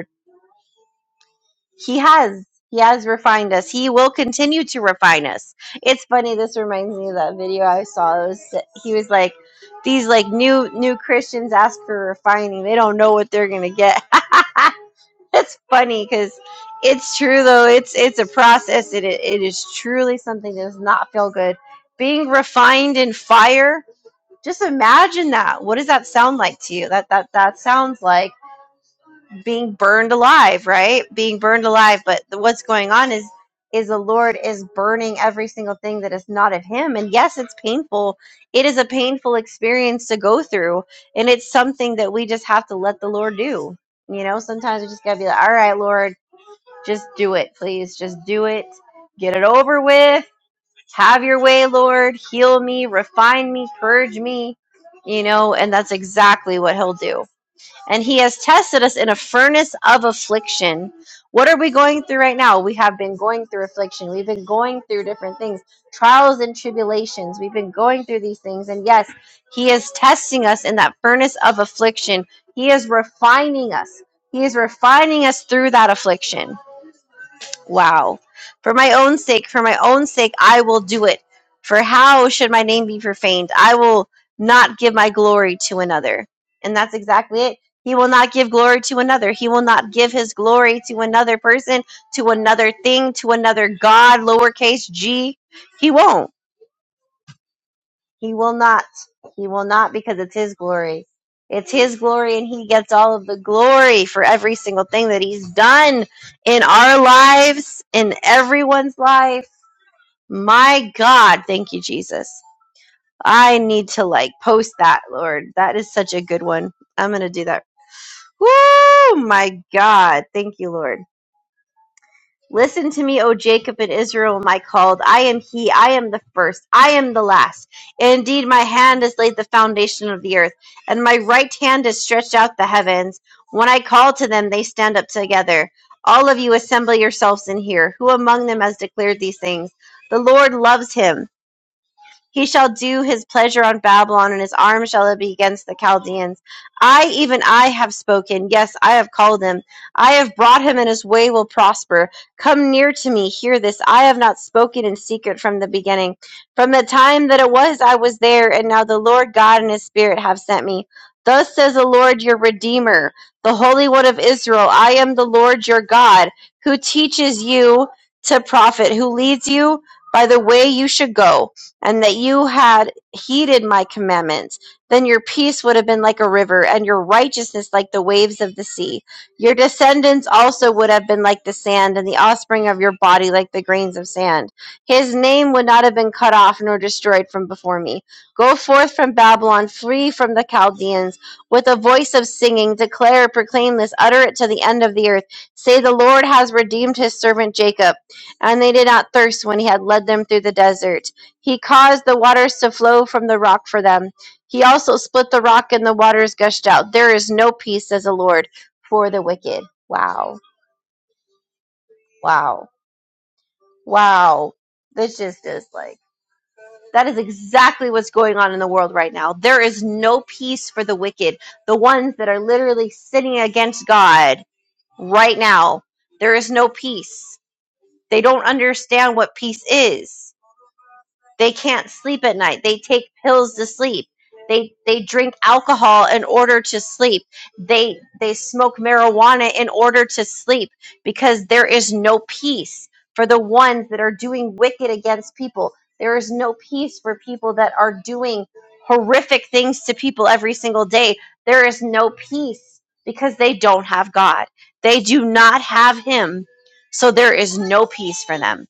S2: He has. He has refined us. He will continue to refine us. It's funny. This reminds me of that video I saw. It was, he was like, "These like new new Christians ask for refining. They don't know what they're gonna get." [LAUGHS] It's funny because it's true though. It's it's a process. It i- it is truly something that does not feel good. Being refined in fire. Just imagine that. What does that sound like to you? That that that sounds like being burned alive, right? Being burned alive. But the, what's going on is is the Lord is burning every single thing that is not of Him. And yes, it's painful. It is a painful experience to go through, and it's something that we just have to let the Lord do. You know, sometimes we just gotta be like, "All right, Lord, just do it, please. Just do it. Get it over with. Have Your way, Lord. Heal me, refine me, purge me." You know, and that's exactly what He'll do and he has tested us in a furnace of affliction. What are we going through right now? We have been going through affliction. We've been going through different things, trials and tribulations. We've been going through these things. And yes, he is testing us in that furnace of affliction. He is refining us. He is refining us through that affliction. Wow. For my own sake, for my own sake, I will do it. For how should my name be profaned? I will not give my glory to another. And that's exactly it. He will not give glory to another. He will not give his glory to another person, to another thing, to another God, lowercase g. He won't. He will not. He will not because it's His glory. It's His glory, and He gets all of the glory for every single thing that He's done in our lives, in everyone's life. My God, thank you, Jesus. I need to like post that, Lord. That is such a good one. I'm going to do that. Woo! My God. Thank you, Lord. Listen to me, O Jacob and Israel, my called. I am he, I am the first, I am the last. Indeed, my hand has laid the foundation of the earth, and my right hand has stretched out the heavens. When I call to them, they stand up together. All of you assemble yourselves and hear. Who among them has declared these things? The Lord loves him. He shall do his pleasure on Babylon, and his arm shall be against the Chaldeans. I, even I, have spoken. Yes, I have called him. I have brought him, and his way will prosper. Come near to me, hear this. I have not spoken in secret from the beginning. From the time that it was, I was there, and now the Lord God and his Spirit have sent me. Thus says the Lord your Redeemer, the Holy One of Israel I am the Lord your God, who teaches you to profit, who leads you by the way you should go and that you had heeded my commandments, then your peace would have been like a river, and your righteousness like the waves of the sea. Your descendants also would have been like the sand, and the offspring of your body like the grains of sand. His name would not have been cut off nor destroyed from before me. Go forth from Babylon, flee from the Chaldeans, with a voice of singing, declare, proclaim this, utter it to the end of the earth. Say, The Lord has redeemed his servant Jacob, and they did not thirst when he had led them through the desert he caused the waters to flow from the rock for them. He also split the rock, and the waters gushed out. There is no peace, says the Lord, for the wicked. Wow. Wow. Wow. This just is like, that is exactly what's going on in the world right now. There is no peace for the wicked, the ones that are literally sinning against God right now. There is no peace. They don't understand what peace is. They can't sleep at night. They take pills to sleep. They they drink alcohol in order to sleep. They they smoke marijuana in order to sleep because there is no peace for the ones that are doing wicked against people. There is no peace for people that are doing horrific things to people every single day. There is no peace because they don't have God. They do not have him. So there is no peace for them.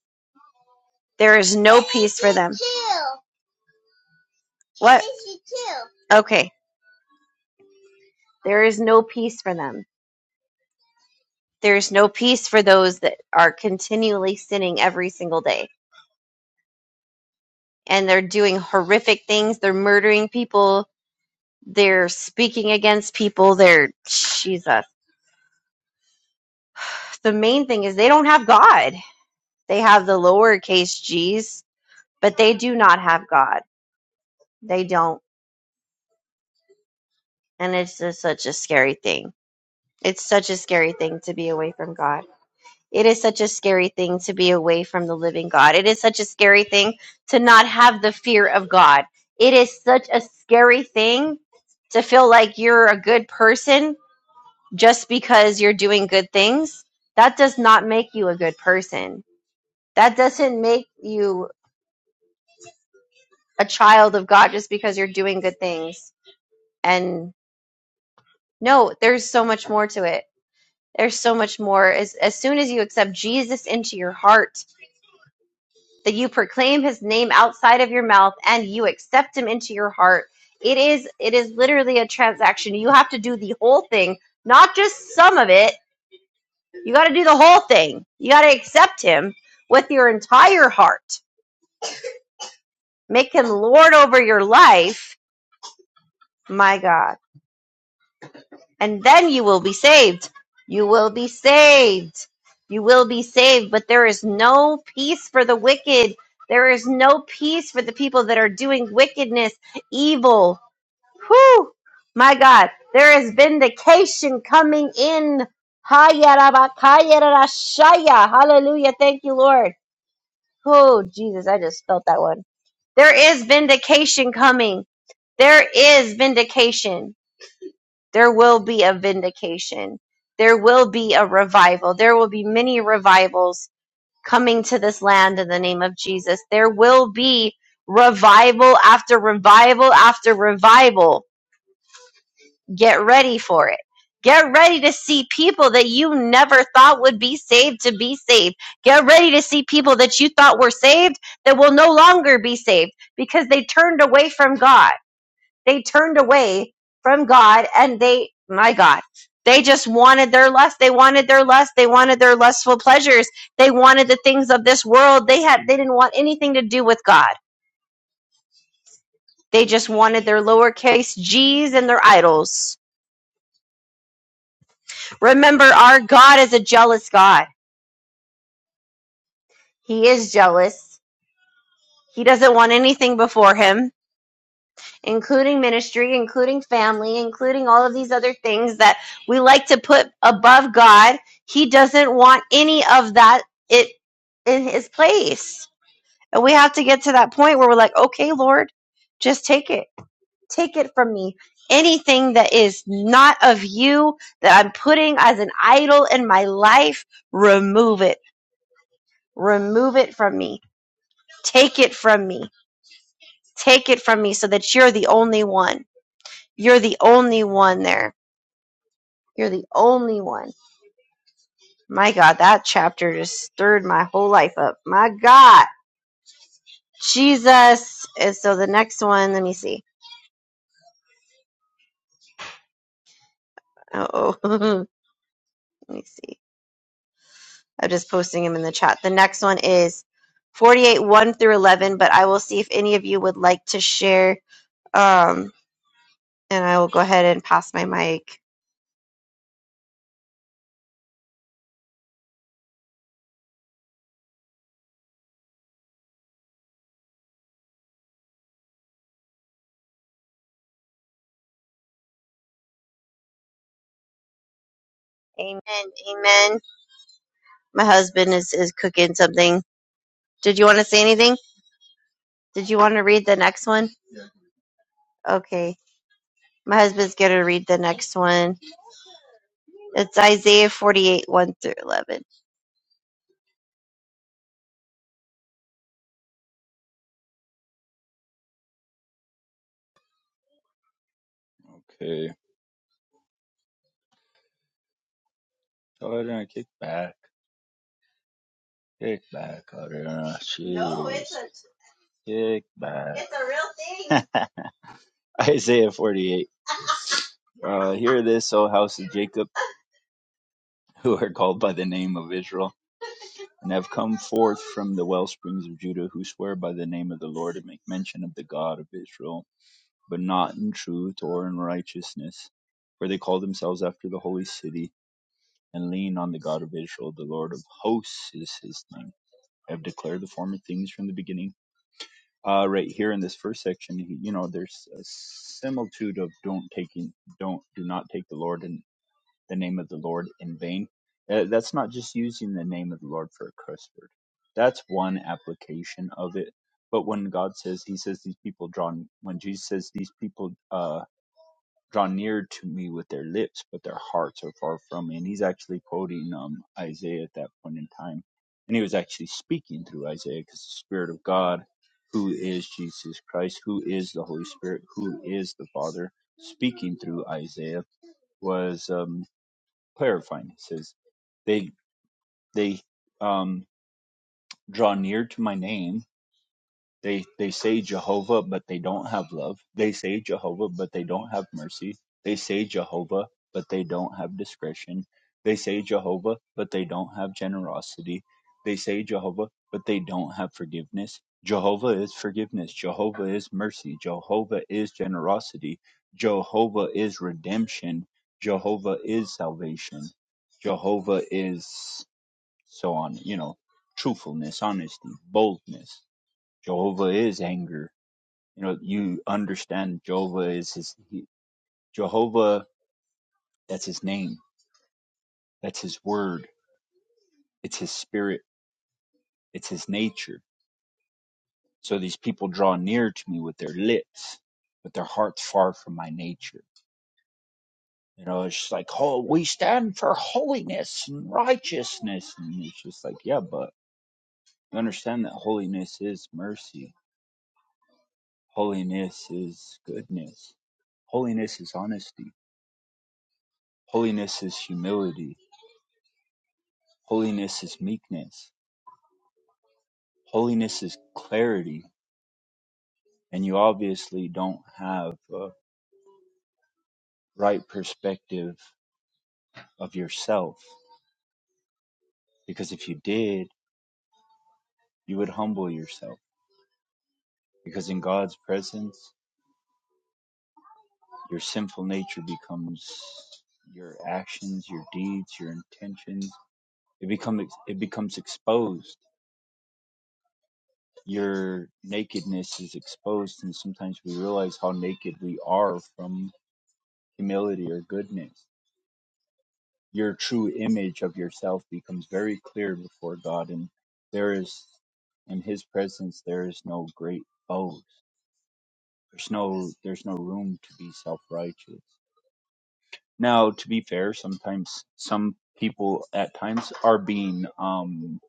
S2: There is no peace for them. What? Okay. There is no peace for them. There is no peace for those that are continually sinning every single day. And they're doing horrific things. They're murdering people. They're speaking against people. They're, Jesus. The main thing is they don't have God. They have the lowercase g's, but they do not have God. They don't. And it's just such a scary thing. It's such a scary thing to be away from God. It is such a scary thing to be away from the living God. It is such a scary thing to not have the fear of God. It is such a scary thing to feel like you're a good person just because you're doing good things. That does not make you a good person. That doesn't make you a child of God just because you're doing good things. And no, there's so much more to it. There's so much more. As, as soon as you accept Jesus into your heart, that you proclaim his name outside of your mouth and you accept him into your heart it is it is literally a transaction you have to do the whole thing not just some of it you got to do the whole thing you got to accept him with your entire heart make him lord over your life my god and then you will be saved you will be saved you will be saved but there is no peace for the wicked there is no peace for the people that are doing wickedness evil Whew! My God, there is vindication coming in. Hayarabakayarashaya. Hallelujah. Thank you, Lord. Oh, Jesus, I just felt that one. There is vindication coming. There is vindication. There will be a vindication. There will be a revival. There will be many revivals coming to this land in the name of Jesus. There will be revival after revival after revival Get ready for it. Get ready to see people that you never thought would be saved to be saved. Get ready to see people that you thought were saved that will no longer be saved because they turned away from God. They turned away from God and they, my God, they just wanted their lust. They wanted their lust. They wanted their lustful pleasures. They wanted the things of this world. They had, they didn't want anything to do with God. They just wanted their lowercase g's and their idols. Remember, our God is a jealous God. He is jealous. He doesn't want anything before him, including ministry, including family, including all of these other things that we like to put above God. He doesn't want any of that it in his place. And we have to get to that point where we're like, "Okay, Lord, just take it. Take it from me. Anything that is not of you that I'm putting as an idol in my life, remove it." Remove it from me. Take it from me. Take it from me so that you're the only one. You're the only one there. You're the only one. My God, that chapter just stirred my whole life up. My God, Jesus. And so the next one, let me see. Oh, [LAUGHS] let me see. I'm just posting them in the chat. The next one is 48 1 through 11, but I will see if any of you would like to share. Um, and I will go ahead and pass my mic. Amen. Amen. My husband is, is cooking something. Did you want to say anything? Did you want to read the next one? Okay. My husband's going to read the next one. It's Isaiah 48, 1 through 11.
S1: Okay. Arana, kick back. Kick back, Arana. Jeez. No, it's a... Kick back. It's a real thing. [LAUGHS] Isaiah 48. [LAUGHS] Uh, hear this, O house of Jacob. [LAUGHS] who are called by the name of Israel, and have come forth from the well springs of Judah, who swear by the name of the Lord and make mention of the God of Israel, but not in truth or in righteousness, for they call themselves after the holy city, and lean on the God of Israel, the Lord of hosts is his name. I have declared the former things from the beginning. Uh, right here in this first section, he- you know, there's a similitude of don't taking, don't, do not take the Lord in the name of the Lord in vain. Uh, that's not just using the name of the Lord for a curse word. That's one application of it. But when God says, He says, these people draw, when Jesus says, these people uh, draw near to me with their lips, but their hearts are far from me. And He's actually quoting um, Isaiah at that point in time. And He was actually speaking through Isaiah because the Spirit of God, who is Jesus Christ, who is the Holy Spirit, who is the Father, speaking through Isaiah was um, clarifying. He says, "They they um, draw near to my name, they they say Jehovah, but they don't have love. They say Jehovah, but they don't have mercy. They say Jehovah, but they don't have discretion. They say Jehovah, but they don't have generosity. They say Jehovah, but they don't have forgiveness. Jehovah is forgiveness. Jehovah is mercy. Jehovah is generosity. Jehovah is redemption. Jehovah is salvation. Jehovah is so on, you know, truthfulness, honesty, boldness Jehovah is anger. You know, you understand Jehovah is his he, Jehovah. That's his name. That's his word. It's his spirit. It's his nature. So these people draw near to me with their lips, but their hearts far from my nature. You know, it's just like, oh, we stand for holiness and righteousness, and it's just like, yeah, but you understand that holiness is mercy. Holiness is goodness. Holiness is honesty. Holiness is humility Holiness is meekness. Holiness is clarity. And you obviously don't have a right perspective of yourself because if you did, you would humble yourself. Because in God's presence, your sinful nature becomes your actions, your deeds, your intentions. It becomes it becomes exposed. Your nakedness is exposed, and sometimes we realize how naked we are from humility or goodness your true image of yourself becomes very clear before God, and there is in His presence there is no great boast. There's no there's no room to be self righteous. Now, to be fair, sometimes some people at times are being um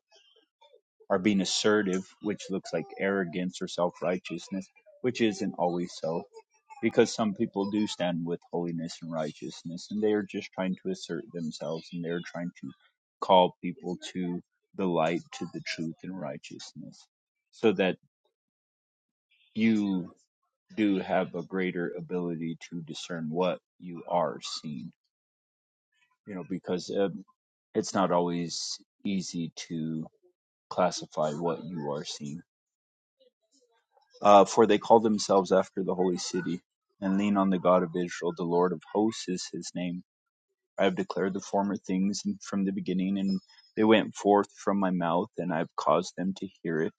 S1: are being assertive, which looks like arrogance or self righteousness, which isn't always so. because some people do stand with holiness and righteousness and they are just trying to assert themselves and they're trying to call people to the light to the truth and righteousness so that you do have a greater ability to discern what you are seeing you know because um, it's not always easy to classify what you are seeing uh, for they call themselves after the holy city and lean on the god of israel the lord of hosts is his name I have declared the former things from the beginning, and they went forth from my mouth, and I have caused them to hear it.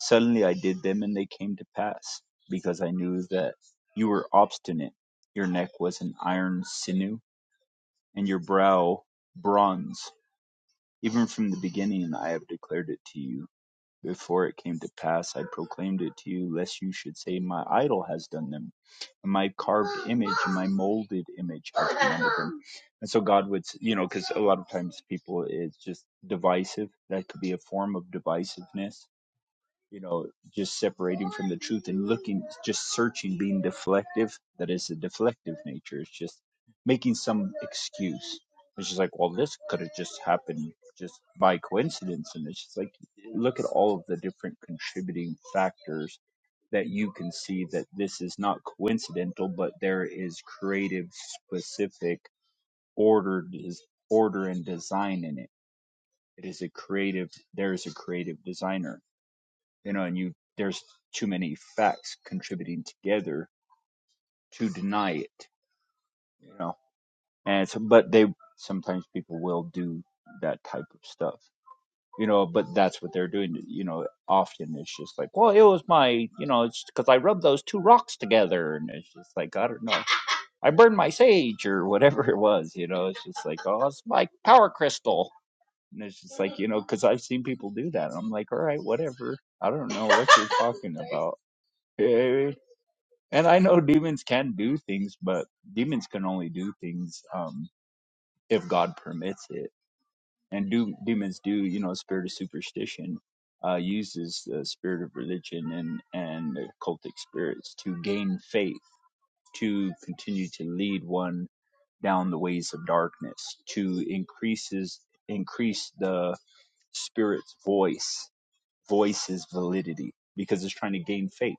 S1: Suddenly I did them, and they came to pass, because I knew that you were obstinate. Your neck was an iron sinew, and your brow bronze. Even from the beginning I have declared it to you. Before it came to pass, I proclaimed it to you, lest you should say, My idol has done them my carved image my [LAUGHS] molded image has been with him. And so God would, you know, because a lot of times people, it's just divisive. That could be a form of divisiveness you know, just separating from the truth and looking, just searching, being deflective. That is a deflective nature. It's just making some excuse. It's just like, well, this could have just happened just by coincidence. And it's just like, look at all of the different contributing factors that you can see that this is not coincidental, but there is creative, specific order, order and design in it. It is a creative, there is a creative designer you know, and you there's too many facts contributing together to deny it, you know. And so, but they sometimes people will do that type of stuff, you know. But that's what they're doing, you know. Often it's just like, well, it was my, you know, it's because I rubbed those two rocks together, and it's just like I don't know, I burned my sage or whatever it was, you know. It's just like, oh, it's my power crystal. And it's just like, you know, because I've seen people do that. And I'm like, all right, whatever. I don't know what you're talking [LAUGHS] about. And I know demons can do things, but demons can only do things um, if God permits it. And do demons do, you know, spirit of superstition uh, uses the spirit of religion and and occultic spirits to gain faith, to continue to lead one down the ways of darkness, to increases increase the spirit's voice, voice's validity, because it's trying to gain faith.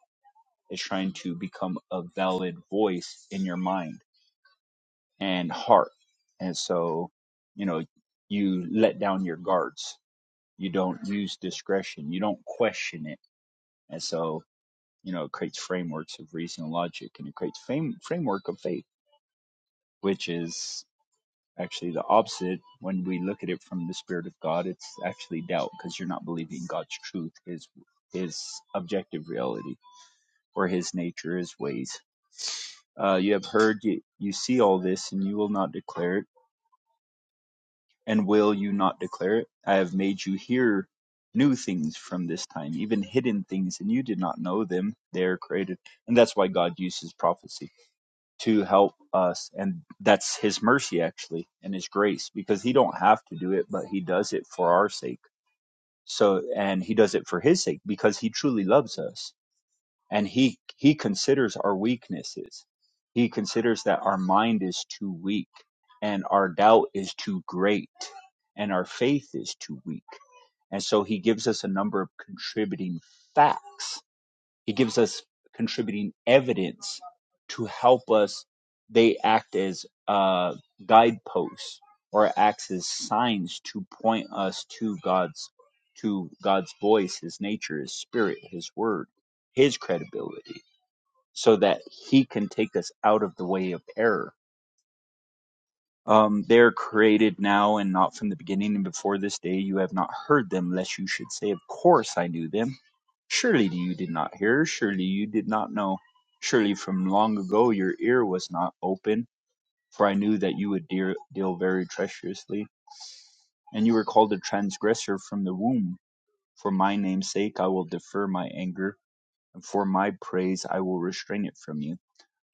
S1: It's trying to become a valid voice in your mind and heart. And so, you know, you let down your guards. You don't use discretion. You don't question it. And so, you know, it creates frameworks of reason and logic and it creates fame, framework of faith, which is actually the opposite. When we look at it from the spirit of God, it's actually doubt because you're not believing God's truth, his, his objective reality or his nature, his ways. Uh, you have heard, you, you see all this and you will not declare it And will you not declare it? I have made you hear new things from this time, even hidden things, and you did not know them. They are created. And that's why God uses prophecy to help us. And that's his mercy, actually, and his grace, because he don't have to do it, but he does it for our sake. So, and he does it for his sake because he truly loves us and he he considers our weaknesses he considers that our mind is too weak and our doubt is too great and our faith is too weak and so he gives us a number of contributing facts he gives us contributing evidence to help us they act as uh, guideposts or acts as signs to point us to god's to god's voice his nature his spirit his word his credibility so that he can take us out of the way of error. Um, they are created now and not from the beginning and before this day. You have not heard them, lest you should say, Of course I knew them. Surely you did not hear. Surely you did not know. Surely from long ago your ear was not open, for I knew that you would dear, deal very treacherously. And you were called a transgressor from the womb. For my name's sake I will defer my anger, and for my praise I will restrain it from you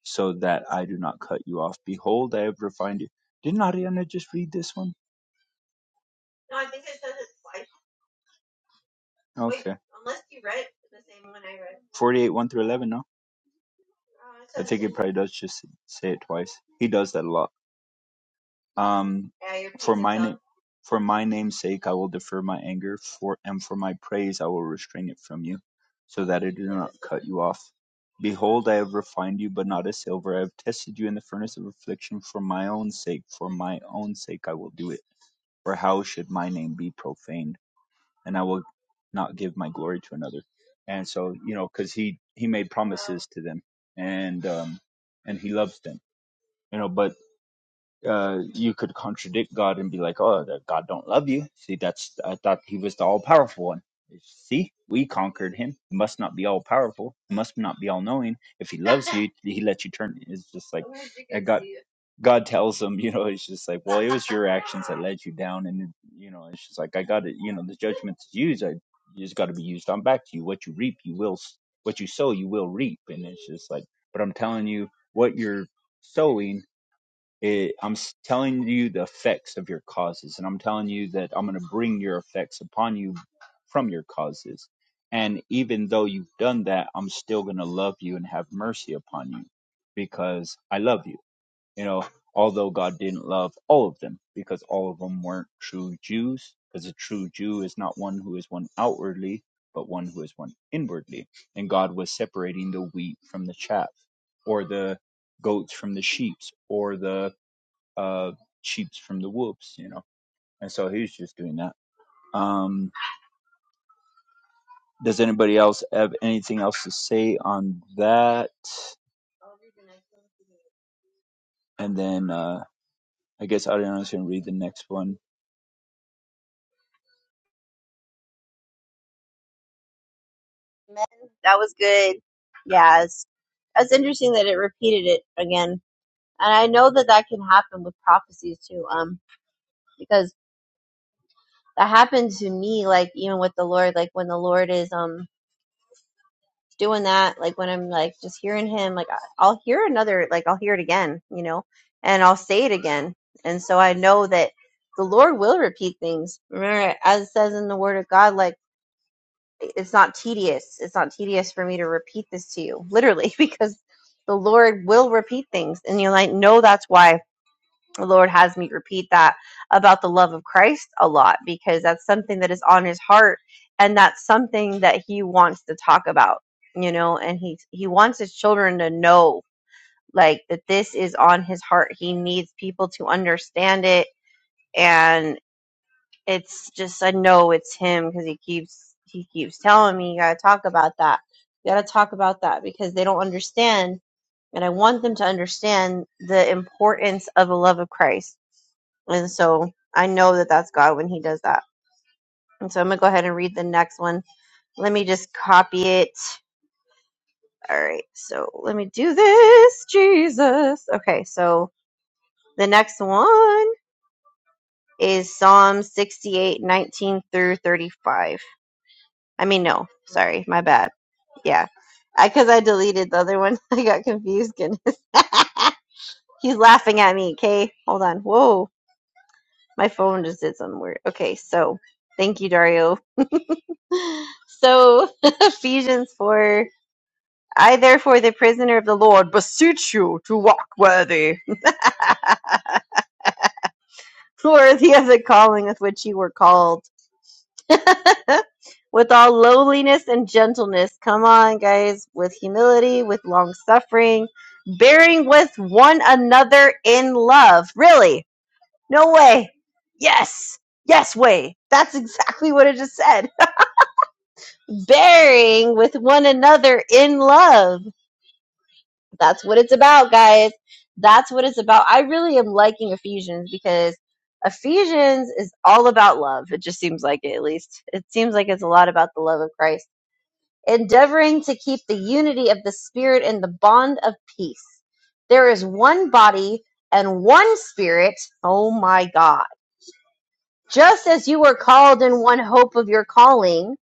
S1: so that I do not cut you off. Behold, I have refined you. Didn't Ariana just read this one? Okay. 48, 1 through 11, no? Probably does just say it twice. He does that a lot. Um, for my name's sake, I will defer my anger, for and for my praise, I will restrain it from you, so that I do not cut you off. Behold, I have refined you, but not as silver. I have tested you in the furnace of affliction for my own sake. For my own sake, I will do it. For how should my name be profaned? and I will not give my glory to another. And so, you know, cause he, he made to them and, um, and he loves them, you know, but, uh, you could contradict God and be like, oh, that God don't love you. See, that's, I thought he was the all powerful one. See, we conquered him. He must not be all powerful. He must not be all knowing. If he loves you, he lets you turn. It's just like, God tells him, you know, it's just like, well, it was your actions that led you down, and you know, it's just like I got it. You know, the judgment's used. I just got to be used on back to you. What you reap, you will. s- What you sow, you will reap. And it's just like, but I'm telling you, what you're sowing, it, I'm s- telling you the effects of your causes, and I'm telling you that I'm going to bring your effects upon you from your causes. And even though you've done that, I'm still going to love you and have mercy upon you because I love you you know, although God didn't love all of them because all of them weren't true Jews, because a true Jew is not one who is one outwardly, but one who is one inwardly. And God was separating the wheat from the chaff, or the goats from the sheep, or the uh, sheeps from the wolves, you know. And so he was just doing that. Um, does anybody else have anything else to say on that? And then uh, I guess Ariana's going to read the next one.
S2: Amen. That was good. Yeah, it's, it's interesting that it repeated it again. And I know that that can happen with prophecies too, um, because that happened to me, like even with the Lord, like when the Lord is, um, doing that like when i'm like just hearing him like I- i'll hear another like i'll hear it again you know and i'll say it again and so i know that the lord will repeat things remember as it says in the word of god like it's not tedious it's not tedious for me to repeat this to you literally [LAUGHS] because the lord will repeat things and you're like no that's why the Lord has me repeat that about the love of Christ a lot because that's something that is on his heart and that's something that he wants to talk about, you know, and he he wants his children to know like that this is on his heart. He needs people to understand it and it's just I know it's him cuz he keeps he keeps telling me you got to talk about that. You got to talk about that because they don't understand and I want them to understand the importance of the love of Christ and so I know that that's God when He does that. And so I'm going to go ahead and read the next one. Let me just copy it. All right. So let me do this. Jesus. Okay. So the next one is Psalm 68, 19 through 35. I mean, no. Sorry. My bad. Yeah. Because I deleted the other one. [LAUGHS] I got confused. Goodness. [LAUGHS] He's laughing at me. Okay. Hold on. Whoa. My phone just did something weird. Okay. So thank you, Dario. So, [LAUGHS] Ephesians 4 I, therefore, the prisoner of the Lord, beseech you to walk worthy, [LAUGHS] worthy of the calling with which you were called, [LAUGHS] with all lowliness and gentleness. Come on, guys, with humility, with long suffering, bearing with one another in love. Really? No way. Yes. Yes, way. That's exactly what it just said. [LAUGHS] bearing with one another in love That's what it's about, guys. That's what it's about. I really am liking Ephesians because Ephesians is all about love. It just seems like it, at least. It seems like it's a lot about the love of Christ. Endeavoring to keep the unity of the Spirit and the bond of peace. There is one body and one Spirit. Oh my God. Just as you were called in one hope of your calling,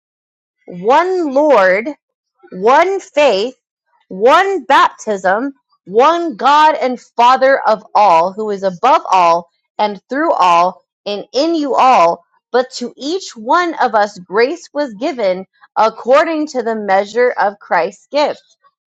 S2: one Lord one faith, one baptism, one God and Father of all, who is above all and through all and in you all. But to each one of us grace was given according to the measure of Christ's gift.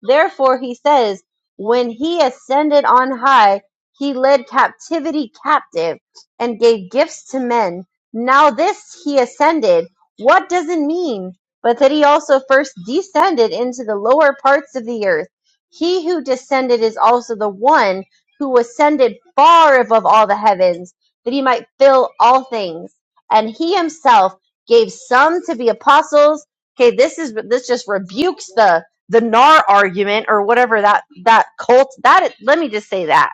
S2: Therefore, he says, when he ascended on high, he led captivity captive and gave gifts to men. Now, this he ascended. What does it mean? but that he also first descended into the lower parts of the earth. He who descended is also the one who ascended far above all the heavens, that he might fill all things. And he himself gave some to be apostles. Okay, this is this just rebukes the the Nar argument or whatever that that cult that let me just say that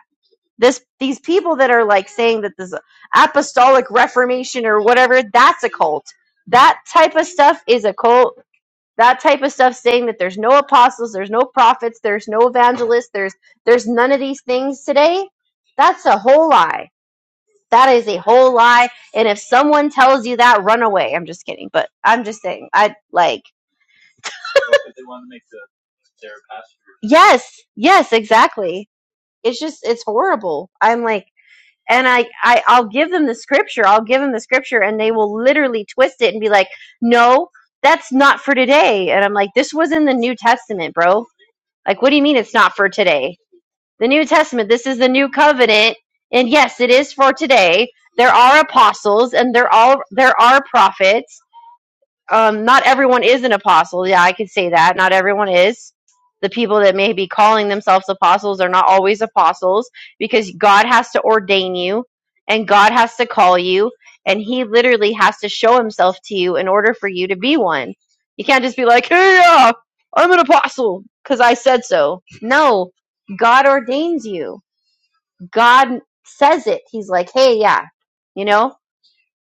S2: this these people that are like saying that this apostolic reformation or whatever that's a cult that type of stuff is a cult that type of stuff saying that there's no apostles there's no prophets there's no evangelists there's there's none of these things today that's a whole lie that is a whole lie and if someone tells you that run away i'm just kidding but i'm just saying i like yes yes exactly it's just it's horrible i'm like and I, I i'll give them the scripture i'll give them the scripture and they will literally twist it and be like no that's not for today and i'm like this was in the new testament bro like what do you mean it's not for today the New Testament. This is the new covenant. And yes, it is for today. There are apostles and there all there are prophets um, not everyone is an apostle. Yeah, I could say that. Not everyone is. The people that may be calling themselves apostles are not always apostles because God has to ordain you and God has to call you and He literally has to show Himself to you in order for you to be one. You can't just be like, hey, yeah, I'm an apostle because I said so. No, God ordains you. God says it. He's like, hey, yeah, you know?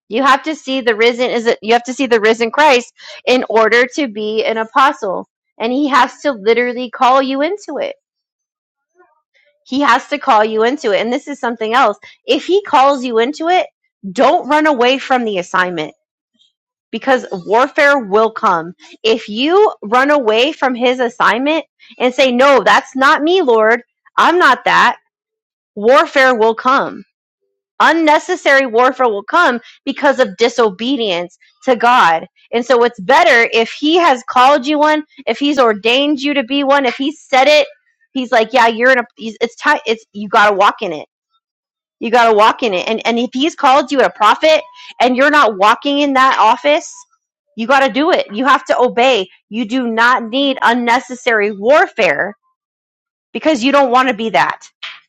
S2: You have to see the risen is it you have to see the risen Christ in order to be an apostle. And he has to literally call you into it. He has to call you into it. And this is something else. If he calls you into it, don't run away from the assignment because warfare will come. If you run away from his assignment and say, "No, that's not me, Lord. I'm not that." Warfare will come unnecessary warfare will come because of disobedience to God. And so it's better if he has called you one, if he's ordained you to be one, if he said it, he's like, yeah, you're in a it's time it's you got to walk in it. You got to walk in it. And and if he's called you a prophet and you're not walking in that office, you got to do it. You have to obey. You do not need unnecessary warfare because you don't want to be that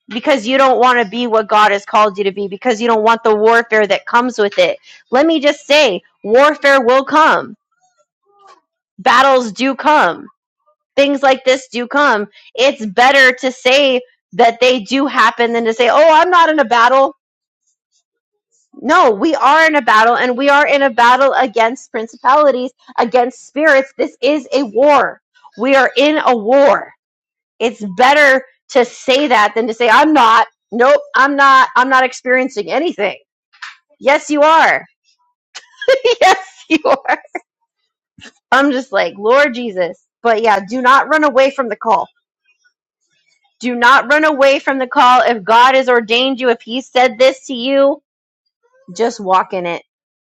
S2: because you don't want to be what God has called you to be because you don't want the warfare that comes with it. Let me just say, warfare will come. Battles do come. Things like this do come. It's better to say that they do happen than to say, "Oh, I'm not in a battle." No, we are in a battle and we are in a battle against principalities, against spirits. This is a war. We are in a war it's better to say that than to say i'm not nope i'm not i'm not experiencing anything yes you are [LAUGHS] yes you are i'm just like lord jesus but yeah do not run away from the call do not run away from the call if god has ordained you if he said this to you just walk in it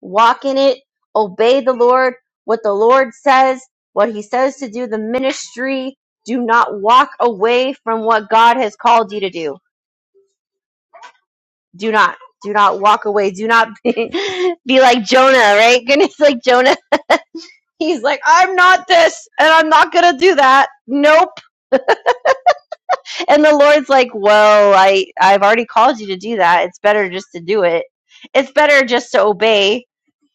S2: walk in it obey the lord what the lord says what he says to do the ministry do not walk away from what god has called you to do do not do not walk away do not be, [LAUGHS] be like jonah right [LAUGHS] goodness like jonah he's like i'm not this and i'm not gonna do that nope and the lord's like well i i've already called you to do that it's better just to do it it's better just to obey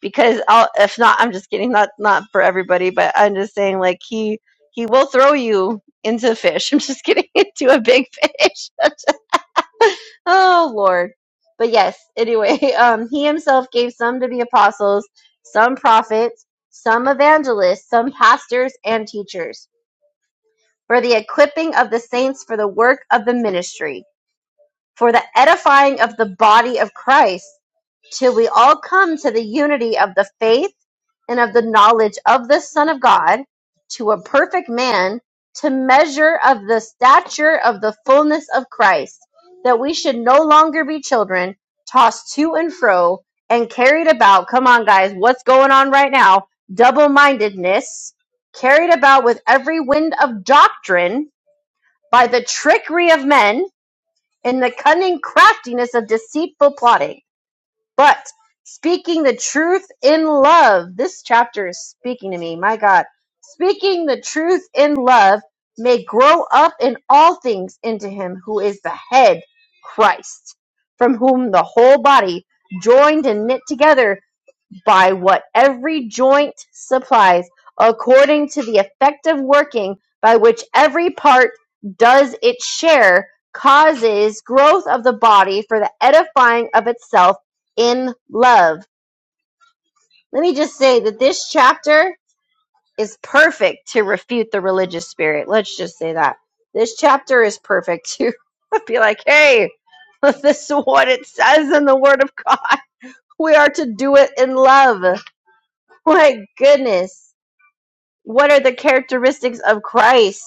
S2: because I'll, if not i'm just kidding not not for everybody but i'm just saying like he he will throw you into a fish [LAUGHS] i'm just kidding [LAUGHS] into a big fish [LAUGHS] I'm Oh Lord. But yes, anyway, [LAUGHS] um he himself gave some to be apostles, some prophets, some evangelists, some pastors and teachers, for the equipping of the saints for the work of the ministry, for the edifying of the body of Christ, till we all come to the unity of the faith and of the knowledge of the Son of God to a perfect man, to measure of the stature of the fullness of Christ, that we should no longer be children, tossed to and fro and carried about. Come on, guys, what's going on right now? Double mindedness, carried about with every wind of doctrine by the trickery of men in the cunning craftiness of deceitful plotting but speaking the truth in love, this chapter is speaking to me. My God. Speaking the truth in love may grow up in all things into him who is the head, Christ, from whom the whole body, joined and knit together by what every joint supplies, according to the effective working by which every part does its share, causes growth of the body for the edifying of itself in love. Let me just say that this chapter is perfect to refute the religious spirit. Let's just say that. This chapter is perfect to [LAUGHS] be like, hey, [LAUGHS] this is what it says in the Word of God. [LAUGHS] We are to do it in love. My goodness. what are the characteristics of Christ?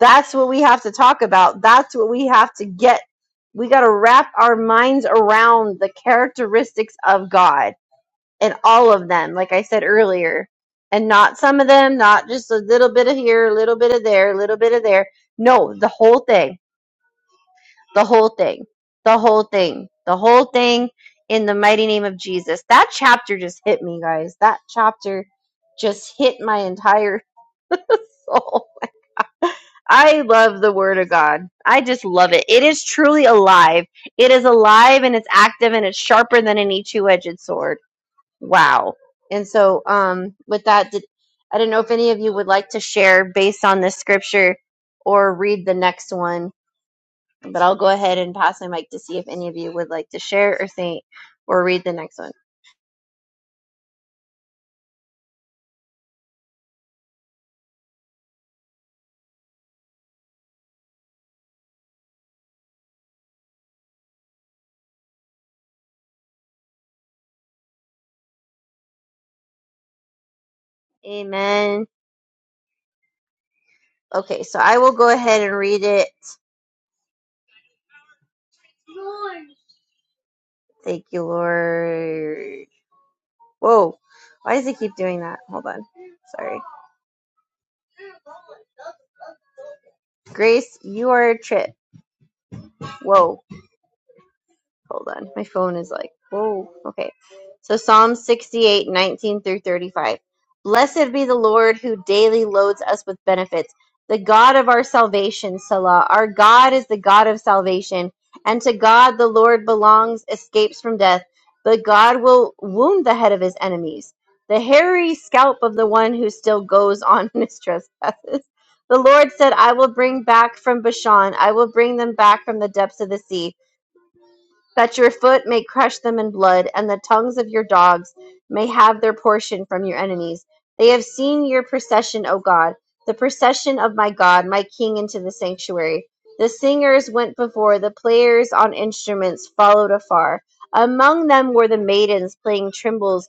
S2: That's what we have to talk about. That's what we have to get. We got to wrap our minds around the characteristics of God and all of them, like I said earlier, and not some of them, not just a little bit of here, a little bit of there, a little bit of there. No, the whole thing, the whole thing, the whole thing, the whole thing in the mighty name of Jesus. That chapter just hit me, guys. That chapter just hit my entire [LAUGHS] soul. I love the Word of God. I just love it. It is truly alive. It is alive and it's active and it's sharper than any two-edged sword. Wow. And so, um, with that, did, I don't know if any of you would like to share based on this scripture or read the next one, but I'll go ahead and pass my mic to see if any of you would like to share or think or read the next one. Amen. Okay, so I will go ahead and read it. Thank you, Lord. Whoa. Why does he keep doing that? Hold on. Sorry. Grace, you are a trip. Whoa. Hold on. My phone is like, whoa. Okay. So Psalm 68, 19 through 35. Blessed be the Lord who daily loads us with benefits, the God of our salvation, Salah. Our God is the God of salvation, and to God the Lord belongs escapes from death. But God will wound the head of his enemies, the hairy scalp of the one who still goes on [LAUGHS] in his trespasses. The Lord said, I will bring back from Bashan, I will bring them back from the depths of the sea that your foot may crush them in blood, and the tongues of your dogs may have their portion from your enemies. They have seen your procession, O God, the procession of my God, my King, into the sanctuary. The singers went before, the players on instruments followed afar. Among them were the maidens playing timbrels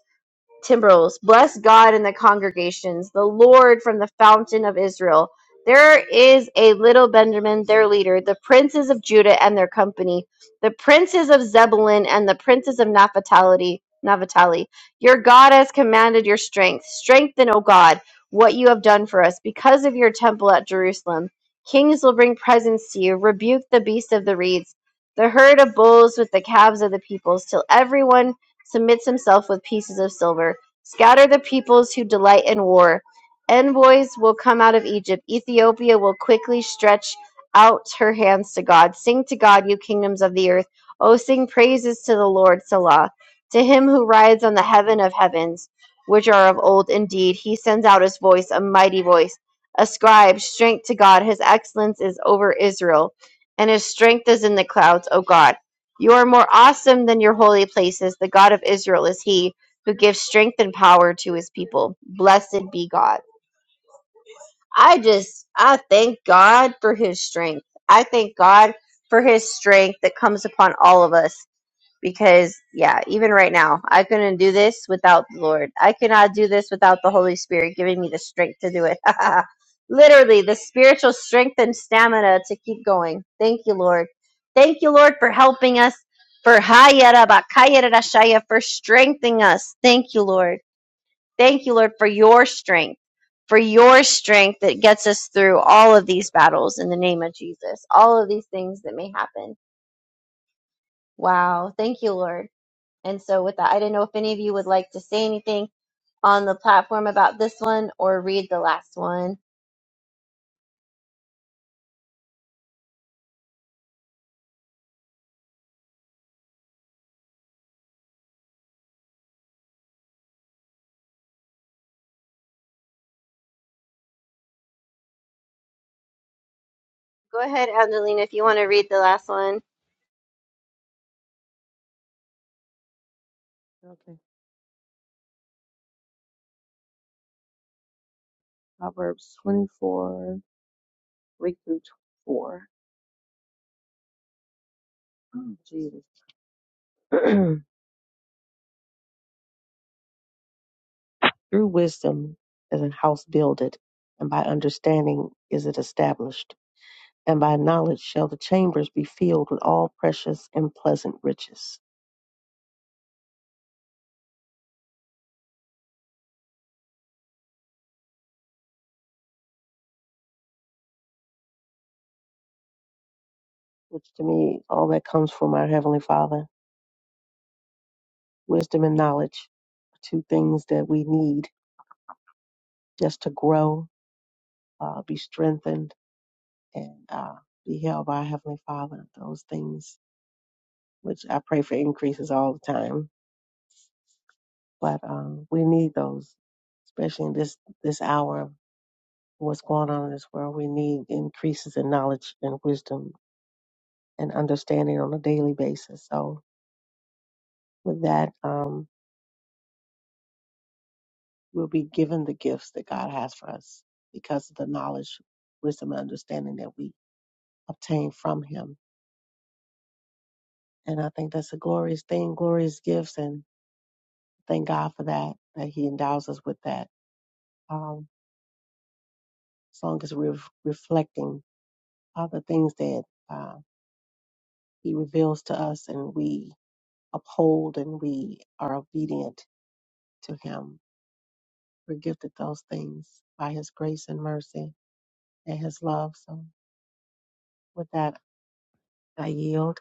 S2: timbrels. Bless God in the congregations, the Lord from the fountain of Israel. There is a little Benjamin, their leader, the princes of Judah and their company, the princes of Zebulun and the princes of Naphtali. Naphtali. Your God has commanded your strength. Strengthen, O God, what you have done for us because of your temple at Jerusalem. Kings will bring presents to you. Rebuke the beast of the reeds, the herd of bulls with the calves of the peoples, till everyone submits himself with pieces of silver. Scatter the peoples who delight in war. Envoys will come out of Egypt. Ethiopia will quickly stretch out her hands to God. Sing to God, you kingdoms of the earth. O sing praises to the Lord, Salah, to him who rides on the heaven of heavens, which are of old indeed. He sends out his voice, a mighty voice. Ascribe strength to God. His excellence is over Israel, and his strength is in the clouds, O God. You are more awesome than your holy places. The God of Israel is he who gives strength and power to his people. Blessed be God. I just, I thank God for his strength. I thank God for his strength that comes upon all of us because yeah even right now i couldn't do this without the lord i cannot do this without the holy spirit giving me the strength to do it [LAUGHS] literally the spiritual strength and stamina to keep going thank you lord thank you lord for helping us for hayarabakayarashaya for strengthening us thank you lord thank you lord for your strength for your strength that gets us through all of these battles in the name of jesus all of these things that may happen wow thank you lord and so, with that, I didn't know if any of you would like to say anything on the platform about this one or read the last one. Go ahead, Angelina, if you want to read the last one.
S5: Okay. Proverbs 24, 3 through 4. Oh, Jesus. [CLEARS THROAT] through wisdom is a house builded, and by understanding is it established. And by knowledge shall the chambers be filled with all precious and pleasant riches. Which to me, all that comes from our Heavenly Father. Wisdom and knowledge are two things that we need just to grow, uh, be strengthened, and uh, be held by our Heavenly Father. Those things which I pray for increases all the time but um, we need those, especially in this this hour of what's going on in this world. We need increases in knowledge and wisdom and understanding on a daily basis. So with that, um, we'll be given the gifts that God has for us because of the knowledge, wisdom, and understanding that we obtain from Him. And I think that's a glorious thing, glorious gifts, and thank God for that that He endows us with that. Um, as long as we're reflecting all the things that. uh, He reveals to us and we uphold and we are obedient to Him. We're gifted those things by His grace and mercy and His love. So, with that, I yield.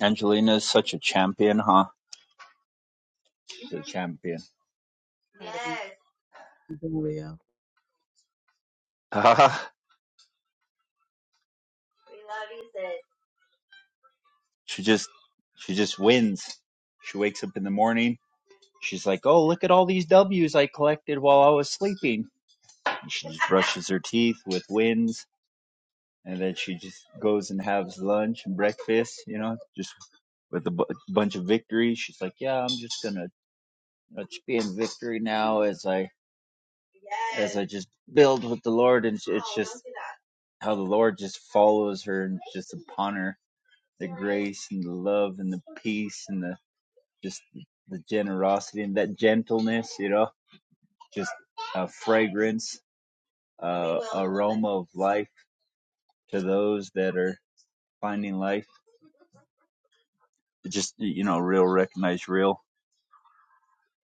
S1: Angelina's such a champion, huh? the champion. [LAUGHS]
S5: Gloria.
S1: she just she just wins. She wakes up in the morning. She's like, "Oh, look at all these W's I collected while I was sleeping." And she just brushes her teeth with wins, and then she just goes and has lunch and breakfast. You know, just with a b- bunch of victories. She's like, "Yeah, I'm just gonna let be in victory now as I, I just build with the Lord and ju- how the Lord just follows her and just upon her the grace and the love and the peace and the just the generosity and that gentleness, you know, just a fragrance, a of life to those that are finding life. Just you know, real recognize real. [LAUGHS]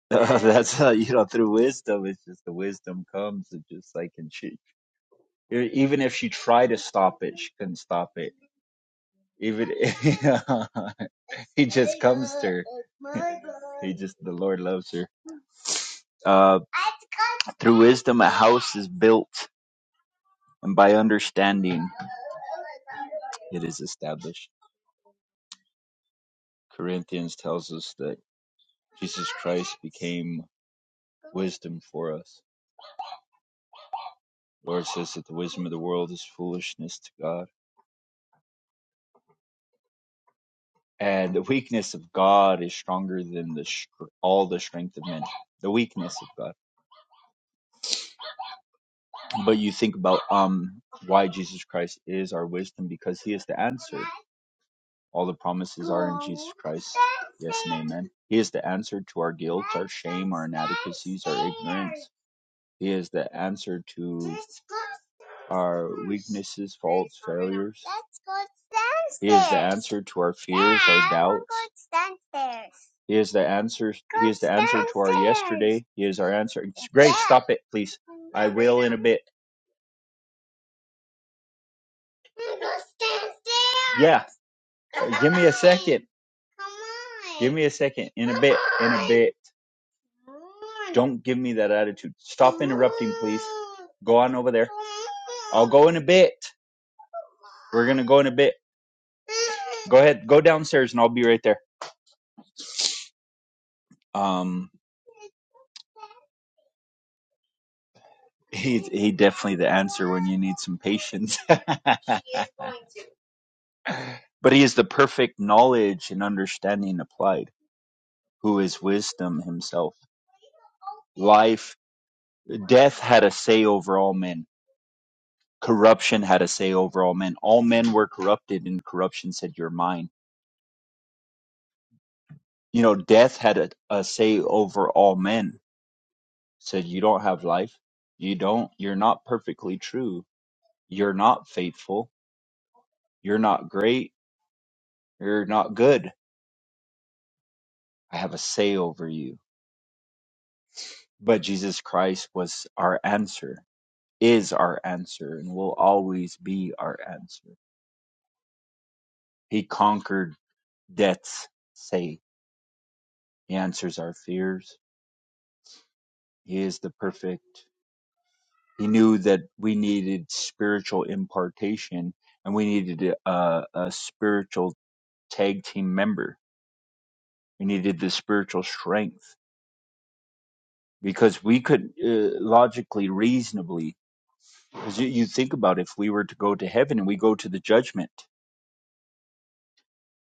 S1: Uh, that's how you know through wisdom. It's just the wisdom comes. It's just like and she, e, even if she tried to stop it, she couldn't stop it. Even [LAUGHS] he just comes to her. He just the Lord loves her. Uh, through wisdom, a house is built. and by understanding it is established. Corinthians tells us that Jesus Christ became wisdom for us. The Lord says that the wisdom of the world is foolishness to God, and the weakness of God is stronger than the str- all the strength of men. The weakness of God. But you think about um why Jesus Christ is our wisdom because He is the answer. All the promises are in Jesus Christ. Yes and amen. He is the answer to our guilt, our shame, our inadequacies, our ignorance. He is the answer to our weaknesses, failures. He is the answer to our fears, our doubts. He is the answer. He is the answer to our yesterday. He is our answer. Grace, stop it, please. I will in a bit. Yeah, give me a second. Give me a second. In a bit. In a bit. Don't give me that attitude. Stop interrupting, please. Go on over there. I'll go in a bit. We're gonna go in a bit. Go ahead, go downstairs, and I'll be right there. Um, he he definitely the answer when you need some patience. [LAUGHS] but he is the perfect knowledge and understanding applied, who is wisdom himself. Life, death had a say over all men. Corruption had a say over all men. All men were corrupted, and corruption said, "You're mine." you know, death had a, a say over all men. Said, you don't have life. You don't, you're not perfectly true. You're not faithful. You're not great. You're not good. I have a say over you. But Jesus Christ was our answer, is our answer, and will always be our answer. He conquered death's say. He answers our fears. He is the perfect. He knew that we needed spiritual impartation and we needed a, a spiritual tag team member. We needed the spiritual strength because we could uh, logically, reasonably, because you, you think about if we were to go to heaven and we go to the judgment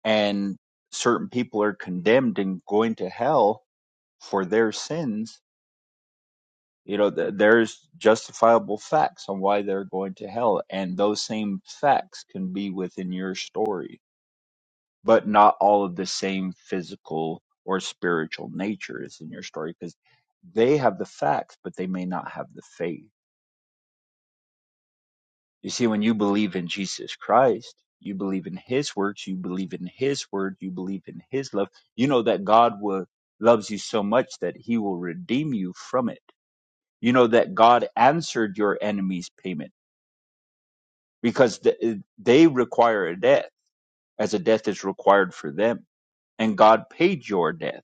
S1: and certain people are condemned and going to hell for their sins, you know, th- there's justifiable facts on why they're going to hell. And those same facts can be within your story but not all of the same physical or spiritual nature is in your story because they have the facts, but they may not have the faith. You see, when you believe in Jesus Christ, you believe in his works, you believe in his word, you believe in his love. You know that God will, loves you so much that he will redeem you from it. You know that God answered your enemy's payment because th- they require a death as a death is required for them. And God paid your death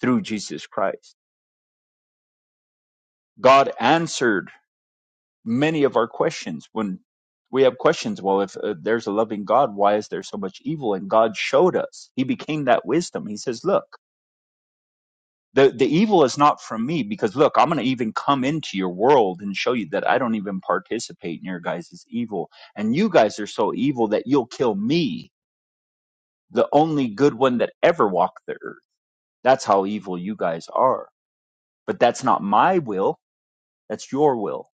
S1: through Jesus Christ God answered many of our questions when we have questions. Well, if uh, there's a loving God, why is there so much evil? And God showed us. He became that wisdom. He says, look, the, the evil is not from me because look, I'm going to even come into your world and show you that I don't even participate in your guys' evil. And you guys are so evil that you'll kill me, the only good one that ever walked the earth. That's how evil you guys are. But that's not my will. That's your will.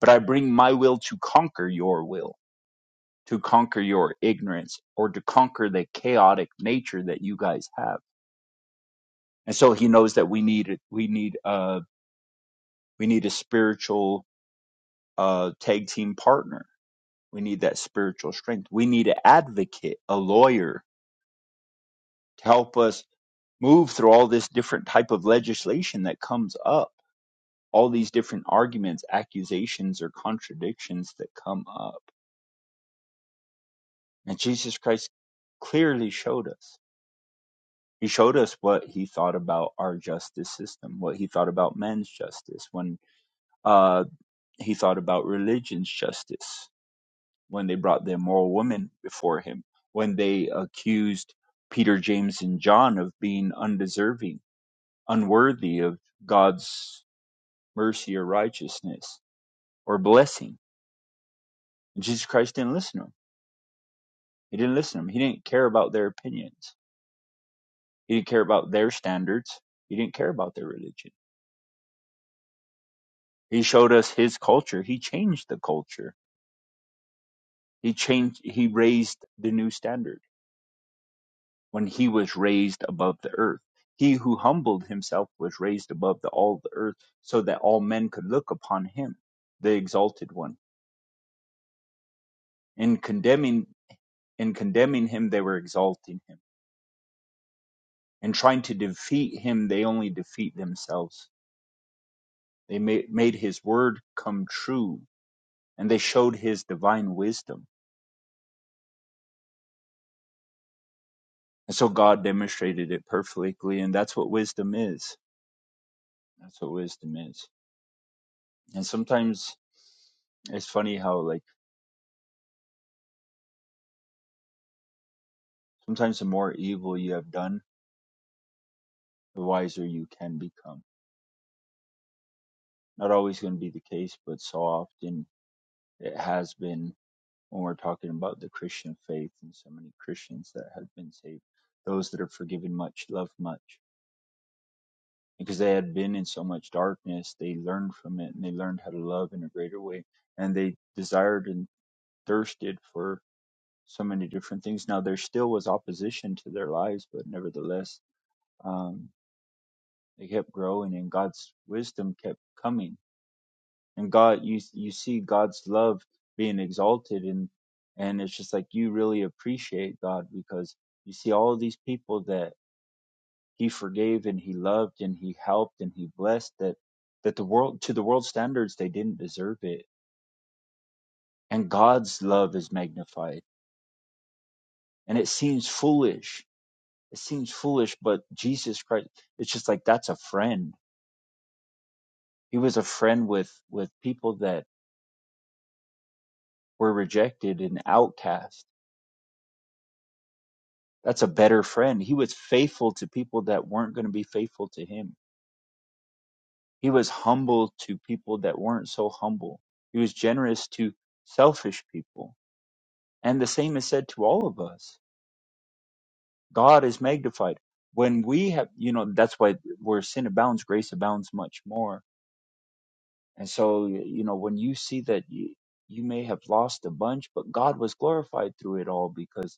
S1: But I bring my will to conquer your will to conquer your ignorance or to conquer the chaotic nature that you guys have. And so he knows that we need we need uh we need a spiritual uh tag team partner. We need that spiritual strength. We need an advocate, a lawyer to help us move through all this different type of legislation that comes up, all these different arguments, accusations or contradictions that come up. And Jesus Christ clearly showed us. He showed us what he thought about our justice system, what he thought about men's justice, when uh, he thought about religion's justice, when they brought the immoral woman before him, when they accused Peter, James, and John of being undeserving, unworthy of God's mercy or righteousness or blessing. And Jesus Christ didn't listen to them. He didn't listen to them. He didn't care about their opinions. He didn't care about their standards. He didn't care about their religion He showed us his culture. He changed the culture. He changed, he raised the new standard when he was raised above the earth. He who humbled himself was raised above the, all the earth so that all men could look upon him, the exalted one. In condemning, in condemning him, they were exalting him. In trying to defeat him, they only defeat themselves. They made, made his word come true and they showed his divine wisdom. And so God demonstrated it perfectly, and that's what wisdom is That's what wisdom is. And sometimes it's funny how like sometimes the more evil you have done, the wiser you can become. Not always going to be the case, but so often it has been when we're talking about the Christian faith and so many Christians that have been saved, those that are forgiven much, love much. Because they had been in so much darkness, they learned from it and they learned how to love in a greater way. And they desired and thirsted for so many different things. Now there still was opposition to their lives, but nevertheless, um, they kept growing, and God's wisdom kept coming. And God, you you see God's love being exalted, and and it's just like you really appreciate God because you see all these people that He forgave and He loved and He helped and He blessed that that the world to the world standards they didn't deserve it, and God's love is magnified, and it seems foolish it seems foolish, but Jesus Christ, it's just like that's a friend. He was a friend with with people that were rejected and outcast. That's a better friend. He was faithful to people that weren't going to be faithful to him. He was humble to people that weren't so humble. He was generous to selfish people. And the same is said to all of us. God is magnified. When we have, you know, that's why where sin abounds, grace abounds much more And so, you know, when you see that you, you may have lost a bunch, but God was glorified through it all because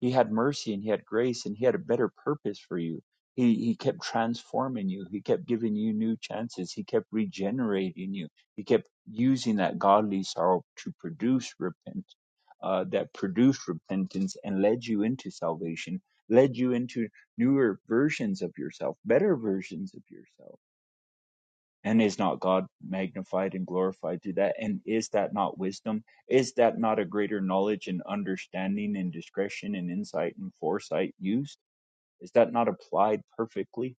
S1: He had mercy and He had grace and He had a better purpose for you. He, he kept transforming you. He kept giving you new chances. He kept regenerating you. He kept using that godly sorrow to produce repent, uh, that produced repentance and led you into salvation, led you into newer versions of yourself, better versions of yourself and is not God magnified and glorified through that? And is that not wisdom? Is that not a greater knowledge and understanding and discretion and insight and foresight used? Is that not applied perfectly?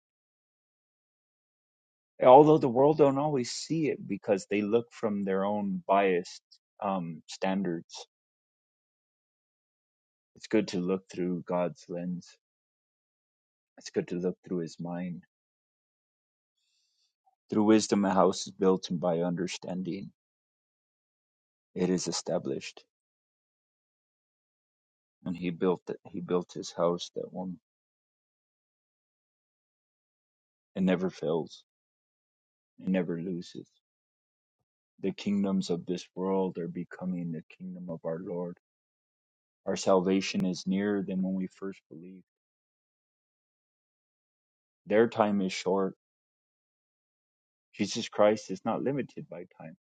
S1: Although the world don't always see it because they look from their own biased um, standards. It's good to look through God's lens. It's good to look through His mind. Through wisdom, a house is built, and by understanding, it is established. And He built it. He built His house that one It never fails. It never loses. The kingdoms of this world are becoming the kingdom of our Lord. Our salvation is nearer than when we first believed. Their time is short. Jesus Christ is not limited by time.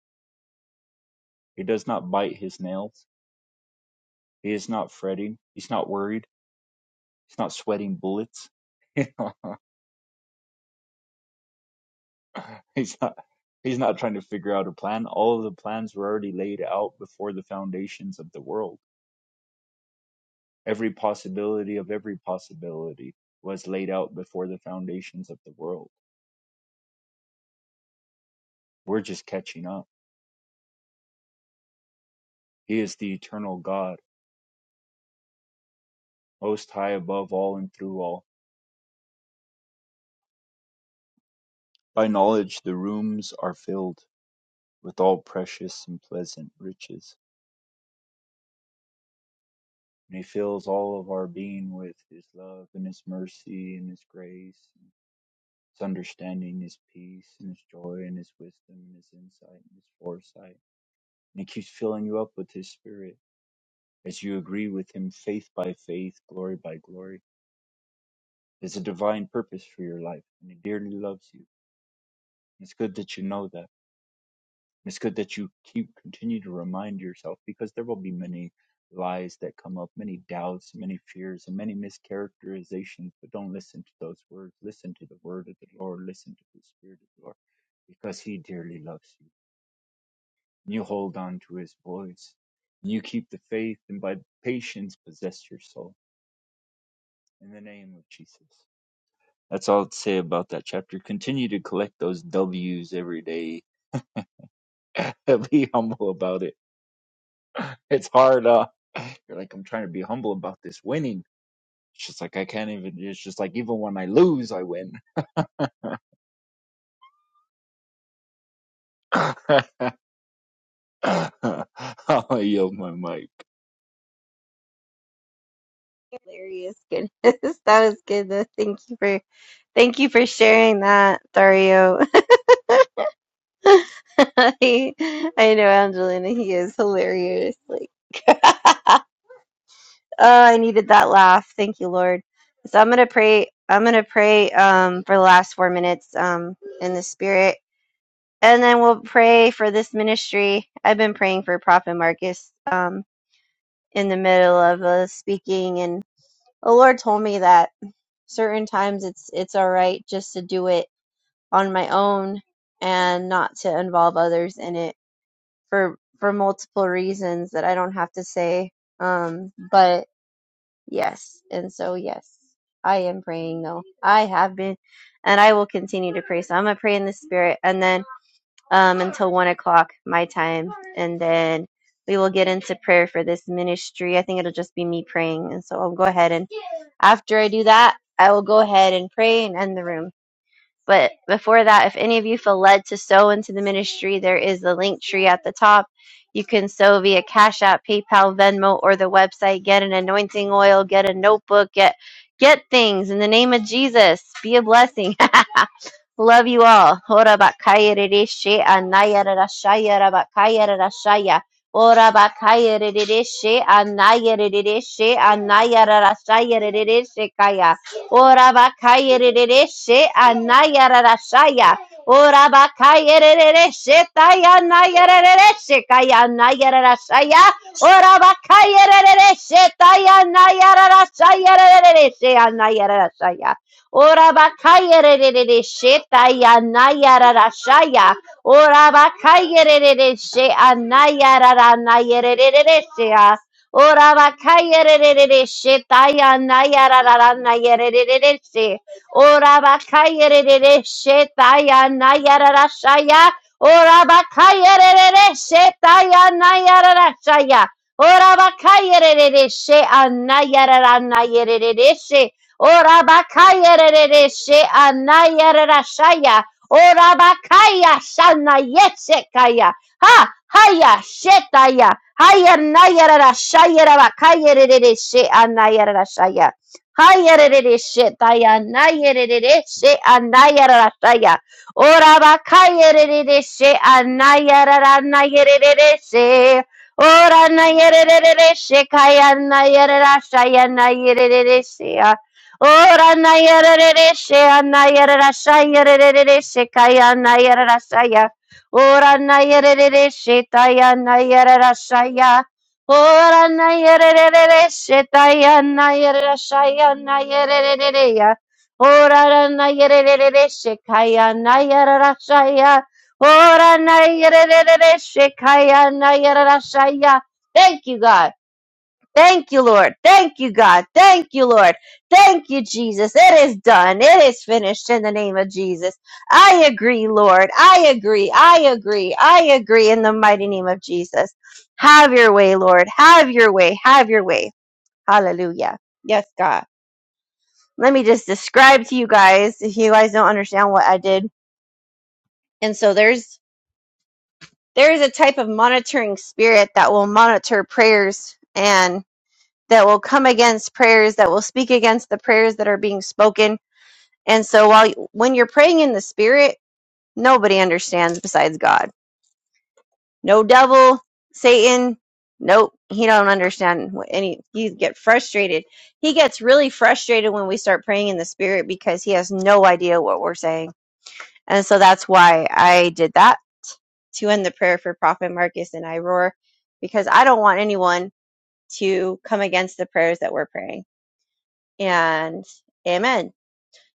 S1: He does not bite his nails. He is not fretting. He's not worried. He's not sweating bullets. [LAUGHS] You know, [LAUGHS] he's not he's not trying to figure out a plan. All of the plans were already laid out before the foundations of the world Every possibility of every possibility was laid out before the foundations of the world. We're just catching up. He is the eternal God, most high above all and through all. By knowledge, the rooms are filled with all precious and pleasant riches. And he fills all of our being with his love and his mercy and his grace, and his understanding, his peace and his joy and his wisdom and his insight and his foresight. And he keeps filling you up with his spirit As you agree with Him faith by faith, glory by glory, there's a divine purpose for your life, and He dearly loves you. And it's good that you know that. And it's good that you keep continue to remind yourself because there will be many lies that come up, many doubts, many fears, and many mischaracterizations. But don't listen to those words. Listen to the word of the Lord. Listen to the Spirit of the Lord because He dearly loves you. And you hold on to His voice. And you keep the faith and by patience possess your soul. In the name of Jesus. That's all I'd say about that chapter. Continue to collect those W's every day. [LAUGHS] be humble about it. It's hard. Uh, you're like, I'm trying to be humble about this winning. It's just like, I can't even, it's just like, even when I lose, I win. [LAUGHS] I'll yield my mic.
S2: Hilarious, goodness, [LAUGHS] that was good. though. Thank you for, thank you for sharing that, Dario. [LAUGHS] I, I know Angelina, he is hilarious. Like, [LAUGHS] oh, I needed that laugh. Thank you, Lord. So I'm gonna pray. I'm gonna pray um, for the last four minutes um, in the spirit and then we'll pray for this ministry. I've been praying for Prophet Marcus um, in the middle of uh, speaking, and the Lord told me that certain times it's it's all right just to do it on my own and not to involve others in it for for multiple reasons that I don't have to say. Um, but yes, and so yes, I am praying though. I have been, and I will continue to pray. So I'm gonna pray in the spirit, and then um, until one o'clock my time, and then we will get into prayer for this ministry. I think it'll just be me praying, and so I'll go ahead and after I do that, I will go ahead and pray and end the room. But before that, if any of you feel led to sow into the ministry, there is the link tree at the top. You can sow via Cash App, PayPal, Venmo, or the website. Get an anointing oil, get a notebook, get get things in the name of Jesus. Be a blessing. [LAUGHS] Love you all. Ora bakaya rereshe anaya rarashaya rabakaya rarashaya. Ora bakaya rereshe anaya rereshe anaya rarashaya rereshe kaya. Ora bakaya she anaya rarashaya. Ora bakaya rereshe taya she rereshe kaya naya rarashaya. Ora bakaya rereshe taya naya rarashaya rereshe anaya rarashaya. Ora bakaya she taya naya rarashaya. Ora bakaya rereshe anaya raranaya rereshe. Ora bakaya re re re she na ya ra ra ra na Ora bakaya re re re she taya ya shaya. Ora bakaya re re re she taya ya shaya. Ora bakaya re re re she ana ya ra she. Ora bakaya re re re she ana ya shaya. Ora bakaya shana yese Ha! Haya! Shetaya! Haya! Nayarara! Shayarara! Kayarere! She! Anayarara! Shaya! Hayarere! Shetaya! Nayarere! She! Anayarara! Shaya! Oraba! Kayarere! She! Anayarara! Nayarere! She! Ora! Nayarere! She! Kaya! Nayarara! Shaya! Nayarere! She! Ora! Nayarere! She! Anayarara! Shayarere! She! Kaya! Nayarara! Shaya! Ora nayerere shetaya nayerera shaya. Ora nayerere shetaya nayerera shaya nayerere ya. Ora nayerere shekaya nayerera shaya. Ora nayerere shekaya nayerera shaya. Thank you, God. Thank you, Lord. Thank you, God. Thank you, Lord. Thank you, Jesus. It is done. It is finished in the name of Jesus. I agree, Lord. I agree. I agree. I agree in the mighty name of Jesus. Have your way, Lord. Have your way. Have your way. Hallelujah. Yes, God. Let me just describe to you guys if you guys don't understand what I did. And so there's there is a type of monitoring spirit that will monitor prayers and. that will come against prayers that will speak against the prayers that are being spoken. And so while when you're praying in the spirit, nobody understands besides God. No devil, Satan, nope, he don't understand what any he get frustrated. He gets really frustrated when we start praying in the spirit because he has no idea what we're saying. And so that's why I did that to end the prayer for Prophet Marcus and I roar because I don't want anyone to come against the prayers that we're praying and amen.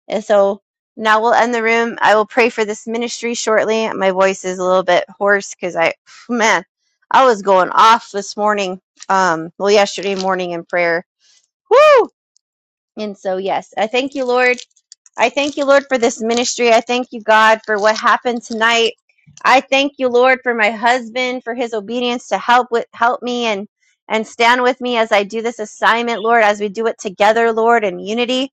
S2: And so now we'll end the room. I will pray for this ministry shortly. My voice is a little bit hoarse because I, [SIGHS] man, I was going off this morning. Um, well, yesterday morning in prayer. Woo! And so, yes, I thank you, Lord. I thank you, Lord, for this ministry. I thank you, God, for what happened tonight. I thank you, Lord, for my husband, for his obedience to help with help me and and stand with me as I do this assignment, Lord, as we do it together, Lord, in unity.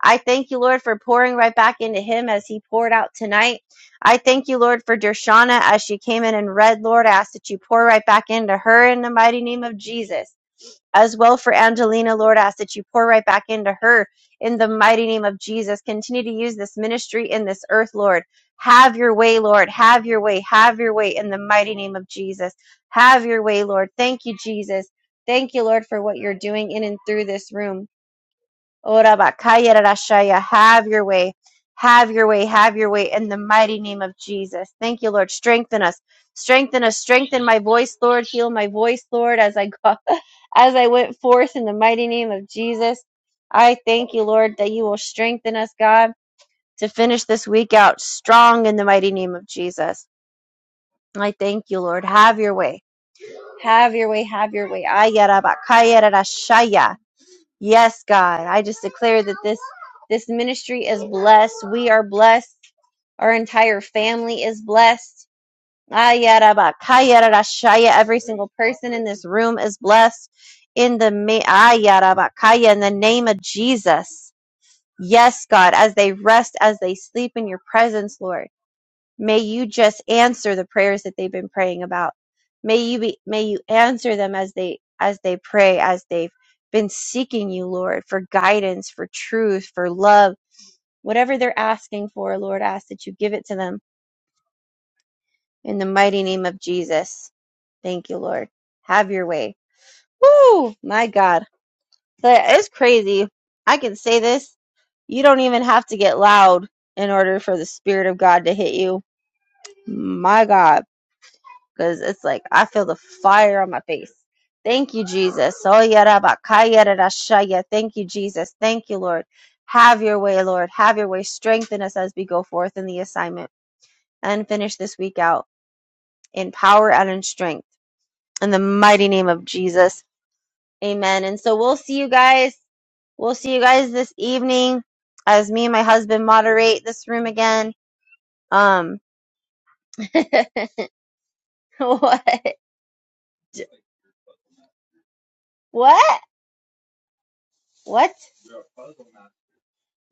S2: I thank you, Lord, for pouring right back into him as he poured out tonight. I thank you, Lord, for Dershana as she came in and read. Lord, I ask that you pour right back into her in the mighty name of Jesus. As well for Angelina, Lord, I ask that you pour right back into her in the mighty name of Jesus. Continue to use this ministry in this earth, Lord. Have your way, Lord. Have your way. Have your way in the mighty name of Jesus. Have your way, Lord. Thank you, Jesus. Thank you, Lord, for what you're doing in and through this room. Ora bakaya rarashaya. Have your way. Have your way. Have your way in the mighty name of Jesus. Thank you, Lord. Strengthen us. Strengthen us. Strengthen my voice, Lord. Heal my voice, Lord, as I go, [LAUGHS] as I went forth in the mighty name of Jesus. I thank you, Lord, that you will strengthen us, God, to finish this week out strong in the mighty name of Jesus. I thank you, Lord. Have your way. Have your way. Have your way. Ayarabakaya rarashaya. Yes, God. I just declare that this this ministry is blessed. We are blessed. Our entire family is blessed. Ayarabakayarashaya. Every single person in this room is blessed in the ma- Ayarabakaya in the name of Jesus. Yes, God, as they rest, as they sleep in your presence, Lord. May you just answer the prayers that they've been praying about. May you be, may you answer them as they, as they pray, as they've been seeking you, Lord, for guidance, for truth, for love, whatever they're asking for, Lord, I ask that you give it to them in the mighty name of Jesus. Thank you, Lord. Have your way. Woo! My God. That is crazy. I can say this. You don't even have to get loud in order for the Spirit of God to hit you. My God. because it's like I feel the fire on my face. Thank you, Jesus. Oh, yada ba ka yada da sha ya. Thank you, Jesus. Thank you, Lord. Have your way, Lord. Have your way. Strengthen us as we go forth in the assignment and finish this week out in power and in strength. In the mighty name of Jesus. Amen. And so we'll see you guys. We'll see you guys this evening as me and my husband moderate this room again. Um, [LAUGHS] what? What? What?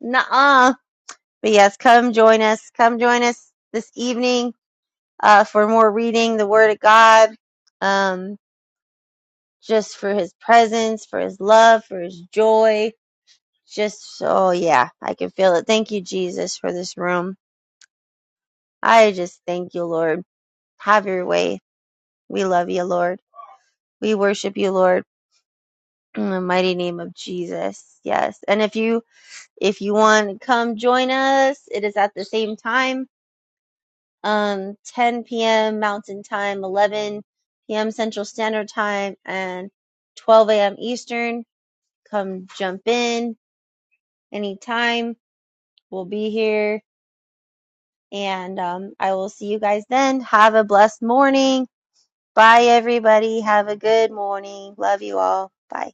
S2: Nuh But yes, come join us. Come join us this evening uh, for more reading the Word of God, um, just for His presence, for His love, for His joy. Just, oh yeah, I can feel it. Thank you, Jesus, for this room. I just thank you, Lord. Have your way. We love you, Lord. We worship you, Lord. In the mighty name of Jesus. Yes. And if you if you want to come join us, it is at the same time um 10 p.m. Mountain Time, 11 p.m. Central Standard Time, and 12 a.m. Eastern. Come jump in anytime. We'll be here, and um, I will see you guys then. Have a blessed morning. Bye, everybody. Have a good morning. Love you all. Bye.